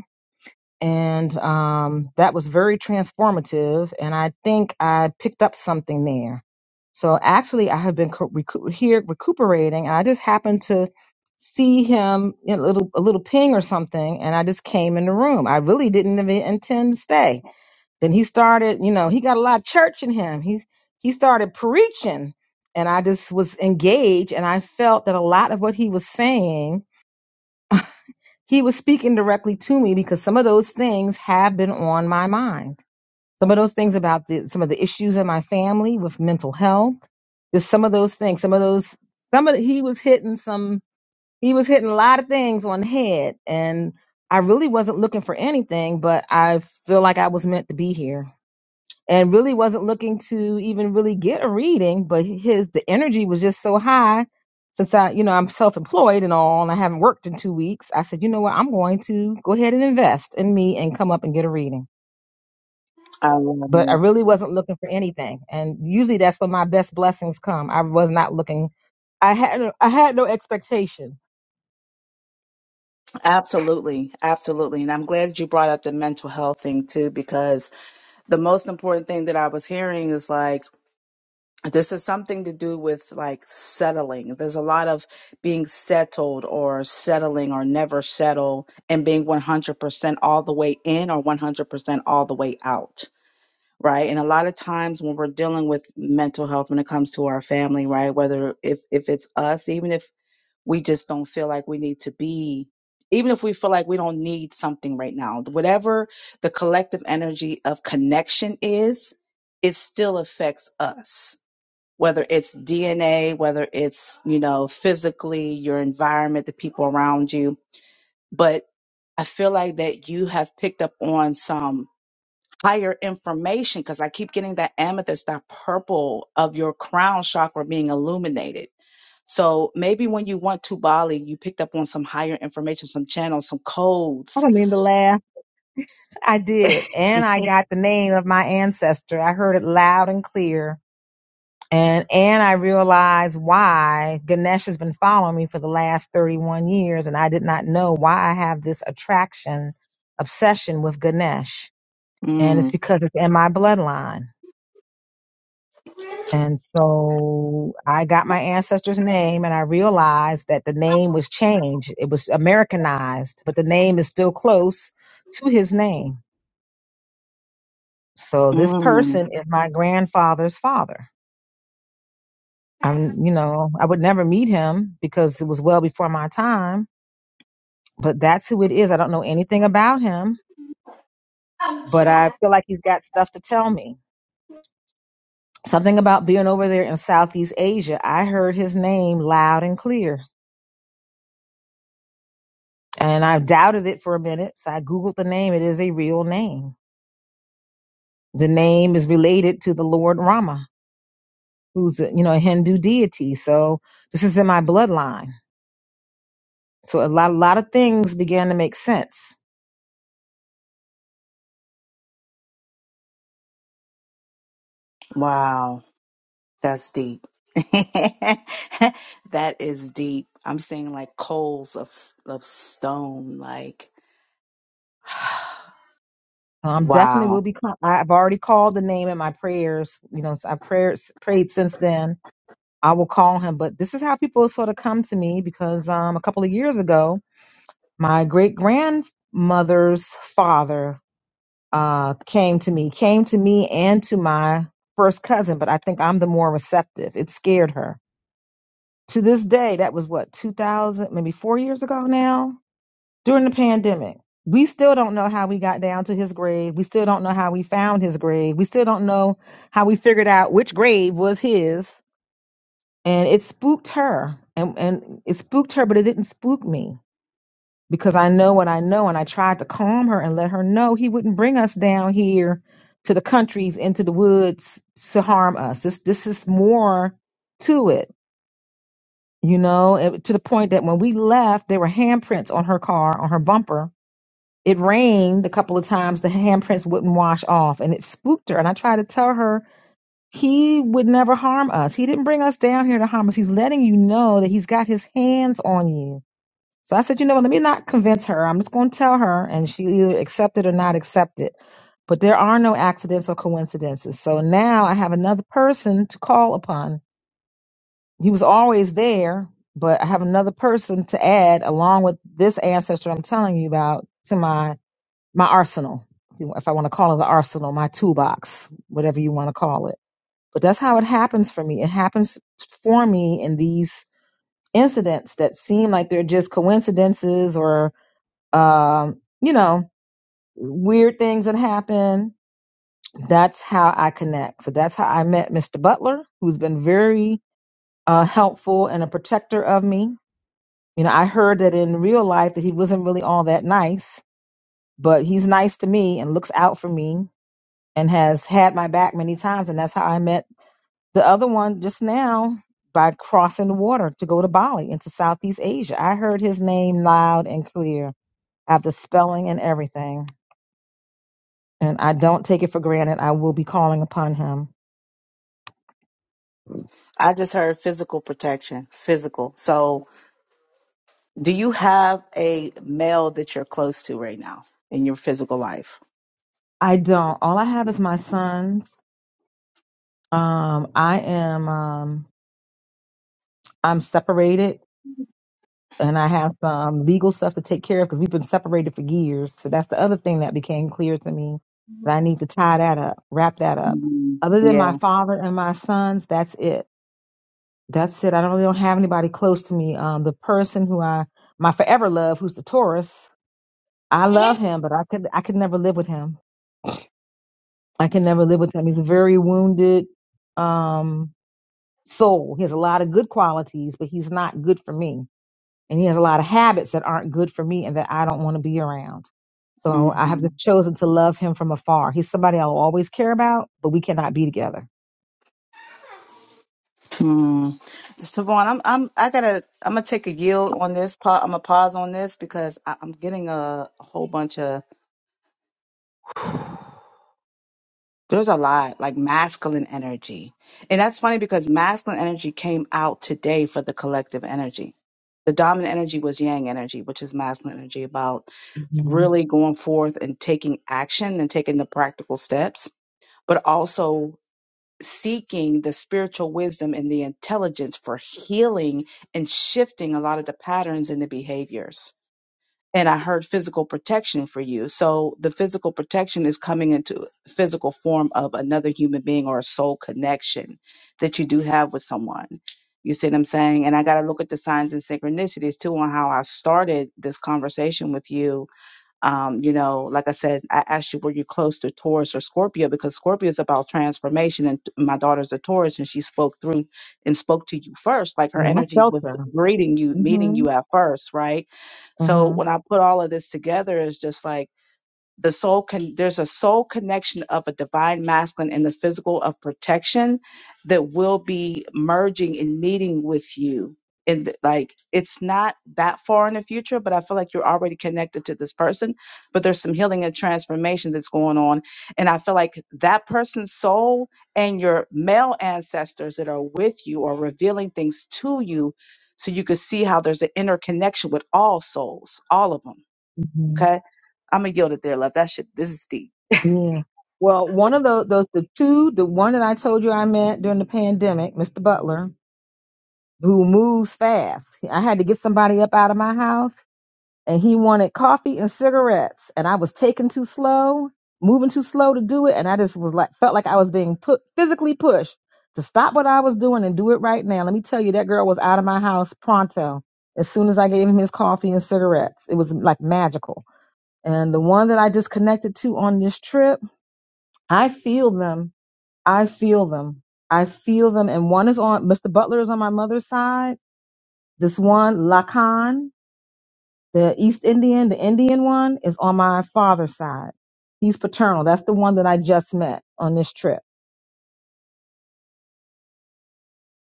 S6: and um, that was very transformative. And I think I picked up something there. So actually, I have been co- recu- here recuperating. I just happened to see him you know, a little a little ping or something, and I just came in the room. I really didn't even intend to stay. Then he started, you know, he got a lot of church in him. He he started preaching, and I just was engaged, and I felt that a lot of what he was saying he was speaking directly to me because some of those things have been on my mind. Some of those things about the, some of the issues in my family with mental health, just some of those things, some of those, some of the, he was hitting some, he was hitting a lot of things on the head and I really wasn't looking for anything, but I feel like I was meant to be here and really wasn't looking to even really get a reading, but his the energy was just so high since I, you know, I'm self-employed and all, and I haven't worked in two weeks. I said, you know what, I'm going to go ahead and invest in me and come up and get a reading.
S3: i love
S6: But I
S3: it
S6: really wasn't looking for anything, and usually that's when my best blessings come. I was not looking. I had no- I had no expectation.
S3: absolutely absolutely and i'm glad that you brought up the mental health thing too because the most important thing that i was hearing is like this is something to do with like settling there's a lot of being settled or settling or never settle and being 100% all the way in or 100% all the way out right and a lot of times when we're dealing with mental health when it comes to our family right whether if if it's us even if we just don't feel like we need to be even if we feel like we don't need something right now whatever the collective energy of connection is it still affects us whether it's dna whether it's you know physically your environment the people around you but i feel like that you have picked up on some higher information because I keep getting that amethyst, that purple of your crown chakra being illuminated. So maybe when you went to Bali, you picked up on some higher information, some channels, some
S6: I
S3: codes.
S6: don't mean to laugh. I did, and I got the name of my ancestor. I heard it loud and clear And and I realized why Ganesh has been following me for the last 31 years, and I did not know why I have this attraction, obsession with Ganesh. And it's
S3: Mm,
S6: because it's in my bloodline. And so I got my ancestor's name and I realized that the name was changed. It was Americanized, but the name is still close to his name. So this
S3: mm,
S6: person is my grandfather's father. I'm, you know, I would never meet him because it was well before my time but that's who it is. I don't know anything about him, but I feel like he's got stuff to tell me. Something about being over there in Southeast Asia. I heard his name loud and clear, and I doubted it for a minute. So I Googled the name. It is a real name. The name is related to the Lord Rama, who's a, you know a Hindu deity. So this is in my bloodline. So a lot, a lot of things began to make sense.
S3: wow, that's deep. that is deep. I'm seeing like coals of s- of stone, like
S6: Um, definitely
S3: wow.
S6: will be. I've already called the name in my prayers. You know, I prayers prayed since then I will call him. But this is how people sort of come to me because um, a couple of years ago, my great grandmother's father uh, came to me, came to me and to my first cousin, but I think I'm the more receptive. It scared her. To this day, that was what, 2000, maybe four years ago now, during the pandemic. We still don't know how we got down to his grave. We still don't know how we found his grave. We still don't know how we figured out which grave was his and it spooked her and, and it spooked her but it didn't spook me because i know what i know and i tried to calm her and let her know he wouldn't bring us down here to the countries into the woods to harm us this this is more to it you know and to the point that when we left there were handprints on her car on her bumper it rained a couple of times the handprints wouldn't wash off and it spooked her and i tried to tell her he would never harm us. He didn't bring us down here to harm us. He's letting you know that he's got his hands on you. So I said, you know what? Let me not convince her. I'm just going to tell her, and she either accept it or not accept it. But there are no accidents or coincidences. So now I have another person to call upon. He was always there, but I have another person to add along with this ancestor I'm telling you about to my my arsenal, if you- if I want to call it the arsenal, my toolbox, whatever you want to call it. But that's how it happens for me. It happens for me in these incidents that seem like they're just coincidences or, um, you know, weird things that happen. That's how I connect. So that's how I met Mr. Butler, who's been very uh, helpful and a protector of me. You know, I heard that in real life that he wasn't really all that nice, but he's nice to me and looks out for me and has had my back many times. And that's how I met The other one just now by crossing the water to go to Bali into Southeast Asia. I heard his name loud and clear. I have the spelling and everything. And I don't take it for granted. I will be calling upon him.
S3: I just heard physical protection, physical. So, do you have a male that you're close to right now in your physical life?
S6: I don't. All I have is my sons. Um, I am um, I'm separated and I have some legal stuff to take care of because we've been separated for years. So that's the other thing that became clear to me that I need to tie that up, wrap that up.
S3: Mm,
S6: Other than
S3: yeah.
S6: my father and my sons, that's it. That's it. I don't really don't have anybody close to me. Um, the person who I my forever love, who's the Taurus, I love him, but I could I could never live with him. I can never live with him. He's a very wounded um soul. He has a lot of good qualities, but he's not good for me and he has a lot of habits that aren't good for me and that I don't want to be around. So I have
S3: Mm,
S6: just chosen to love him from afar. He's somebody I'll always care about, but we cannot be together.
S3: mm. Savon, I'm, I'm, I gotta, I'm gonna take a yield on this. pa- I'm gonna pause on this because I, I'm getting a, a whole bunch of There's a lot like masculine energy. And that's funny because masculine energy came out today for the collective energy. The dominant energy was yang energy, which is masculine energy about
S6: hmm
S3: really going forth and taking action and taking the practical steps, but also seeking the spiritual wisdom and the intelligence for healing and shifting a lot of the patterns and the behaviors and I heard physical protection for you. So the physical protection is coming into physical form of another human being or a soul connection that you do have with someone. You see what I'm saying? And I got to look at the signs and synchronicities too on how I started this conversation with you um, you know, like I said, I asked you, were you close to Taurus or Scorpio? Because Scorpio is about transformation, and t- my daughter's a Taurus, and she spoke through and spoke to you first. Like her
S6: Yeah, I
S3: energy
S6: felt
S3: was
S6: so.
S3: greeting you, meeting
S6: hmm
S3: you at first, right? So
S6: hmm
S3: when I put all of this together, it's just like the soul can there's a soul connection of a divine masculine and the physical of protection that will be merging and meeting with you and th- like it's not that far in the future but i feel like you're already connected to this person but there's some healing and transformation that's going on and i feel like that person's soul and your male ancestors that are with you are revealing things to you so you can see how there's an interconnection with all souls all of them
S6: hmm
S3: Okay. I'm gonna yield it there, love. That shit this is deep.
S6: Yeah. Well, one of tho- those, the two, the one that I told you I met during the pandemic, Mr. Butler, who moves fast. I had to get somebody up out of my house and he wanted coffee and cigarettes and I was taking too slow, moving too slow to do it. And I just was like, felt like I was being put physically pushed to stop what I was doing and do it right now. Let me tell you, that girl was out of my house pronto as soon as I gave him his coffee and cigarettes. It was like magical. And the one that I just connected to on this trip, I feel them. I feel them. I feel them. And one is on Mr. Butler is on my mother's side. This one, Lacan, the East Indian, the Indian one, is on my father's side. He's paternal. That's the one that I just met on this trip.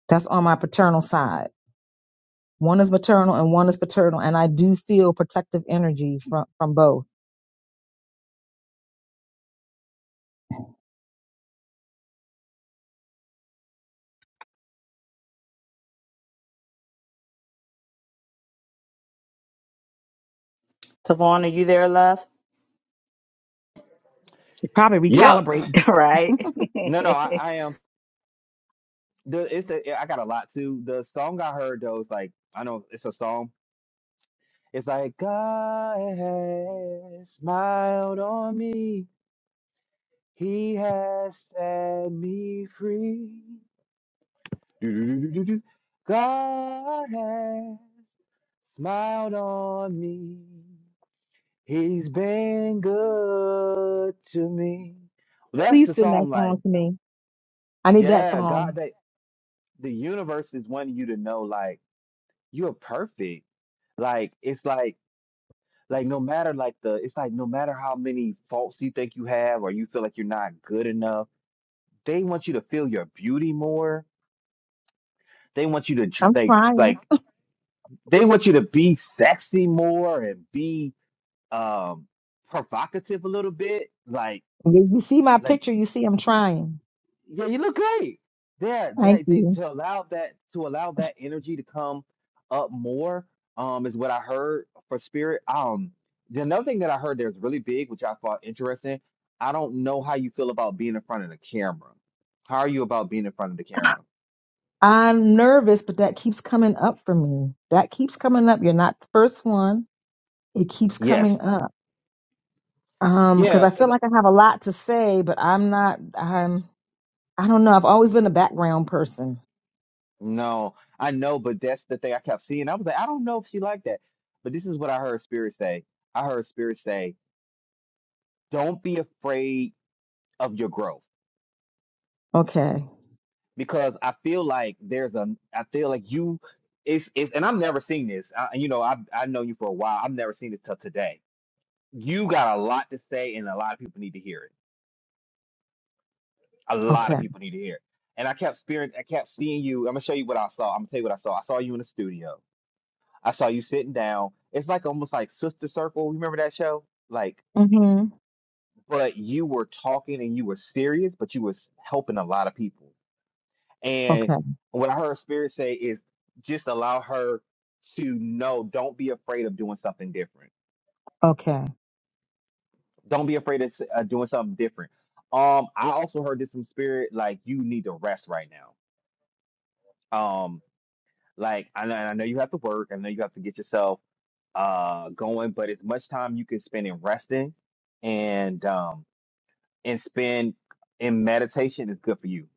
S6: That's on my paternal side. One is maternal and one is paternal. And I do feel protective energy from, from both.
S3: Tavon, are you there, love?
S6: Probably
S1: Yep.
S6: recalibrate
S3: right?
S1: No, no, I, I am. the it's a, yeah, I got a lot too. The song I heard though is like I know it's a song. It's like God has smiled on me. He has set me free. Do-do-do-do-do-do. God has smiled on me. He's been good to me. That's
S6: Please
S1: the
S6: send that
S1: song. Like,
S6: song to me. I need that
S1: yeah,
S6: song.
S1: God, that the universe is wanting you to know. like. You are perfect. Like it's like like no matter like the it's like no matter how many faults you think you have or you feel like you're not good enough, they want you to feel your beauty more. They want you to dr-
S6: I'm
S1: like like
S6: trying.
S1: they want you to be sexy more and be um provocative a little bit. Like
S6: You you see my
S1: like
S6: picture, you see I'm trying.
S1: Yeah, you look great. There,
S6: Thank
S1: that they
S6: you.
S1: to allow that to allow that energy to come up more, um, is what I heard for spirit. Um, the another thing that I heard that's really big, which I thought interesting. I don't know how you feel about being in front of the camera. How are you about being in front of the camera?
S6: I'm nervous, but that keeps coming up for me. That keeps coming up. You're not the first one. It keeps
S1: Yes.
S6: coming up. Um, because
S1: Yeah,
S6: I feel
S1: 'cause
S6: like I have a lot to say, but I'm not. I'm. I don't know. I've always been a background person.
S1: no, I know, but that's the thing I kept seeing. I was like, I don't know if she liked that. But this is what I heard Spirit say. I heard Spirit say, don't be afraid of your growth
S6: Okay.
S1: because I feel like there's a I feel like you it's, it's and I've never seen this. I, you know, I I know you for a while. I've never seen this till today. You got a lot to say, and a lot of people need to hear it. A lot of
S6: Okay.
S1: people need to hear it. And I kept spirit. I kept seeing you. I'm gonna show you what I saw. I'm gonna tell you what I saw. I saw you in the studio. I saw you sitting down. It's like almost like Sister Circle. You remember that show? Like,
S6: Mm-hmm.
S1: but you were talking and you were serious, but you was helping a lot of people And
S6: Okay.
S1: what I heard Spirit say is just allow her to know. Don't be afraid of doing something different.
S6: Okay.
S1: Don't be afraid of s- uh, doing something different. Um, I also heard this from Spirit, like you need to rest right now. Um, like I know, I know you have to work. I know you have to get yourself uh going, but as much time you can spend in resting and um and spend in meditation is good for you.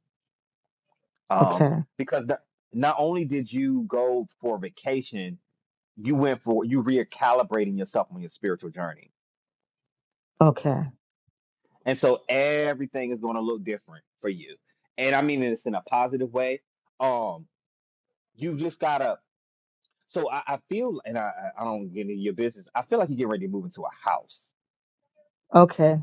S1: Um,
S6: Okay.
S1: because the, not only did you go for vacation you went for you recalibrating yourself on your spiritual journey.
S6: Okay.
S1: And so everything is going to look different for you. And I mean this in a positive way. Um, you just gotta so I, I feel and I, I I don't get into your business. I feel like you get ready to move into a house.
S6: Okay.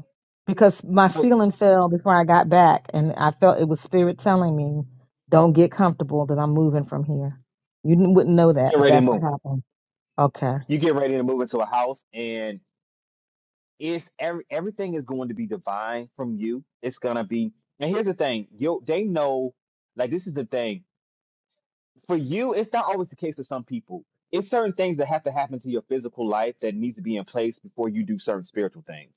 S6: Because
S1: I
S6: my
S1: feel like
S6: ceiling fell before I got back and I felt it was spirit telling me, don't get comfortable that I'm moving from here. You n- wouldn't know
S1: you
S6: that,
S1: get
S6: but
S1: ready to
S6: that's what
S1: move.
S6: happened. Okay.
S1: You get ready to move into a house and it's every, everything is going to be divine from you. It's gonna be and here's the thing, you they know like this is the thing for you, it's not always the case for some people. It's certain things that have to happen to your physical life that needs to be in place before you do certain spiritual things.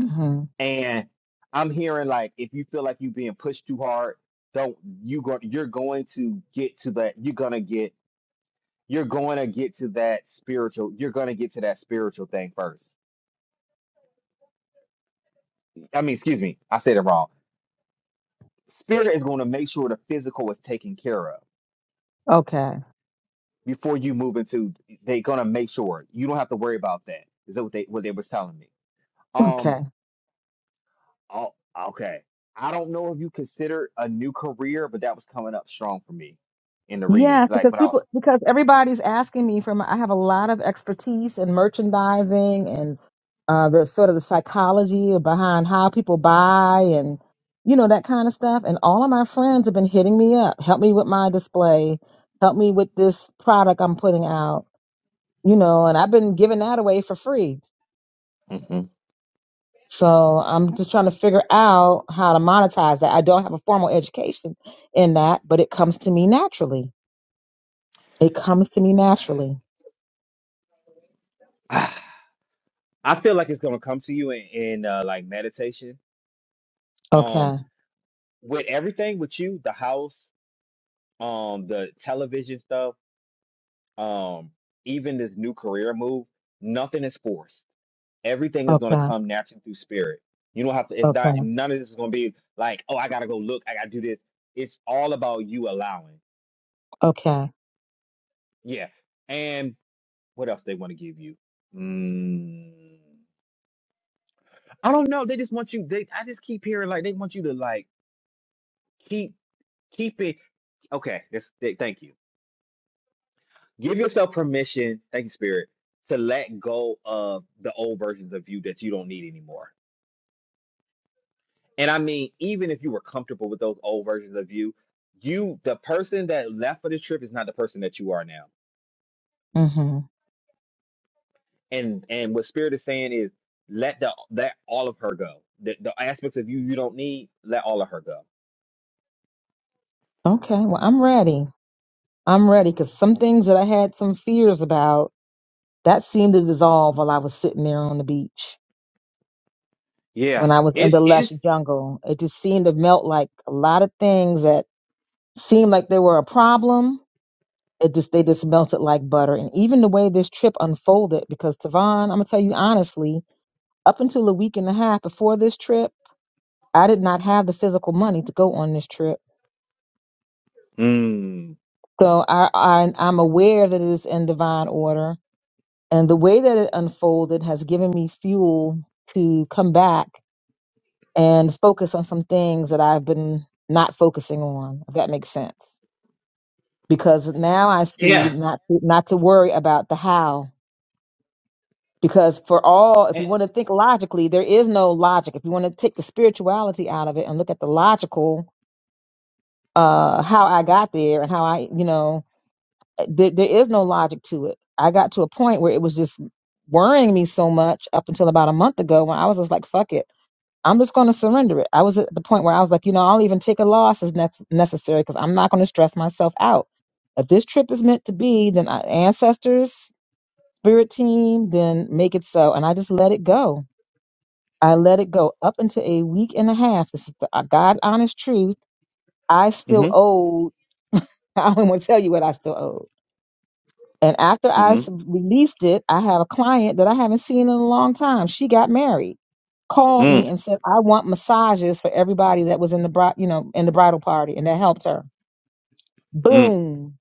S6: Mm-hmm.
S1: And I'm hearing like if you feel like you're being pushed too hard, don't you go you're going to get to that you're gonna get you're going to get to that spiritual you're going to get to that spiritual thing first. I mean, excuse me, I said it wrong. Spirit is going to make sure the physical is taken care of
S6: Okay.
S1: before you move into they're going to make sure you don't have to worry about that. Is that what they what they was telling me? Um.
S6: Okay.
S1: Oh, okay. I don't know if you consider a new career, but that was coming up strong for me in the reading.
S6: Yeah,
S1: Like
S6: because
S1: when I
S6: people
S1: was,
S6: because everybody's asking me for my, I have a lot of expertise in merchandising and uh the sort of the psychology behind how people buy and you know that kind of stuff and all of my friends have been hitting me up, help me with my display, help me with this product I'm putting out, you know, and I've been giving that away for free.
S1: Mhm.
S6: So I'm just trying to figure out how to monetize that. I don't have a formal education in that, but it comes to me naturally. It comes to me naturally.
S1: I feel like it's gonna come to you in, in uh, like meditation.
S6: Okay.
S1: Um, with everything with you, the house, um, the television stuff, um, even this new career move, nothing is forced. Everything is gonna
S6: Okay.
S1: come naturally through spirit. You don't have to. It's not.
S6: Okay.
S1: None of this is gonna be like, oh, I gotta go look. I gotta do this. It's all about you allowing.
S6: Okay.
S1: Yeah. And what else they want to give you? Mm, I don't know. They just want you. They I just keep hearing like they want you to like keep keep it. Okay. That's, th- thank you. Give yourself permission. Thank you, Spirit, to let go of the old versions of you that you don't need anymore. And I mean, even if you were comfortable with those old versions of you, you the person that left for the trip is not the person that you are now.
S6: hmm
S1: and and what spirit is saying is let the let all of her go the, the aspects of you you don't need let all of her go
S6: Okay. Well, I'm ready. I'm ready because some things that I had some fears about that seemed to dissolve while I was sitting there on the beach
S1: yeah
S6: when I was in
S1: it's
S6: the lush
S1: it's
S6: jungle. It just seemed to melt like a lot of things that seemed like they were a problem. It just they just melted like butter. And even the way this trip unfolded, because Tavon, I'm gonna tell you honestly, up until a week and a half before this trip, I did not have the physical money to go on this trip
S1: mm,
S6: So I, I, I'm aware that it is in divine order. And the way that it unfolded has given me fuel to come back and focus on some things that I've been not focusing on, if that makes sense. Because now I see
S1: yeah
S6: not, not to worry about the how. Because for all, if you want to think logically, there is no logic. If you want to take the spirituality out of it and look at the logical, uh, how I got there and how I, you know, there, there is no logic to it. I got to a point where it was just worrying me so much up until about a month ago when I was just like, fuck it. I'm just going to surrender it. I was at the point where I was like, you know, I'll even take a loss as next necessary because I'm not going to stress myself out. If this trip is meant to be, then I, ancestors, spirit team, then make it so. And I just let it go. I let it go up until a week and a half. This is the uh, God honest truth. I
S1: mm-hmm,
S6: still owe, I don't want to tell you what I still owe And after I
S1: mm-hmm,
S6: s- released it, I have a client that I haven't seen in a long time. She got married, called me
S1: mm,
S6: and said, "I want massages for everybody that was in the bride, you know, in the bridal party," and that helped her.
S1: mm,
S6: Boom!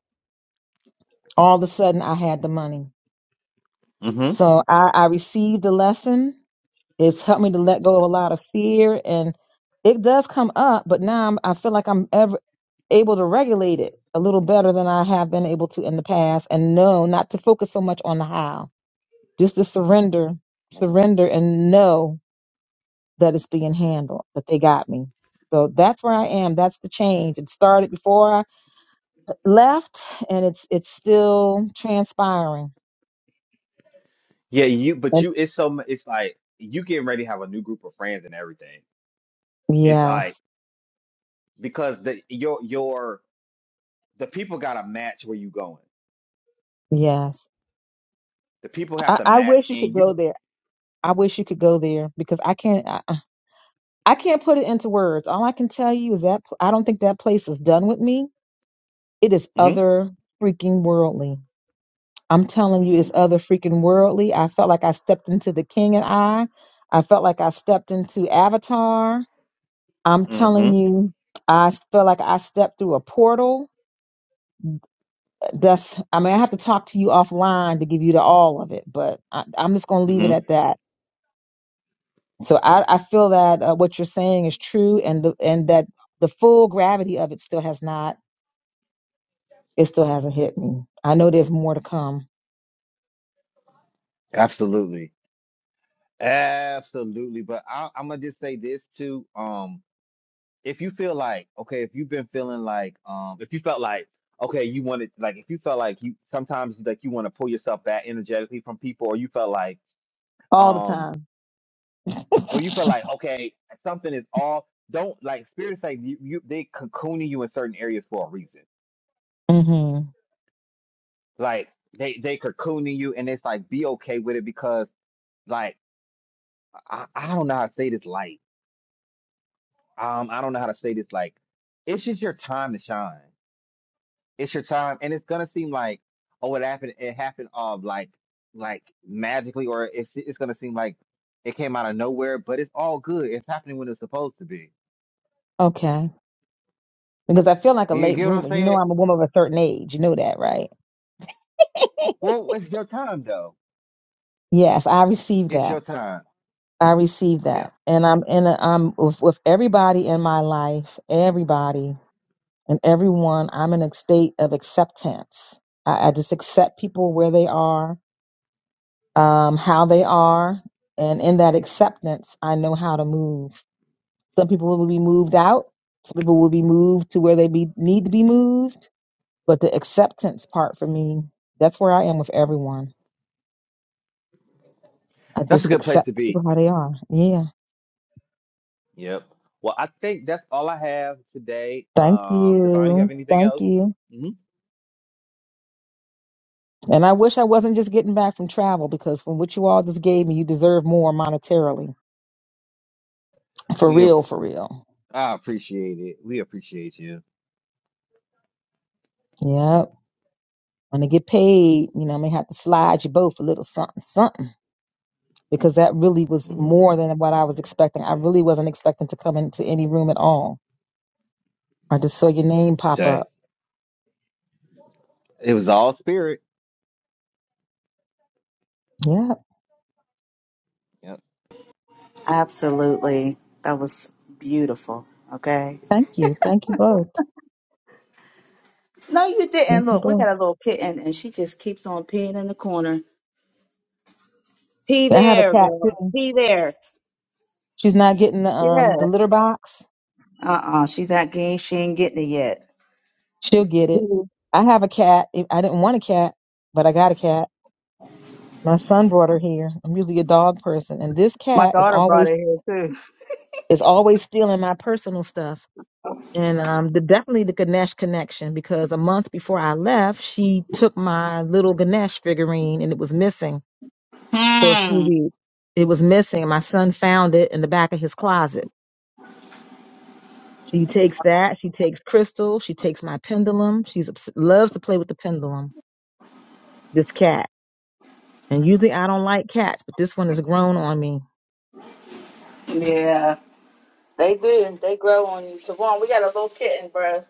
S6: All of a sudden, I had the money.
S1: mm-hmm.
S6: So I, I received the lesson. It's helped me to let go of a lot of fear, and it does come up. But now I'm, I feel like I'm ever able to regulate it a little better than I have been able to in the past, and know not to focus so much on the how Just to surrender, surrender and know that it's being handled, that they got me. So that's where I am. That's the change. It started before I left and it's it's still transpiring.
S1: yeah you but
S6: And-
S1: you it's so mu- it's like you getting ready to have a new group of friends and everything it's like
S6: Yes.
S1: because the your your the people gotta match where you going
S6: Yes.
S1: the people have
S6: I,
S1: to
S6: I
S1: match
S6: wish you could
S1: and you
S6: go there. I wish you could go there because I can't I, I I can't put it into words. All I can tell you is that pl- I don't think that place is done with me. It is
S1: mm-hmm,
S6: other freaking worldly. I'm telling you, it's
S1: mm-hmm,
S6: other freaking worldly. I felt like I stepped into The King and I. I felt like I stepped into Avatar. I'm
S1: mm-hmm,
S6: telling you, I felt like I stepped through a portal. That's, I mean, I have to talk to you offline to give you the all of it, but I, I'm just going to leave it
S1: mm-hmm.
S6: at that. So I, I feel that uh, what you're saying is true, and the, and that the full gravity of it still has not, it still hasn't hit me. I know there's more to come
S1: absolutely Absolutely, but I, I'm gonna just say this too. Um, if you feel like okay, if you've been feeling like um, if you felt like okay, you wanted like if you felt like you sometimes like you want to pull yourself back energetically from people, or you felt like
S6: all the
S1: um,
S6: time.
S1: or you feel like okay, something is off. Don't like spirits like you, you they cocooning you in certain areas for a reason.
S6: hmm
S1: Like they they cocooning you, and it's like be okay with it because like I, I don't know how to say this light. um, I don't know how to say this. Like, it's just your time to shine. It's your time, and it's gonna seem like, oh, it happened. It happened of like, like magically, or it's it's gonna seem like it came out of nowhere. But it's all good. It's happening when it's supposed to be.
S6: Okay. because I feel like a
S1: You
S6: late
S1: get what I'm
S6: bloomer. You know,
S1: saying?
S6: I'm a woman of a certain age. You know that, right?
S1: Well, it's your time though.
S6: Yes, I received
S1: It's your
S6: that.
S1: time.
S6: I received
S1: Yeah,
S6: that, and I'm in. A, I'm with, with everybody in my life, everybody and everyone. I'm in a state of acceptance. I, I just accept people where they are, um, how they are, and in that acceptance, I know how to move. Some people will be moved out. Some people will be moved to where they be need to be moved. But the acceptance part for me, that's where I am with everyone. I
S1: that's a
S6: just
S1: good place
S6: accept
S1: to be.
S6: people how they are. Yeah.
S1: Yep. Well, I think that's all I have today.
S6: Thank
S1: Um, Divine, you have
S6: you.
S1: anything
S6: Thank
S1: else?
S6: you.
S1: hmm
S6: And I wish I wasn't just getting back from travel because from what you all just gave me, you deserve more monetarily. For
S1: We, ap-
S6: real, for real.
S1: I appreciate it. We appreciate you.
S6: Yep. When I get paid, you know, I may have to slide you both a little something, something. Because that really was more
S1: hmm
S6: than what I was expecting. I really wasn't expecting to come into any room at all. I just saw your name pop up.
S1: It was all spirit.
S6: Yeah.
S1: Yep.
S3: Absolutely. That was beautiful. Okay.
S6: Thank you. Thank you both.
S3: No, you
S6: Thank
S3: didn't.
S6: you
S3: Look, we
S6: both.
S3: got a little kitten and she just keeps on peeing in the corner. Pee
S6: I have a
S3: there,
S6: cat
S3: girl.
S6: too.
S3: Pee there.
S6: She's not getting the um
S3: Yeah.
S6: the litter box.
S3: Uh-uh. She's not getting she ain't getting it yet.
S6: She'll get it. I have a cat. I I didn't want a cat, but I got a cat. My son brought her here. I'm usually a dog person, and this
S3: My
S6: cat is
S3: daughter brought
S6: always
S3: it here too.
S6: is always stealing my personal stuff. And um, the, definitely the Ganesh connection because a month before I left, she took my little Ganesh figurine and it was missing for a few
S3: Hmm.
S6: weeks. It was missing. My son found it in the back of his closet. She takes that. She takes crystal. She takes my pendulum. She's obs- loves to play with the pendulum. This cat. And usually I don't like cats, but this one has grown on me.
S3: Yeah. They do. They grow on you. Siobhan, we got a little kitten, bro. I don't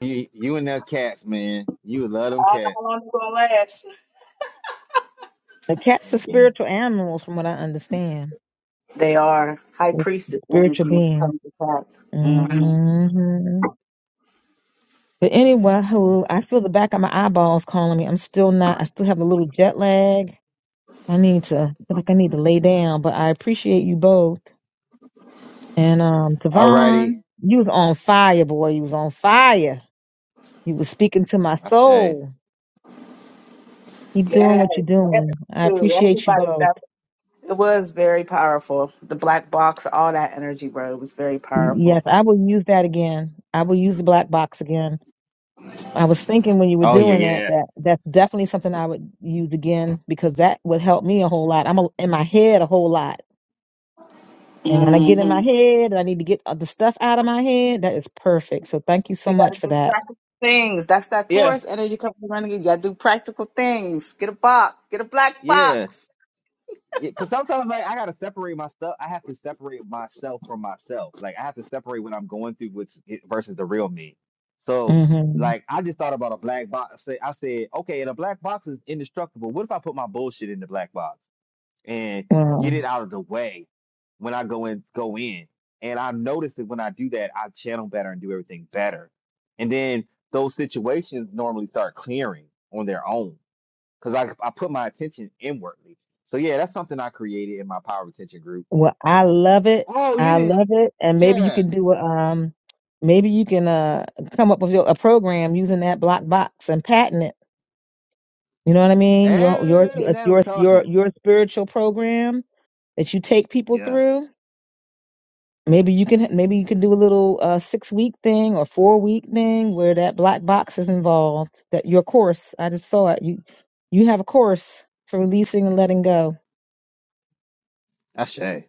S1: You, you and them cats, man. You would love them
S3: know
S1: cats.
S3: how long it's gonna last.
S6: The cats are
S1: Mm-hmm.
S6: spiritual animals, from what I understand.
S3: They are high
S6: They're
S3: priestess
S6: spiritual
S3: energy when it
S6: beings.
S3: comes to cats. Mm-hmm.
S6: hmm But anyway,
S1: Mm-hmm.
S6: who I feel the back of my eyeballs calling me. I'm still not. I still have a little jet lag, so I need to I feel like I need to lay down. But I appreciate you both. And um,
S1: All righty.
S6: Tavon, you was on fire, boy. You was on fire. You was speaking to my
S1: I say.
S6: soul. Keep doing
S3: Yes,
S6: what you're
S3: that's
S6: doing. I
S3: true.
S6: appreciate you
S3: Everybody
S6: both.
S3: got it was very powerful. The black box, all that energy, bro, was very
S6: Yes,
S3: powerful.
S6: I will use that again. I will use the black box again. I was thinking when you were
S1: Oh yeah,
S6: doing that
S1: yeah,
S6: that that's definitely something I would use again because that would help me a whole lot. I'm a, in my head a whole lot. And when I get in
S3: Mm-hmm.
S6: my head and I need to get uh, the stuff out of my head, that is perfect. So thank you so
S3: You gotta
S6: much for
S3: do
S6: that.
S3: practical things. That's that
S1: yeah,
S3: Taurus energy coming running. You gotta do practical things. Get a box. Get a black
S1: yeah.
S3: box.
S1: Because sometimes like I gotta separate my stuff. I have to separate myself from myself. Like I have to separate what I'm going through, which it, versus the real me. So
S6: hmm
S1: like I just thought about a black box. Say- I said, okay, and a black box is indestructible. What if I put my bullshit in the black box? and get
S6: Wow.
S1: it out of the way when I go in go in. And I notice that when I do that, I channel better and do everything better. And then those situations normally start clearing on their own because I, I put my attention inwardly. So yeah, that's something I created in my power retention group.
S6: Well, I love it.
S1: Oh, you
S6: I
S1: didn't?
S6: love it. And maybe you
S1: Yeah.
S6: can do a um maybe you can uh come up with your, a program using that black box and patent it You know what I mean? Your your
S1: Hey, now we're
S6: your your
S1: talking.
S6: your spiritual program that you take people
S1: Yeah.
S6: through. Maybe you can maybe you can do a little uh, six week thing or four week thing where that black box is involved. That your course, I just saw it. You you have a course for releasing and letting go.
S1: I say.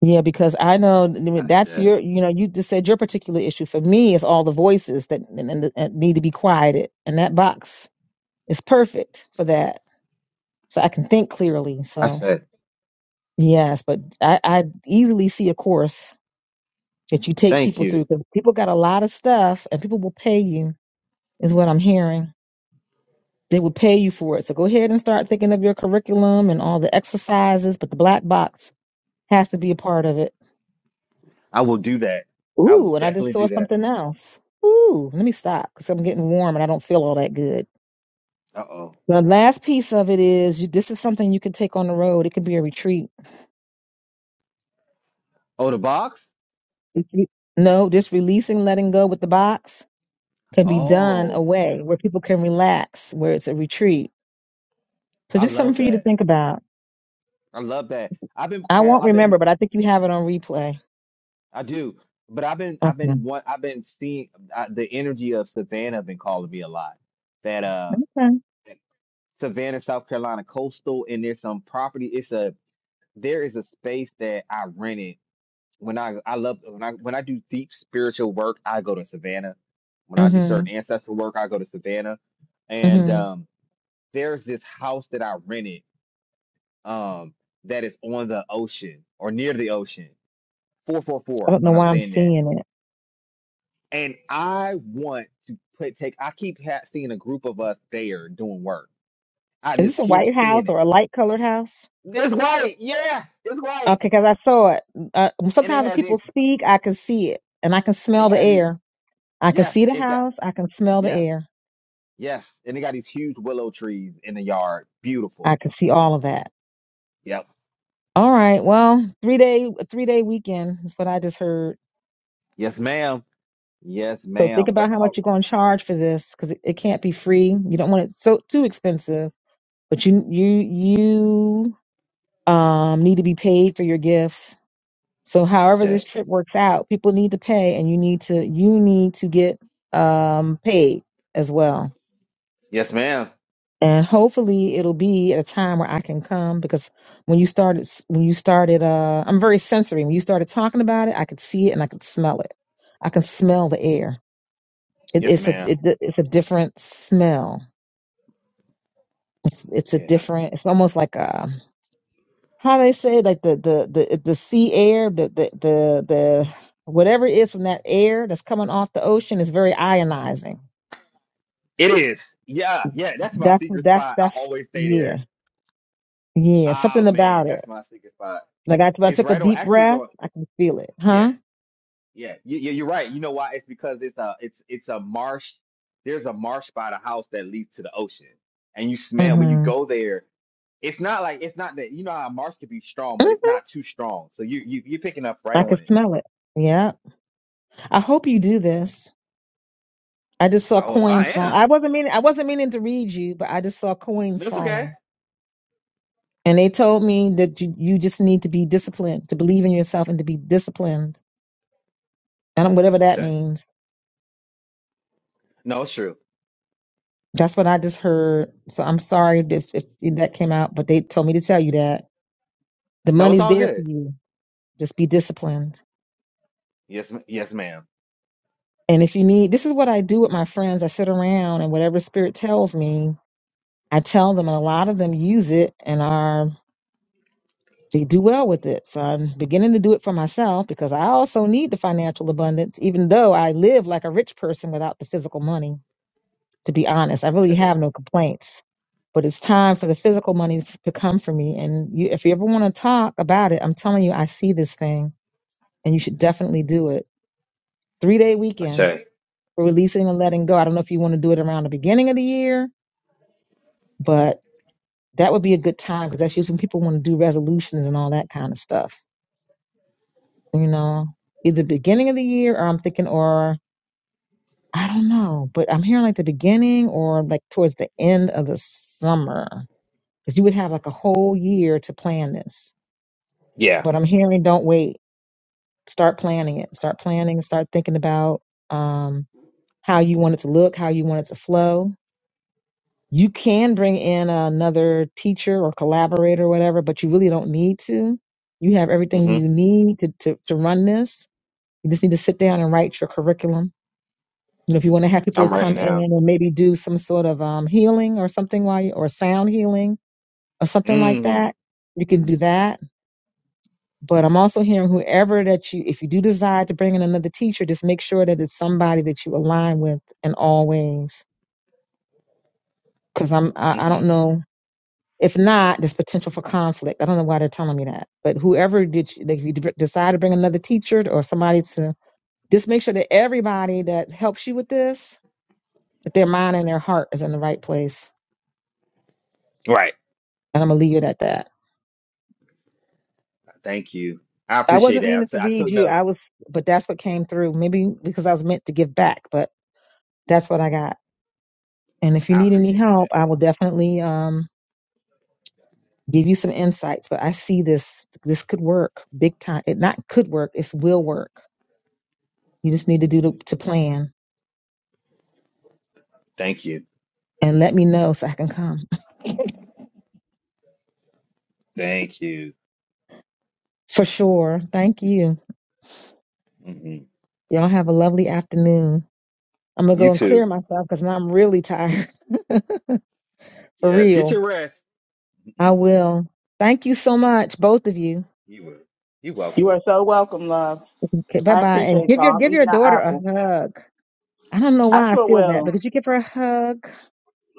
S6: Yeah, because I know I mean,
S1: I
S6: that's
S1: say.
S6: your you know you just said your particular issue. For me, it's all the voices that and, and, and need to be quieted, and that box is perfect for that. So I can think clearly.
S1: I
S6: So.
S1: say.
S6: Yes, but I, I easily see a course that you take
S1: Thank
S6: people
S1: you.
S6: through because people got a lot of stuff and people will pay you, is what I'm hearing. They will pay you for it. So go ahead and start thinking of your curriculum and all the exercises, but the black box has to be a part of it.
S1: I will do that. I will
S6: Ooh, and I just
S1: definitely
S6: saw
S1: do that.
S6: something else. Ooh, let me stop because I'm getting warm and I don't feel all that good.
S1: Uh oh.
S6: The last piece of it is you, this is something you can take on the road. It can be a retreat.
S1: Oh, the box?
S6: If you- No, just releasing, letting go with the box can be done
S1: Oh.
S6: away where people can relax, where it's a retreat. So
S1: I
S6: just something
S1: love
S6: for you to
S1: that.
S6: think about.
S1: I love that. I've been
S6: I
S1: called.
S6: won't
S1: I've been.
S6: remember, but I think you have it on replay.
S1: I do. But I've been. I've
S6: Okay.
S1: been. One. I've been seeing uh the energy of Savannah been calling me a lot. That uh,
S6: Okay.
S1: Savannah, South Carolina coastal, and there's some property. It's a. There is a space that I rented when I. I love when I when I do deep spiritual work. I go to Savannah. When I do
S6: Mhm.
S1: certain ancestral work, I go to Savannah. And
S6: Mhm.
S1: um, there's this house that I rented. Um, that is on the ocean or near the ocean
S6: I
S1: 444
S6: don't know
S1: when I'm
S6: why I'm
S1: saying that.
S6: seeing it.
S1: And I want to put take I keep ha- seeing a group of us there doing work. I
S6: Is this
S1: just
S6: a
S1: keep
S6: white house
S1: seeing it.
S6: or a light colored house?
S1: It's white, yeah, it's white.
S6: Okay, because I saw it. Uh,
S1: And it
S6: sometimes when
S1: has
S6: people
S1: these
S6: speak, I can see it, and I can
S1: it
S6: smell the
S1: has these
S6: air. I can
S1: yes,
S6: see the
S1: it got
S6: house. I can smell the
S1: yes,
S6: air.
S1: yes. And it got these huge willow trees in the yard. Beautiful.
S6: I can see all of that.
S1: Yep.
S6: All right. Well, three day three day weekend is what I just heard.
S1: Yes, ma'am. Yes,
S6: So think
S1: ma'am. But
S6: about how
S1: I,
S6: much you're going to charge for this because it, it can't be free. You don't want it so too expensive, but you you you um need to be paid for your gifts. So
S1: I
S6: however this
S1: said,
S6: trip works out, people need to pay, and you need to you need to get um paid as well.
S1: Yes, ma'am.
S6: And hopefully it'll be at a time where I can come because when you started s- when you started uh I'm very sensory. When you started talking about it, I could see it and I could smell it. I can smell the air. It,
S1: Yes,
S6: it's a
S1: ma'am.
S6: it, it's a different smell it's it's a
S1: Yeah.
S6: different it's almost like a how they say like the the the the sea air the the the, the whatever it is from that air that's coming off the ocean is very ionizing
S1: It is. Yeah, yeah. That's my
S6: that's
S1: secret
S6: that's
S1: spot. I
S6: that's
S1: always stay
S6: yeah
S1: there.
S6: yeah
S1: Ah
S6: something
S1: man,
S6: about it
S1: that's my secret spot.
S6: like I, when I
S1: It's
S6: took a
S1: right on.
S6: deep
S1: Actually, it's
S6: breath
S1: on.
S6: i can feel it
S1: Yeah,
S6: huh
S1: yeah. You, you- you're right. You know why? It's because it's a it's it's a marsh. There's a marsh by the house that leads to the ocean, and you
S6: mm-hmm.
S1: smell when you go there. It's not like it's not that you know how a marsh could be strong, but
S6: hmm
S1: it's not too strong. So you you you're picking up right
S6: i can
S1: on it.
S6: smell it yeah i hope you do
S1: Yeah.
S6: this i just saw
S1: Oh, I
S6: coins fall
S1: am.
S6: i wasn't meaning i wasn't meaning to read you but i just saw coins
S1: That's okay.
S6: falling And they told me that you, you just need to be disciplined, to believe in yourself and to be disciplined. And whatever that
S1: Okay.
S6: means,
S1: No, it's true.
S6: that's what I just heard. So I'm sorry if, if that came out, but they told me to tell you that. The
S1: No, it's
S6: money's
S1: all
S6: there for
S1: good.
S6: you. Just be disciplined.
S1: Yes, ma- yes, ma'am.
S6: And if you need, this is what I do with my friends. I sit around and whatever spirit tells me, I tell them, and a lot of them use it and are, they do well with it. So I'm beginning to do it for myself because I also need the financial abundance, even though I live like a rich person without the physical money. to be honest. I really
S1: Okay.
S6: have no complaints, but it's time for the physical money f- to come for me. And you, if you ever want to talk about it, I'm telling you, I see this thing and you should definitely do it. Three day weekend
S1: Okay.
S6: for releasing and letting go. I don't know if you want to do it around the beginning of the year, but that would be a good time because that's usually when people want to do resolutions and all that kind of stuff, you know, either beginning of the year or I'm thinking, or I don't know, but I'm hearing like the beginning or like towards the end of the summer because you would have like a whole year to plan this.
S1: Yeah.
S6: But I'm hearing don't wait. Start planning it. Start planning. Start thinking about um, how you want it to look, how you want it to flow. You can bring in another teacher or collaborator or whatever, but you really don't need to. You have everything you
S1: Mm-hmm.
S6: need to, to, to run this. You just need to sit down and write your curriculum. You know, if you want to have people
S1: I'm writing
S6: come in
S1: down.
S6: and maybe do some sort of um, healing or something while you, or sound healing or something like that,
S1: Mm-hmm.
S6: you can do that But I'm also hearing whoever that you, if you do decide to bring in another teacher, just make sure that it's somebody that you align with in all ways. Because I'm, I, I don't
S1: Mm-hmm.
S6: know. If not, there's potential for conflict. I don't know why they're telling me that. But whoever did, you, like, if you d- decide to bring another teacher or somebody to, just make sure that everybody that helps you with this, that their mind and their heart is in the right place.
S1: Right.
S6: And I'm gonna leave it at that.
S1: Thank you. I
S6: I
S1: appreciate
S6: wasn't
S1: that. I
S6: meaning to
S1: t- I
S6: read
S1: took
S6: you.
S1: notes.
S6: I was, but that's what came through. Maybe because I was meant to give back, but that's what I got. And if you
S1: I
S6: need any
S1: appreciate
S6: help,
S1: that.
S6: I will definitely um, give you some insights. But I see this this could work big time. It not could work. It's will work. You just need to do to, to plan
S1: Thank you.
S6: and let me know so I can come
S1: Thank you.
S6: for sure. Thank you.
S1: hmm
S6: Y'all have a lovely afternoon. I'm gonna go
S1: You
S6: and clear
S1: too.
S6: myself because now I'm really tired. for
S1: Yeah. Get
S6: real,
S1: your rest.
S6: I
S1: you
S6: will. Thank you so much, both of you.
S1: will. You're welcome.
S3: You are so welcome, love.
S6: Okay, bye
S3: I
S6: bye, and
S3: appreciate
S6: give your
S3: y'all. I'm
S6: give
S3: eating
S6: your
S3: that
S6: daughter a
S3: apple.
S6: hug. I don't know
S3: I
S6: why I
S3: sure
S6: feel that
S3: will.
S6: because you give her a hug,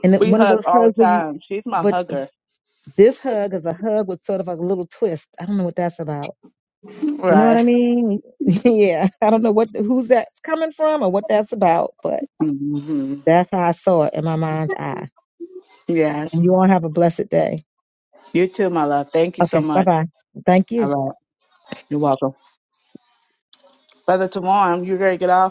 S6: and it-
S3: We
S6: one of
S3: hug
S6: those
S3: all the
S6: hugs where you
S3: time. She's my
S6: but
S3: hugger.
S6: This hug is a hug with sort of like a little twist. I don't know what that's about. You know what I
S3: Right.
S6: mean? yeah. I don't know what who's that's coming from or what that's about, but
S3: hmm
S6: that's how I saw it in my mind's eye.
S3: Yes.
S6: And you all have a blessed day.
S3: You too, my love. Thank you so
S6: Okay. Bye
S3: much.
S6: bye. Thank
S3: All
S6: you.
S3: right. You're welcome. Brother Tamar, you ready to get off?